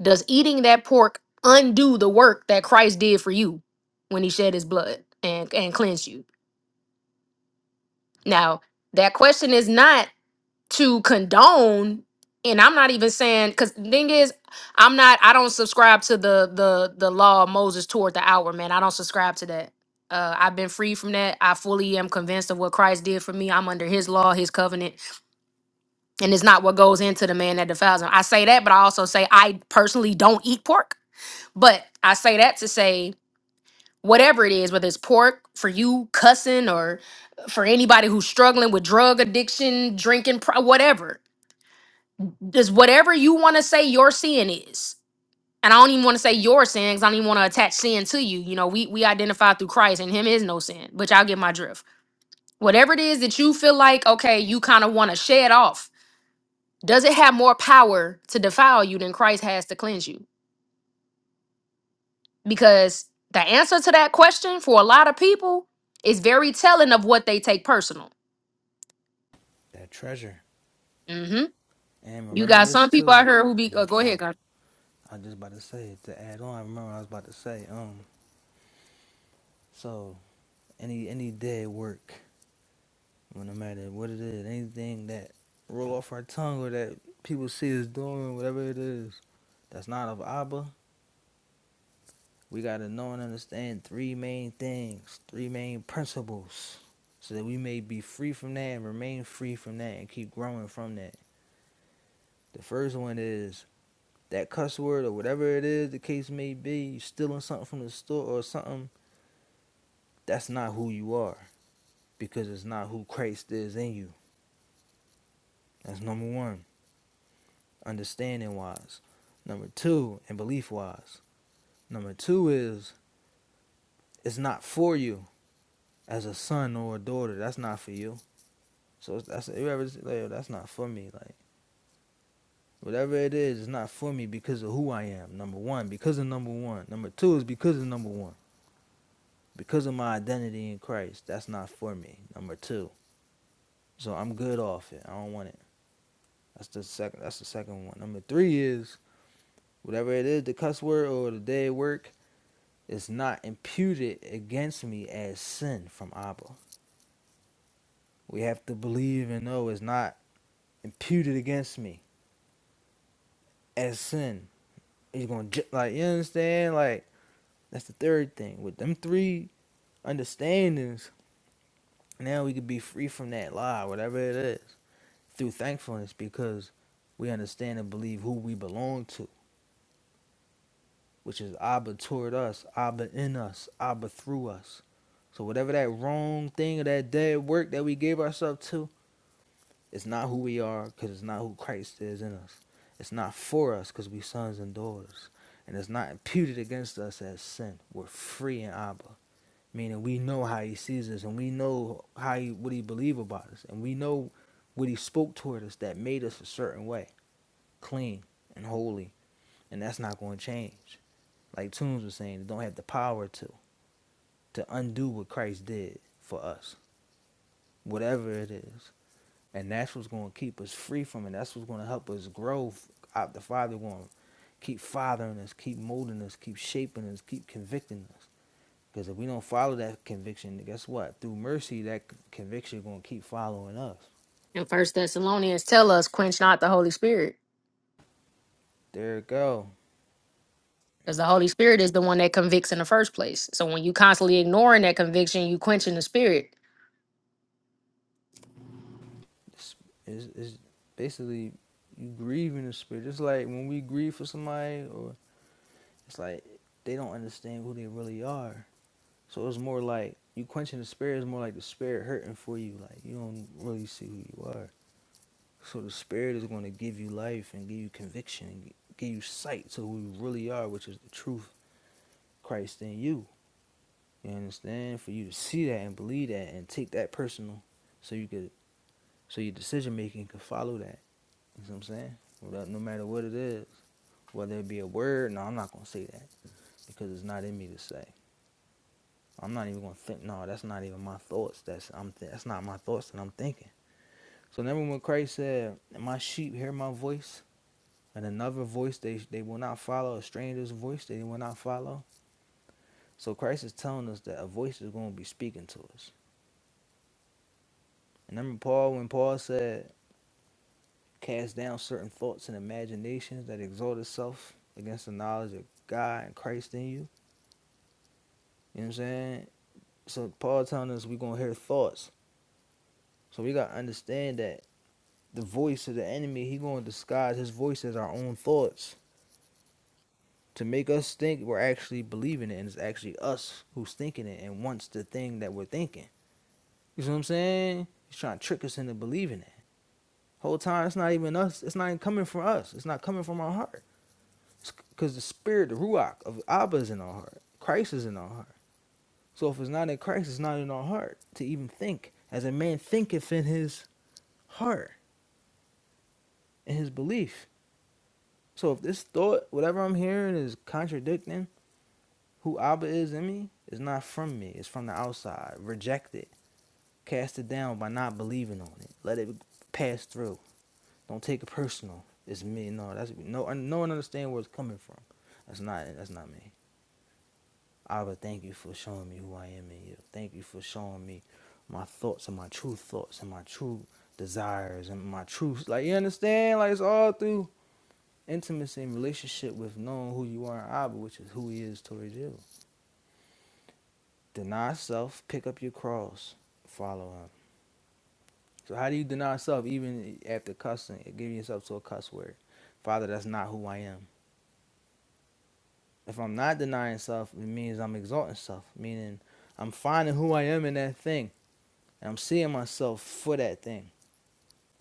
Does eating that pork undo the work that Christ did for you when he shed his blood and, and cleansed you? Now, that question is not to condone, and I'm not even saying because the thing is, I'm not I don't subscribe to the the the law of Moses toward the hour, man. I don't subscribe to that. Uh, I've been free from that. I fully am convinced of what Christ did for me. I'm under his law, his covenant, and it's not what goes into the man that defiles him. I say that, but I also say I personally don't eat pork. But I say that to say whatever it is, whether it's pork for you cussing or for anybody who's struggling with drug addiction, drinking, pro- whatever. Just whatever you want to say your sin is. And I don't even want to say your sin because I don't even want to attach sin to you. You know, we we identify through Christ and him is no sin, but y'all get my drift. Whatever it is that you feel like, okay, you kind of want to shed off, does it have more power to defile you than Christ has to cleanse you? Because the answer to that question for a lot of people is very telling of what they take personal
That treasure.
hmm
And
You
remember
got
this
some people out
too.
here who be
Oh, my
uh, go
fault.
ahead, God.
I was just about to say to add on. I remember I was about to say. Um, so any any dead work, when no matter what it is, anything that roll off our tongue or that people see us doing, whatever it is, that's not of Abba. We gotta know and understand three main things, three main principles, so that we may be free from that and remain free from that and keep growing from that. The first one is that cuss word or whatever it is the case may be, you stealing something from the store or something. That's not who you are because it's not who Christ is in you. That's number one, understanding wise. Number two, and belief wise. Number two is it's not for you as a son or a daughter. That's not for you. So that's whoever like, that's not for me. Like whatever it is, it's not for me because of who I am. Number one, because of number one. Number two is because of number one. Because of my identity in Christ, that's not for me. Number two. So I'm good off it. I don't want it. That's the second. That's the second one. Number three is whatever it is, the cuss word or the day at work, is not imputed against me as sin from Abba. We have to believe and know it's not imputed against me as sin. He's gonna like you understand like that's the third thing with them three understandings. Now we could be free from that lie, whatever it is, through thankfulness because we understand and believe who we belong to which is Abba toward us, Abba in us, Abba through us. So whatever that wrong thing or that dead work that we gave ourselves to, it's not who we are because it's not who Christ is in us. It's not for us because we sons and daughters. And it's not imputed against us as sin. We're free in Abba, meaning we know how he sees us and we know how he, what he believe about us. And we know what he spoke toward us that made us a certain way, clean and holy. And that's not going to change like Tunes was saying, don't have the power to to undo what Christ did for us, whatever it is. And that's what's going to keep us free from it. That's what's going to help us grow. Out the Father going to keep fathering us, keep molding us, keep shaping us, keep convicting us. Because if we don't follow that conviction, guess what? Through mercy, that c- conviction is going to keep following us.
In First Thessalonians, tell us quench not the Holy Spirit,
There it go.
because the Holy Spirit is the one that convicts in the first place. So when you constantly ignoring that conviction, you quenching the spirit.
It's, it's, it's basically you grieving the spirit. It's like when we grieve for somebody or It's like they don't understand who they really are. So it's more like you quenching the spirit is more like the spirit hurting for you. Like you don't really see who you are. So the spirit is going to give you life and give you conviction and give you sight to who you really are, which is the truth, Christ in you. You understand? For you to see that and believe that and take that personal, so you could, so your decision making could follow that. You know what I'm saying? Without, no matter what it is, whether it be a word, no, I'm not gonna say that because it's not in me to say. I'm not even gonna think. No, that's not even my thoughts. That's I'm. Th- that's not my thoughts that I'm thinking. So remember when Christ said, "My sheep hear my voice, and another voice they they will not follow. A stranger's voice they will not follow." So Christ is telling us that a voice is going to be speaking to us. And remember Paul when Paul said, "Cast down certain thoughts and imaginations that exalt itself against the knowledge of God and Christ in you." You know what I'm saying? So Paul telling us we're gonna hear thoughts. So we gotta understand that the voice of the enemy, he gonna disguise his voice as our own thoughts to make us think we're actually believing it, and it's actually us who's thinking it and wants the thing that we're thinking. You see what I'm saying? He's trying to trick us into believing it. Whole time, it's not even us. It's not even coming from us. It's not coming from our heart. Because the spirit, the ruach of Abba is in our heart. Christ is in our heart. So if it's not in Christ, it's not in our heart to even think. As a man thinketh in his heart, in his belief. So if this thought, whatever I'm hearing, is contradicting who Abba is in me is not from me. It's from the outside. Reject it. Cast it down by not believing on it. Let it pass through. Don't take it personal. It's me. No, that's no. No one understand where it's coming from. That's not. That's not me. Abba, thank you for showing me who I am in you. Thank you for showing me my thoughts and my true thoughts and my true desires and my truth. Like you understand? Like it's all through intimacy and relationship with knowing who you are in Abba, which is who he is towards you. Deny self, pick up your cross, follow him. So how do you deny self even after cussing, giving yourself to a cuss word? Father, that's not who I am. If I'm not denying self, it means I'm exalting self, meaning I'm finding who I am in that thing. And I'm seeing myself for that thing.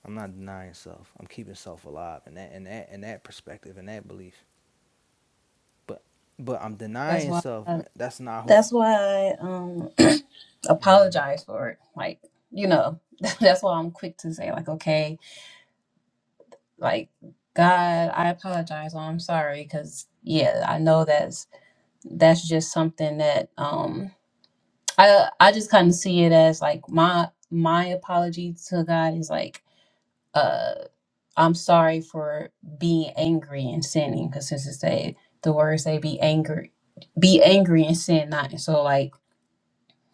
I'm not denying self. I'm keeping self alive in that in that in that perspective in that belief. But but I'm
That's
denying
why.
self. That's not who.
that's why I um
Mhm.
apologize for it. Like you know, that's why I'm quick to say like, okay, like God, I apologize. Or I'm sorry because yeah, I know that's that's just something that um I I just kind of see it as like my my apology to God is like. uh, I'm sorry for being angry and sinning, because since it said the words say be angry, be angry and sin not. And so like,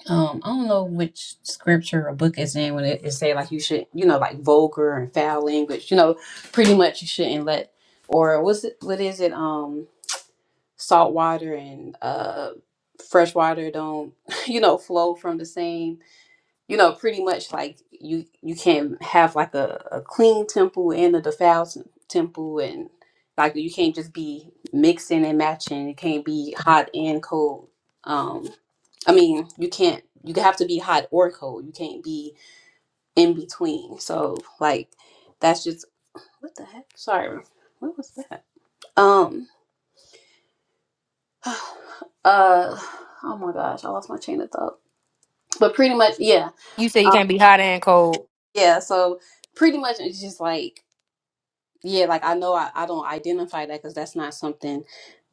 um, I don't know which scripture or book is in when it, it say like you should, you know, like vulgar and foul language, you know, pretty much you shouldn't let, or what's it, what is it, um, salt water and uh, fresh water don't, you know, flow from the same you know, pretty much like you you can have like a, a clean temple and a defiled tem- temple, and like you can't just be mixing and matching. It can't be hot and cold. Um, I mean, you can't. You have to be hot or cold. You can't be in between. So like, that's just what the heck. Sorry, what was that? Um, uh, oh my gosh, I lost my chain of thought. But pretty much, yeah,
You say you
um,
can't be hot and cold.
yeah. So pretty much, it's just like yeah, like I know I, I don't identify that because that's not something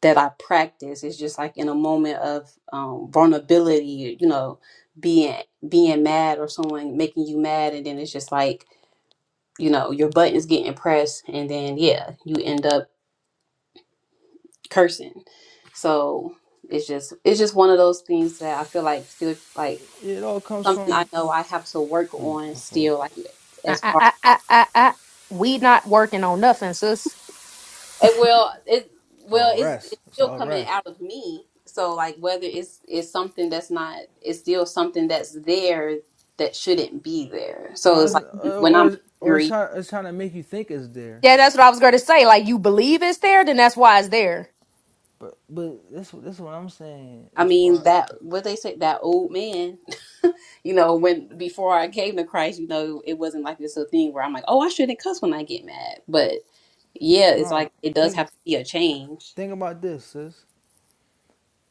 that I practice. It's just like in a moment of um, vulnerability, you know, being being mad or someone making you mad, and then it's just like you know your buttons getting pressed, and then yeah, you end up cursing. So it's just it's just one of those things that I feel like still like
It all comes
something I
from.
know I have to work
mm,
on
my fault.
still, like
I,
as
I, I, I, I, I- we not working on nothing, sis.
It will it
It's
well
all
it's
rest.
it's
It's
still
all
coming
rest.
out of me. So like whether it's it's something that's not it's still something that's there that shouldn't be there. So
No,
it's
it's,
like
uh,
when I'm
or or it's
angry,
trying it's trying to make you think it's there,
Yeah, that's what I was going to say. Like you believe it's there, then that's why it's there.
but but this this what I'm saying
I
as
mean
far
that what they say that old man, you know, when before I came to Christ, you know, it wasn't like this little thing where I'm like, oh, I shouldn't cuss when I get mad. But yeah, it's
no
like it does
think
have to be a change.
think about this sis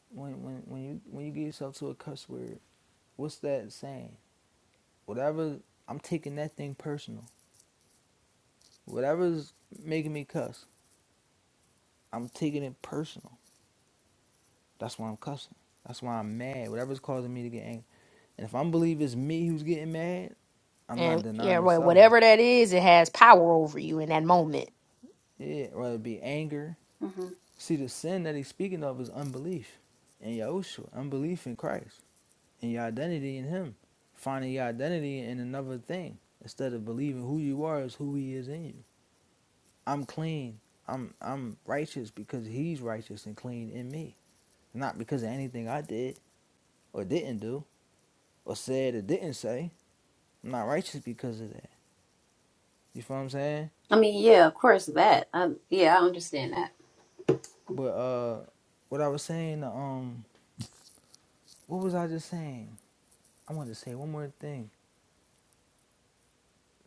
when when when you when you get yourself to a cuss word what's that saying whatever I'm taking that thing personal whatever's making me cuss I'm taking it personal that's why I'm cussing that's why I'm mad whatever's causing me to get angry and if I believe it's me who's getting mad I'm not
And yeah,
denying
wha-
self
whatever that is, it has power over you in that moment.
yeah whether it be anger
hmm
See, the sin that he's speaking of is unbelief in Yahushua, unbelief in Christ, in your identity in him, finding your identity in another thing instead of believing who you are is who he is in you. I'm clean. I'm I'm righteous because he's righteous and clean in me, not because of anything I did or didn't do or said or didn't say. I'm not righteous because of that. You feel what I'm saying?
I mean, yeah, of course that. I, yeah, I understand that.
But uh, what I was saying, um, what was I just saying? I wanted to say one more thing,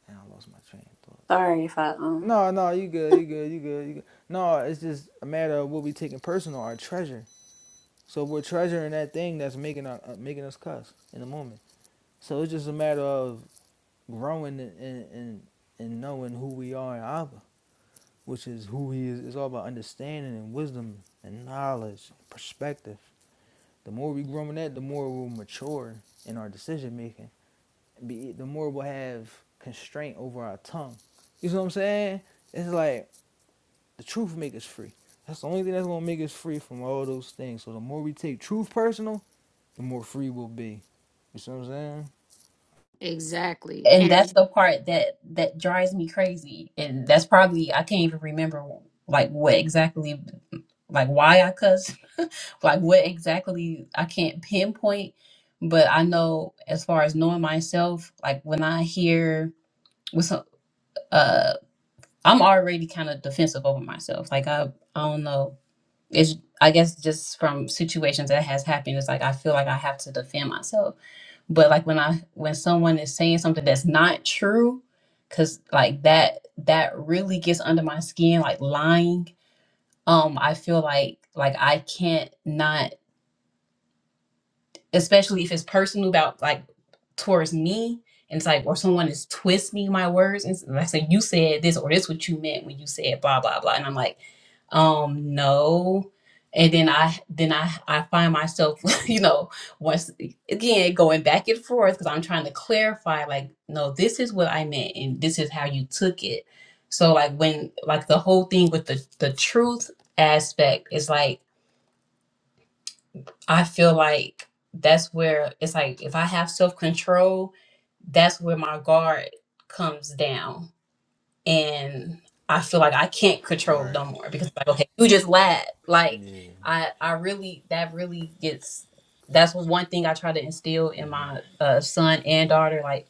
and I lost my train of thought.
Sorry if I um
No, no, you good, you good, you good, you good. No, it's just a matter of what we taking personal, our treasure. So we're treasuring that thing that's making our, uh, making us cuss in the moment. So it's just a matter of growing and and, and, knowing who we are in Abba, which is who He is. It's all about understanding and wisdom and knowledge, perspective. The more we grow in that, the more we'll mature in our decision making. Be the more we'll have constraint over our tongue. You see what I'm saying? It's like The truth make us free. That's the only thing that's gonna make us free from all those things. So the more we take truth personal, the more free we'll be. You see what I'm saying?
Exactly.
and that's
And
the part that that drives me crazy and that's probably i can't even remember like what exactly like why i cuss like what exactly i can't pinpoint but i know as far as knowing myself like when i hear with some uh i'm already kind of defensive over myself like i i don't know it's i guess just from situations that has happened it's like i feel like i have to defend myself but like when i when someone is saying something that's not true because like that that really gets under my skin like lying um i feel like like i can't not especially if it's personal about like towards me and it's like or someone is twisting my words and I say you said this or this what you meant when you said blah blah blah and I'm like um no and then I then I I find myself you know once again going back and forth because I'm trying to clarify like no this is what I meant and this is how you took it so like when like the whole thing with the the truth aspect is like I feel like that's where it's like if I have self control, that's where my guard comes down. And I feel like I can't control
Right.
no more because like, okay, you just lied. Like
Yeah.
I I really that really gets that's one thing I try to instill in
Mm-hmm.
my uh, son and daughter. Like,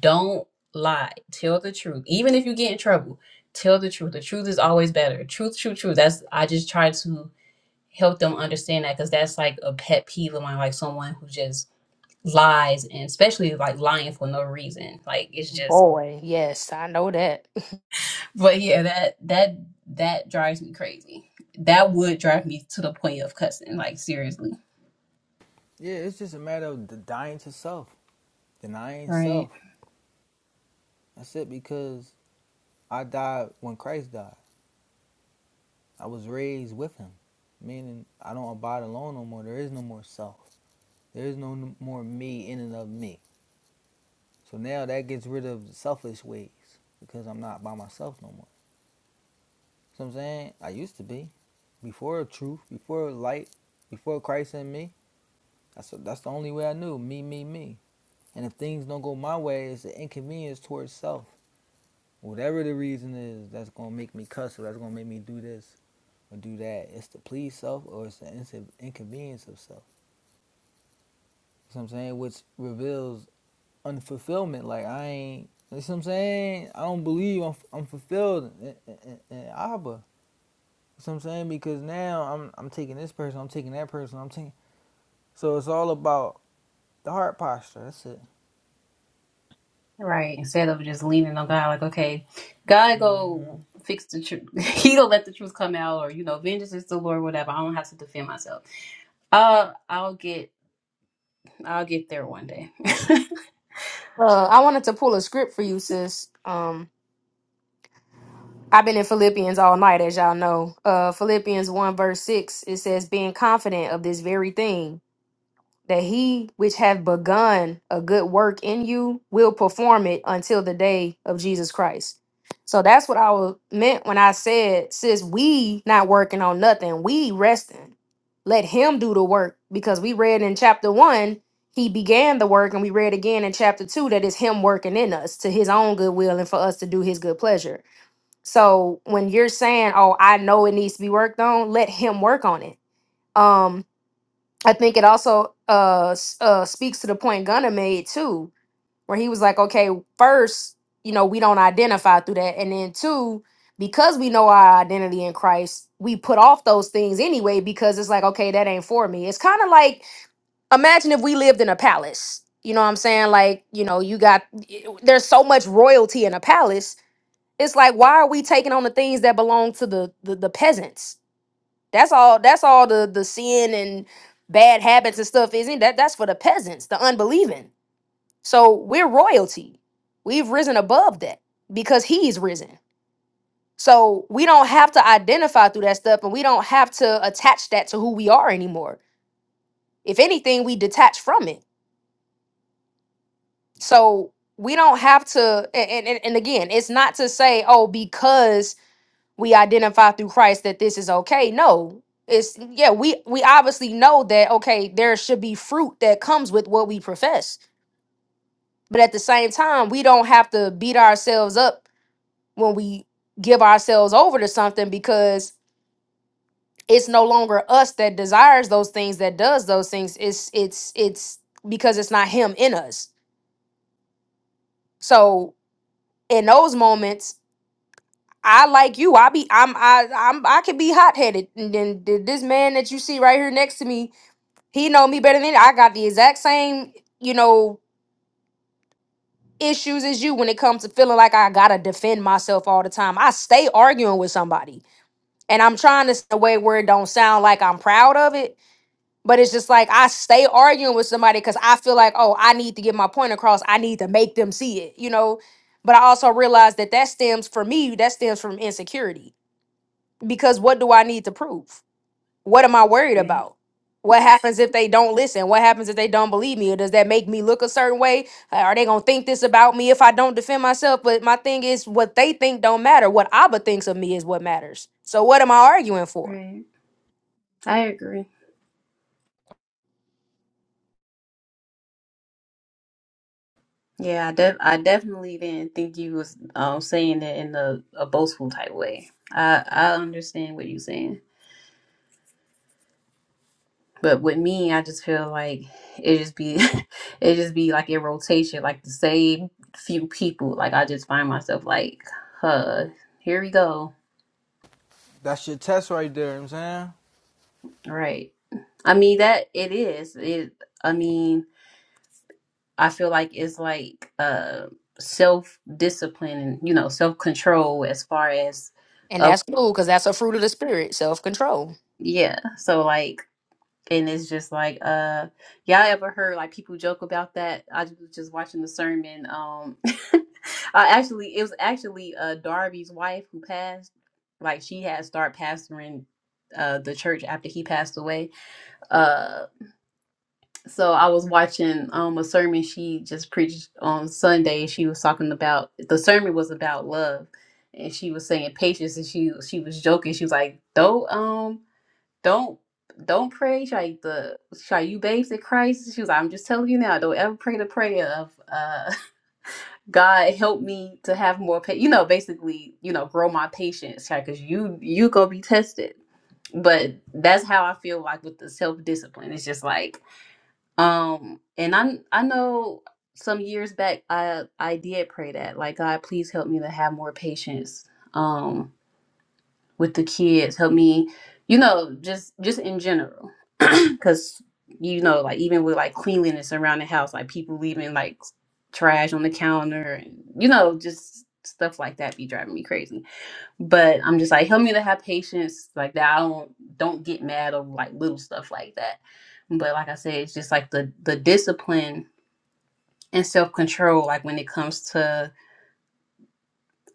don't lie. Tell the truth. Even if you get in trouble, tell the truth. The truth is always better. Truth, truth, truth. That's I just try to help them understand that because that's like a pet peeve of mine, like someone who just lies and especially like lying for no reason. Like it's just
boy, yes, I know that.
but yeah, that that that drives me crazy. That would drive me to the point of cussing, like seriously.
Yeah, it's just a matter of dying to self, denying
Right.
self. That's it because I died when Christ died. I was raised with him, meaning I don't abide alone no more. There is no more self. There is no more me in and of me. So now that gets rid of the selfish ways because I'm not by myself no more. You know what I'm saying I used to be. before truth, before light, before Christ and me. That's that's the only way I knew me, me, me. And if things don't go my way, it's an inconvenience towards self. Whatever the reason is, that's gonna make me cuss or that's gonna make me do this or do that. It's to please self or it's the inconvenience of self. You know what I'm saying? Which reveals unfulfillment. Like I ain't. You know what I'm saying? I don't believe I'm, I'm fulfilled in, in, in, in Abba. You know what I'm saying? Because now I'm I'm taking this person, I'm taking that person, I'm taking. So it's all about The heart posture, that's it.
Right. Instead of just leaning on God, like, okay, God
Mm-hmm.
go fix the truth. he gonna let the truth come out or you know, vengeance is the Lord, whatever. I don't have to defend myself. Uh, I'll get. I'll get there one day.
Uh, I wanted to pull a script for you, sis. Um, I've been in Philippians all night, as y'all know. Uh, Philippians 1, verse 6, it says, Being confident of this very thing, that he which hath begun a good work in you will perform it until the day of Jesus Christ. So that's what I was meant when I said, Sis, we not working on nothing, we resting. Let him do the work because we read in chapter 1, he began the work, and we read again in chapter 2 that it's him working in us to his own goodwill and for us to do his good pleasure. So when you're saying, "Oh, I know it needs to be worked on," let him work on it. Um, I think it also uh, s- uh speaks to the point Gunner made too, where he was like, "Okay, first, you know, we don't identify through that, and then two, because we know our identity in Christ, we put off those things anyway because it's like, okay, that ain't for me. It's kind of like imagine if we lived in a palace." You know what I'm saying? Like, you know, you got there's so much royalty in a palace it's like why are we taking on the things that belong to the the, the peasants that's all that's all the the sin and bad habits and stuff isn't that that's for the peasants the unbelieving so we're royalty we've risen above that because he's risen so we don't have to identify through that stuff and we don't have to attach that to who we are anymore if anything we detach from it so we don't have to and, and, and again it's not to say oh because we identify through Christ that this is okay. No. It's yeah, we we obviously know that okay, there should be fruit that comes with what we profess. But at the same time, we don't have to beat ourselves up when we give ourselves over to something because it's no longer us that desires those things that does those things. It's it's it's because it's not him in us. So in those moments, I like you. I be I'm I I'm I can be hot headed. And then th- this man that you see right here next to me He know me better than I got the exact same, you know, issues as you when it comes to feeling like I gotta defend myself all the time. I stay arguing with somebody. And I'm trying to say a way where it don't sound like I'm proud of it. But it's just like I stay arguing with somebody because I feel like, oh, I need to get my point across. I need to make them see it, you know. But I also realize that that stems for me, that stems from insecurity. Because what do I need to prove? what am I worried
Right,
about? What happens if they don't listen? What happens if they don't believe me? Or does that make me look a certain way? Uh, Are they gonna think this about me if I don't defend myself? But my thing is, what they think don't matter. What Abba thinks of me is what matters. So what am I arguing for?
right. I agree. Yeah, I, def- I definitely didn't think you was um, saying it in a, a boastful type way. I I understand what you're saying, but with me, I just feel like it just be it just be like in rotation, like the same few people. Like I just find myself like, huh, here we go.
That's your test right there, you know what I'm
Right. I mean that it is. It I mean, I feel like it's like uh self discipline and, you know, self control as far as
And
uh
that's cool because that's a fruit of the spirit, self control.
yeah. So like and it's just like uh y'all ever heard like people joke about that? I was just watching the sermon. Um I actually it was actually uh Darby's wife who passed. Like she had started pastoring uh the church after he passed away Uh, so I was watching um a sermon she just preached on Sunday. She was talking about the sermon was about love, and she was saying patience. And she she was joking. She was like, "Don't um don't don't pray like the shall you babes in Christ." She was like, "I'm just telling you now. Don't ever pray the prayer of uh God help me to have more pa- you know basically you know grow my patience because you you gonna be tested." But that's how I feel like with the self discipline. It's just like um, and I I know some years back I I did pray that like God, please help me to have more patience um with the kids. Help me, you know, just just in general, because you know, like even with like cleanliness around the house, like people leaving like trash on the counter, and you know, just stuff like that be driving me crazy but I'm just like help me to have patience like that I don't don't get mad over like little stuff like that but like I said it's just like the the discipline and self-control like when it comes to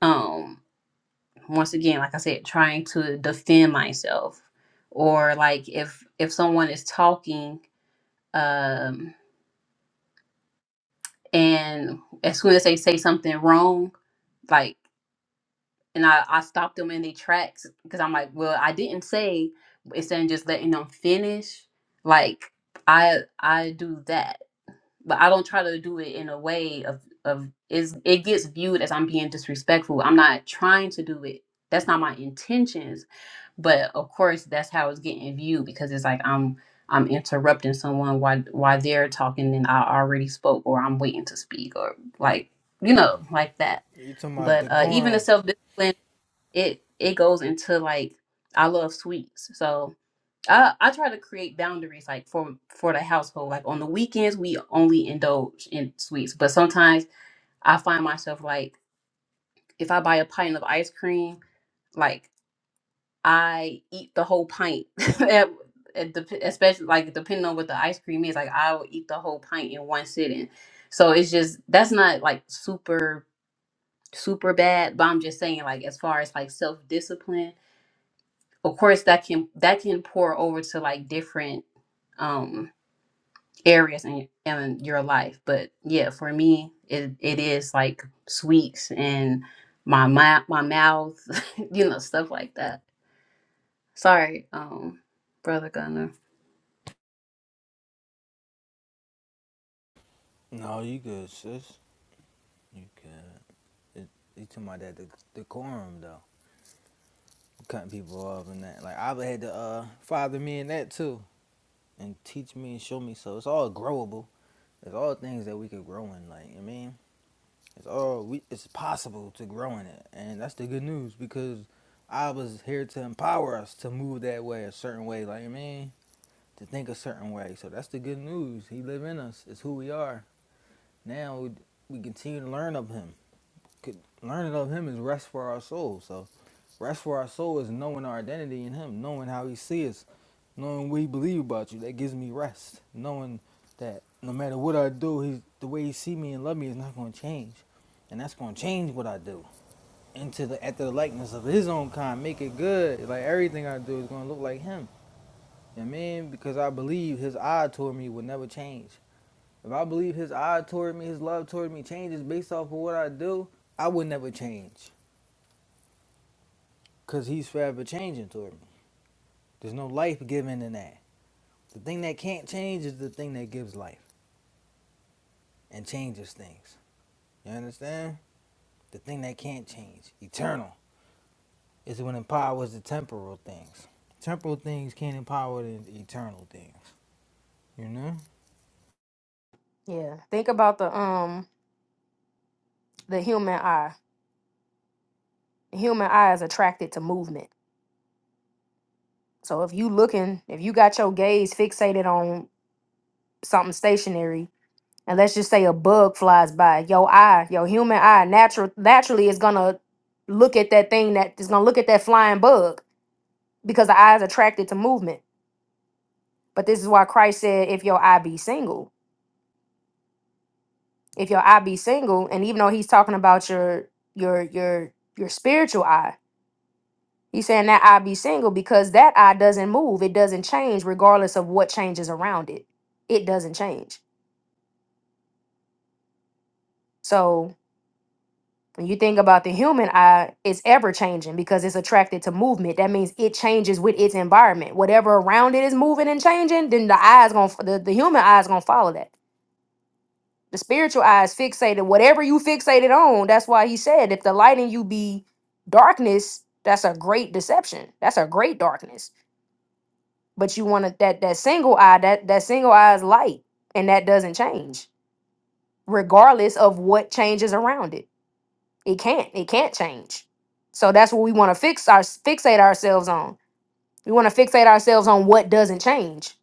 um once again like I said trying to defend myself or like if if someone is talking um and as soon as they say something wrong like. and I, I stopped them in their tracks because I'm like, well, I didn't say instead of just letting them finish. Like I I do that, but I don't try to do it in a way of of is it gets viewed as I'm being disrespectful. I'm not trying to do it. That's not my intentions, but of course that's how it's getting viewed because it's like I'm I'm interrupting someone while while they're talking and I already spoke or I'm waiting to speak or like you know like that.
saying? You talking about
But uh, even the
decorum.
self discipline it it goes into like I love sweets, so I I try to create boundaries like for for the household. Like on the weekends, we only indulge in sweets, but sometimes I find myself like if I buy a pint of ice cream, like I eat the whole pint. at, at the, especially like depending on what the ice cream is, like I will eat the whole pint in one sitting. So it's just that's not like super super bad, but I'm just saying like as far as like self discipline of course that can that can pour over to like different um areas in, in your life but yeah for me it, it is like sweets and my my, my mouth you know stuff like that sorry um brother gunner
No, you good, sis. You good. It, you talking about that decorum, though. Cutting people off and that. Like, Abba had to uh, father me in that, too. And teach me and show me. So it's all growable. It's all things that we could grow in, like, you know what I mean? It's all, we, it's possible to grow in it. And that's the good news because I was here to empower us to move that way, a certain way, like, you know what I mean? to think a certain way. So that's the good news. He live in us. It's who we are. Now we, we continue to learn of him. Learning of him is rest for our soul. So rest for our soul is knowing our identity in him, knowing how he sees us, knowing what he believe about you. That gives me rest. Knowing that no matter what I do, he's, the way he see me and love me is not going to change. And that's going to change what I do into the after the likeness of his own kind. Make it good. Like everything I do is going to look like him. You know what I mean? Because I believe his eye toward me will never change. If I believe his eye toward me, his love toward me changes based off of what I do, I would never change because he's forever changing toward me. There's no life given in that. The thing that can't change is the thing that gives life and changes things. You understand? The thing that can't change, eternal, is what empowers the temporal things. Temporal things can't empower the eternal things. You know?
Yeah. Think about the um the human eye. The human eye is attracted to movement. So if you looking, if you got your gaze fixated on something stationary, and let's just say a bug flies by your eye your human eye natural naturally is gonna look at that thing that is gonna look at that flying bug because the eye is attracted to movement but this is why christ said if your eye be single if your eye be single and even though he's talking about your your your your spiritual eye he's saying that eye be single because that eye doesn't move it doesn't change regardless of what changes around it it doesn't change so when you think about the human eye, it's ever changing because it's attracted to movement. That means it changes with its environment. Whatever around it is moving and changing, then the eye's gonna f- the, the human eye is gonna follow that. The spiritual eye is fixated. Whatever you fixated on, that's why he said, if the light in you be darkness, that's a great deception. That's a great darkness. But you want to that that single eye, that that single eye is light, and that doesn't change, regardless of what changes around it. It can't. It can't change. So that's what we want to fix our fixate ourselves on. We want to fixate ourselves on what doesn't change.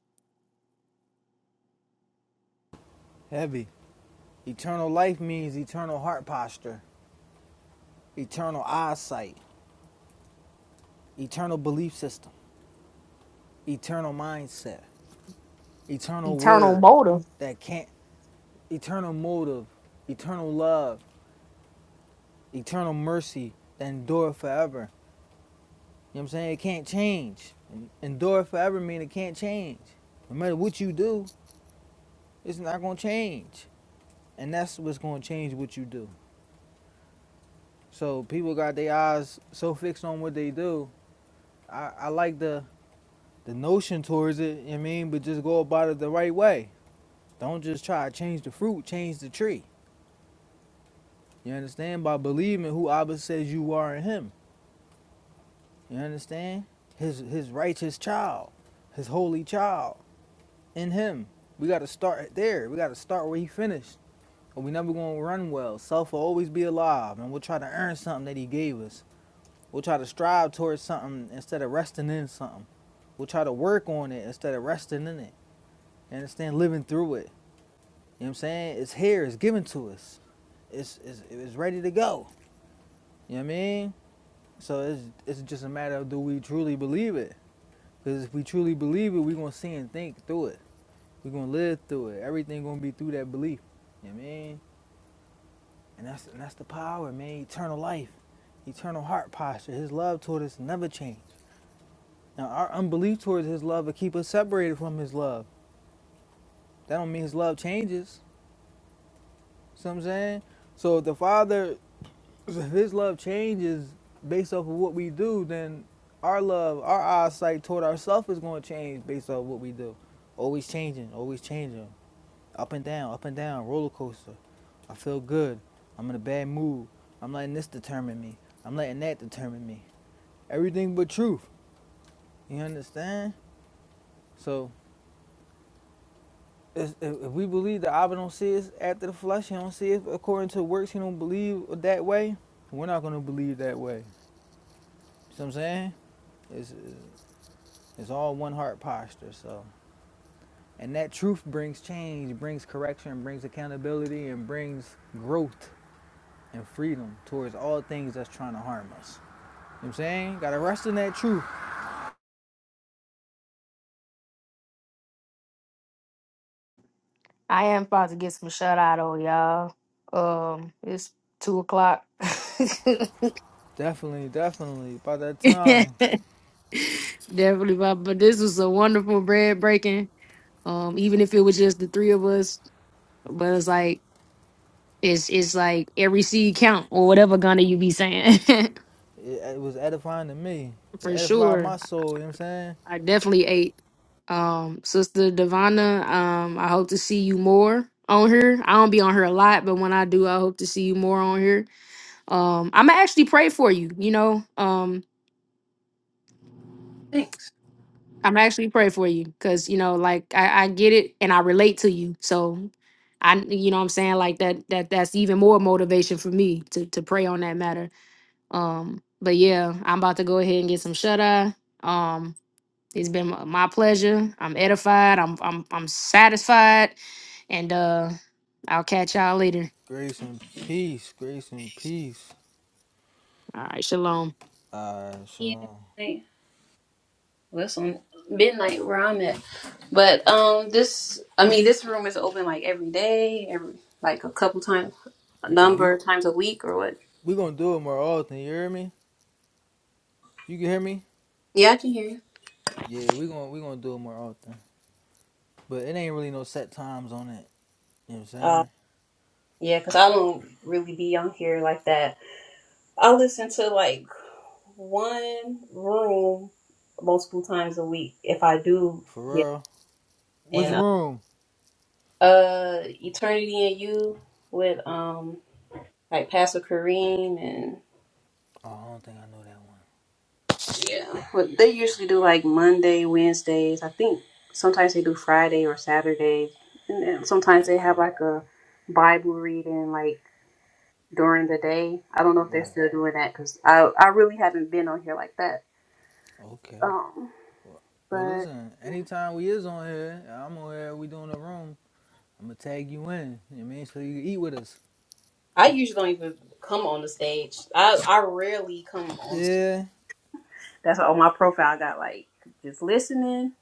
Heavy. Eternal life means eternal heart posture, eternal eyesight, eternal belief system, eternal mindset. eternal
Eternal
word
motive.
that can't eternal motive eternal love eternal mercy that endure forever you know what i'm saying it can't change En- endure forever mean it can't change no matter what you do it's not going to change and that's what's going to change what you do so people got their eyes so fixed on what they do i, I like the the notion towards it you know what i mean but just go about it the right way don't just try to change the fruit change the tree You understand? By believing who Abba says you are in him. You understand? His his righteous child, his holy child in him. We gotta start there. We gotta start where he finished. Or we never gonna run well. Self will always be alive and we'll try to earn something that he gave us. We'll try to strive towards something instead of resting in something. We'll try to work on it instead of resting in it. You understand? Living through it. You know what I'm saying? It's here, it's given to us. It's it's, it's ready to go. You know what I mean? So it's it's just a matter of do we truly believe it? Because if we truly believe it, we're gonna see and think through it. We're gonna live through it. Everything gonna be through that belief. You know what I mean? And that's and that's the power, man. Eternal life, eternal heart posture. His love toward us never change. Now our unbelief towards his love will keep us separated from his love. That don't mean his love changes. See what I'm saying? So if the Father So if his love changes based off of what we do, then our love, our eyesight toward ourselves is going to change based off what we do. Always changing, always changing. Up and down, up and down, roller coaster. I feel good. I'm in a bad mood. I'm letting this determine me. I'm letting that determine me. Everything but truth. You understand? So if, if we believe that Abba don't see us after the flesh, he don't see it according to works, he don't believe that way, we're not going to believe that way. See what I'm saying? It's, It's all one heart posture. So, and that truth brings change, brings correction, brings accountability, and brings growth and freedom towards all things that's trying to harm us. You know what I'm saying, gotta rest in that truth.
I am about to get some shut eye though, y'all. Um, it's two o'clock.
Definitely, definitely. By that time,
Definitely, but but this was a wonderful bread breaking. Um, even if it was just the three of us, but it's like it's it's like every seed count or whatever Ghana you be saying
it, it was edifying to me. It
for
edified
sure.
my soul. You know what I'm saying?
I definitely ate. Um, Sister Divana, um, I hope to see you more on here. I don't be on her a lot, but when I do, I hope to see you more on here. Um, I'm gonna actually pray for you, you know. Um,
thanks
I'm actually pray for you because you know, like I, I get it and I relate to you. So I you know what I'm saying, like that that that's even more motivation for me to to pray on that matter. Um, but yeah, I'm about to go ahead and get some shut eye. Um, It's been my my pleasure. I'm edified. I'm I'm I'm satisfied. And uh I'll catch y'all later.
Grace and peace. Grace and peace.
All right, shalom.
Uh,
yeah
shalom.
hey, well, it's on midnight where i'm at but um this i mean this room is open like every day every like a couple times a
No, we
number of times a week or what
we gonna do it more often. You hear me? You can hear me?
yeah i can hear
Yeah, we gonna we gonna do it more often. But it ain't really no set times on it. You know what I'm
you
saying?
Yeah, because I don't really be on here like that. I listen to like one room multiple times a week if I do
For
get
real. Which
in. Uh,
room?
uh, Eternity and You with um like Pastor Kareem and
Oh, I don't think I know that one.
yeah, but they usually do like Monday, Wednesdays. I think sometimes they do Friday or Saturday, and then sometimes they have
Okay.
like a Bible reading like during the day. I don't know if they're
Right.
still doing that because I I really haven't been on here like that.
Okay.
Um,
Well, well,
but
listen, anytime we is on here, I'm on here, we doing a room, I'm going to tag you in. You know what I mean? So you can eat with us.
I usually don't even come on the stage. I I rarely come on stage.
Yeah.
that's why on my profile. I got like just listening,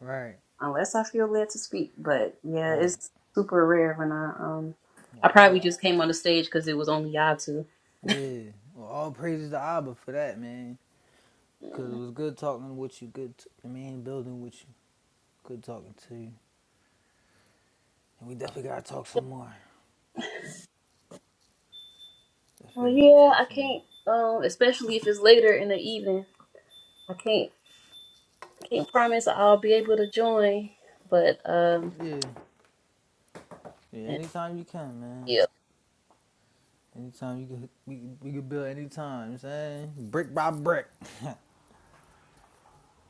Right.
unless I feel led to speak. But yeah,
Right.
it's super rare when I um.
Well,
I probably
all,
just came on the stage because it was only y'all two.
yeah. Well, all praises to Abba for that, man. Because it was good talking with you. Good, t- I mean, building with you. Good talking to you. And we definitely got to talk some more.
Well,
Definitely got to
yeah,
talk
I
some
can't.
more.
Um, especially if it's later in the evening, I can't can't promise I'll be able to join. But um,
Yeah. Yeah, anytime you can,
yeah,
man. Anytime you can, we, we can build anytime. You know what I'm saying brick by brick.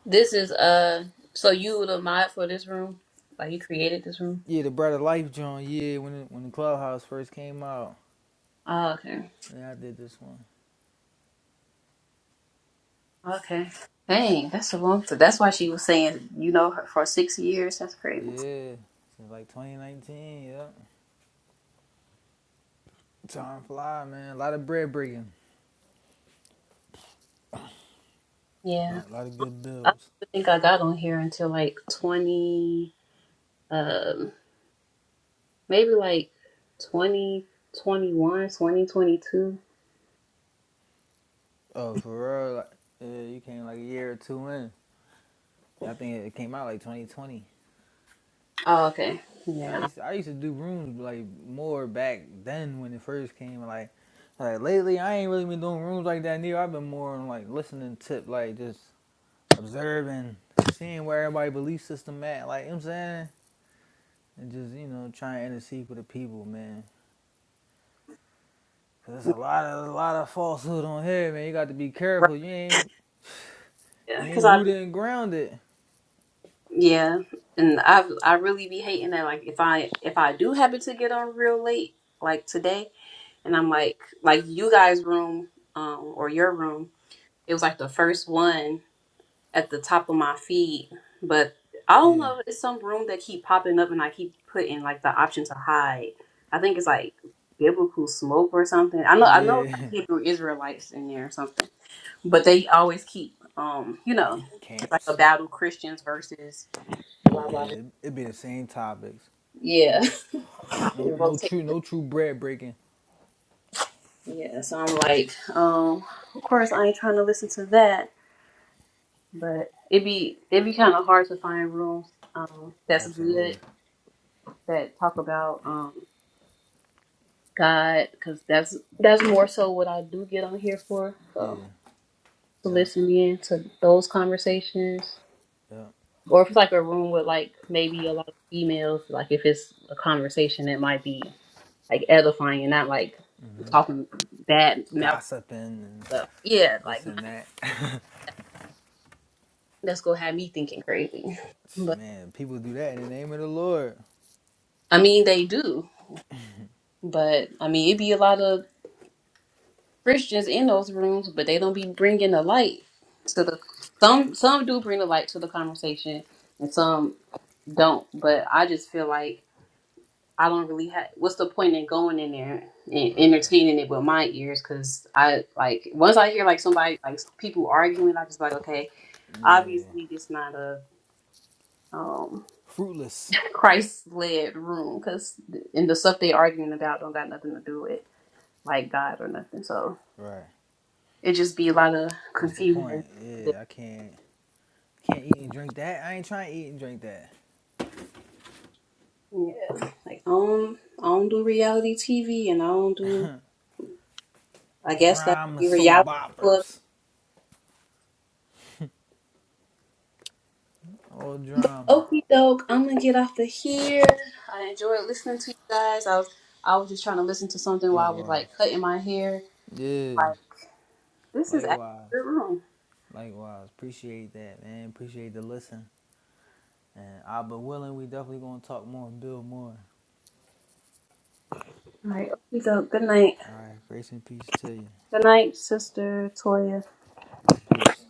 This is uh so you were the mod for this room? Like you created this room?
yeah, the Bread of Life joint. Yeah, when it, when the Clubhouse first came out,
Oh, okay.
yeah, I did this one.
Okay. Dang, that's a long time. That's why she was saying, you know, her for six years. That's crazy.
Yeah, since like 2019. Yeah, time fly, man. A lot of bread breaking. A
Yeah.
lot, lot of good
I
builds.
don't think I got on here until like twenty um maybe like twenty twenty one, twenty twenty two.
Oh, for real. Like, yeah, you came like a year or two in. Yeah, I think it came out like 2020.
Oh, okay.
I
Yeah.
used to, I used to do rooms like more back then when it first came. Like like lately, I ain't really been doing rooms like that neither. I've been more on like listening tip, like just observing, seeing where everybody belief system at. Like you know what I'm saying, and just you know trying to intercede with the people, man. Cause there's a lot of a lot of falsehood on here, man. You got to be
Right.
careful. You ain't you
Yeah. Cause
ain't
I,
rooted and grounded.
yeah. And I, I really be hating that. Like if I, if I do happen to get on real late, like today, and I'm like, like you guys' room um, or your room, it was like the first one at the top of my feed. But I don't
Yeah.
know, it's some room that keep popping up, and I keep putting like the option to hide. I think it's like biblical smoke or something. I know,
Oh
I know, it's
yeah.
like Hebrew Israelites in there or something. But they always keep, um, you
It
know, it's like a
camps.
battle Christians versus blah blah. blah.
Yeah, it be the same topics.
Yeah,
No
it
no
rotates.
true no true bread breaking.
Yeah, so I'm like, um, of course I ain't trying to listen to that. but it'd be it'd be kind of hard to find rooms um that's
Absolutely.
good that talk about um God because that's that's more so what I do get on here for so
Yeah.
to
Yep.
listen in to those conversations
Yep.
or if it's like a room with like maybe a lot of females like if it's a conversation that might be like edifying and not like talking bad mouth
Gossiping and
stuff yeah
this
like
and
not,
that.
that's gonna have me thinking crazy but
Man, people do that in the name of the Lord.
I mean they do but I mean it'd be a lot of Christians in those rooms, but they don't be bringing the light to the some some do bring the light to the conversation and some don't. But I just feel like I don't really have what's the point in going in there and
Right.
entertaining it with my ears because I like once I hear like somebody like people arguing, I just like okay,
Yeah.
obviously this not a um
Fruitless.
Christ led room because and the stuff they arguing about don't got nothing to do with like God or nothing. So
Right.
it just be a lot of
What's the
confusion
point? Yeah, I can't can't eat and drink that. I ain't trying to eat and drink that.
Yeah. Like I don't I don't do reality TV and I don't do I guess that
Drama,
would be
soap
reality book.
boppers. All
But
drama.
okie doke, I'm gonna get off of here. I enjoyed listening to you guys. I was I was just trying to listen to something while I was
Likewise.
like cutting my hair.
Yeah.
Like this is actually
Likewise.
a good room.
Likewise. Appreciate that, man. Appreciate the listen. And I'll be willing. We definitely gonna talk more and build more.
All right, okie doke. Good night.
All right. Grace and peace to you.
Good night, sister Toya.
Peace.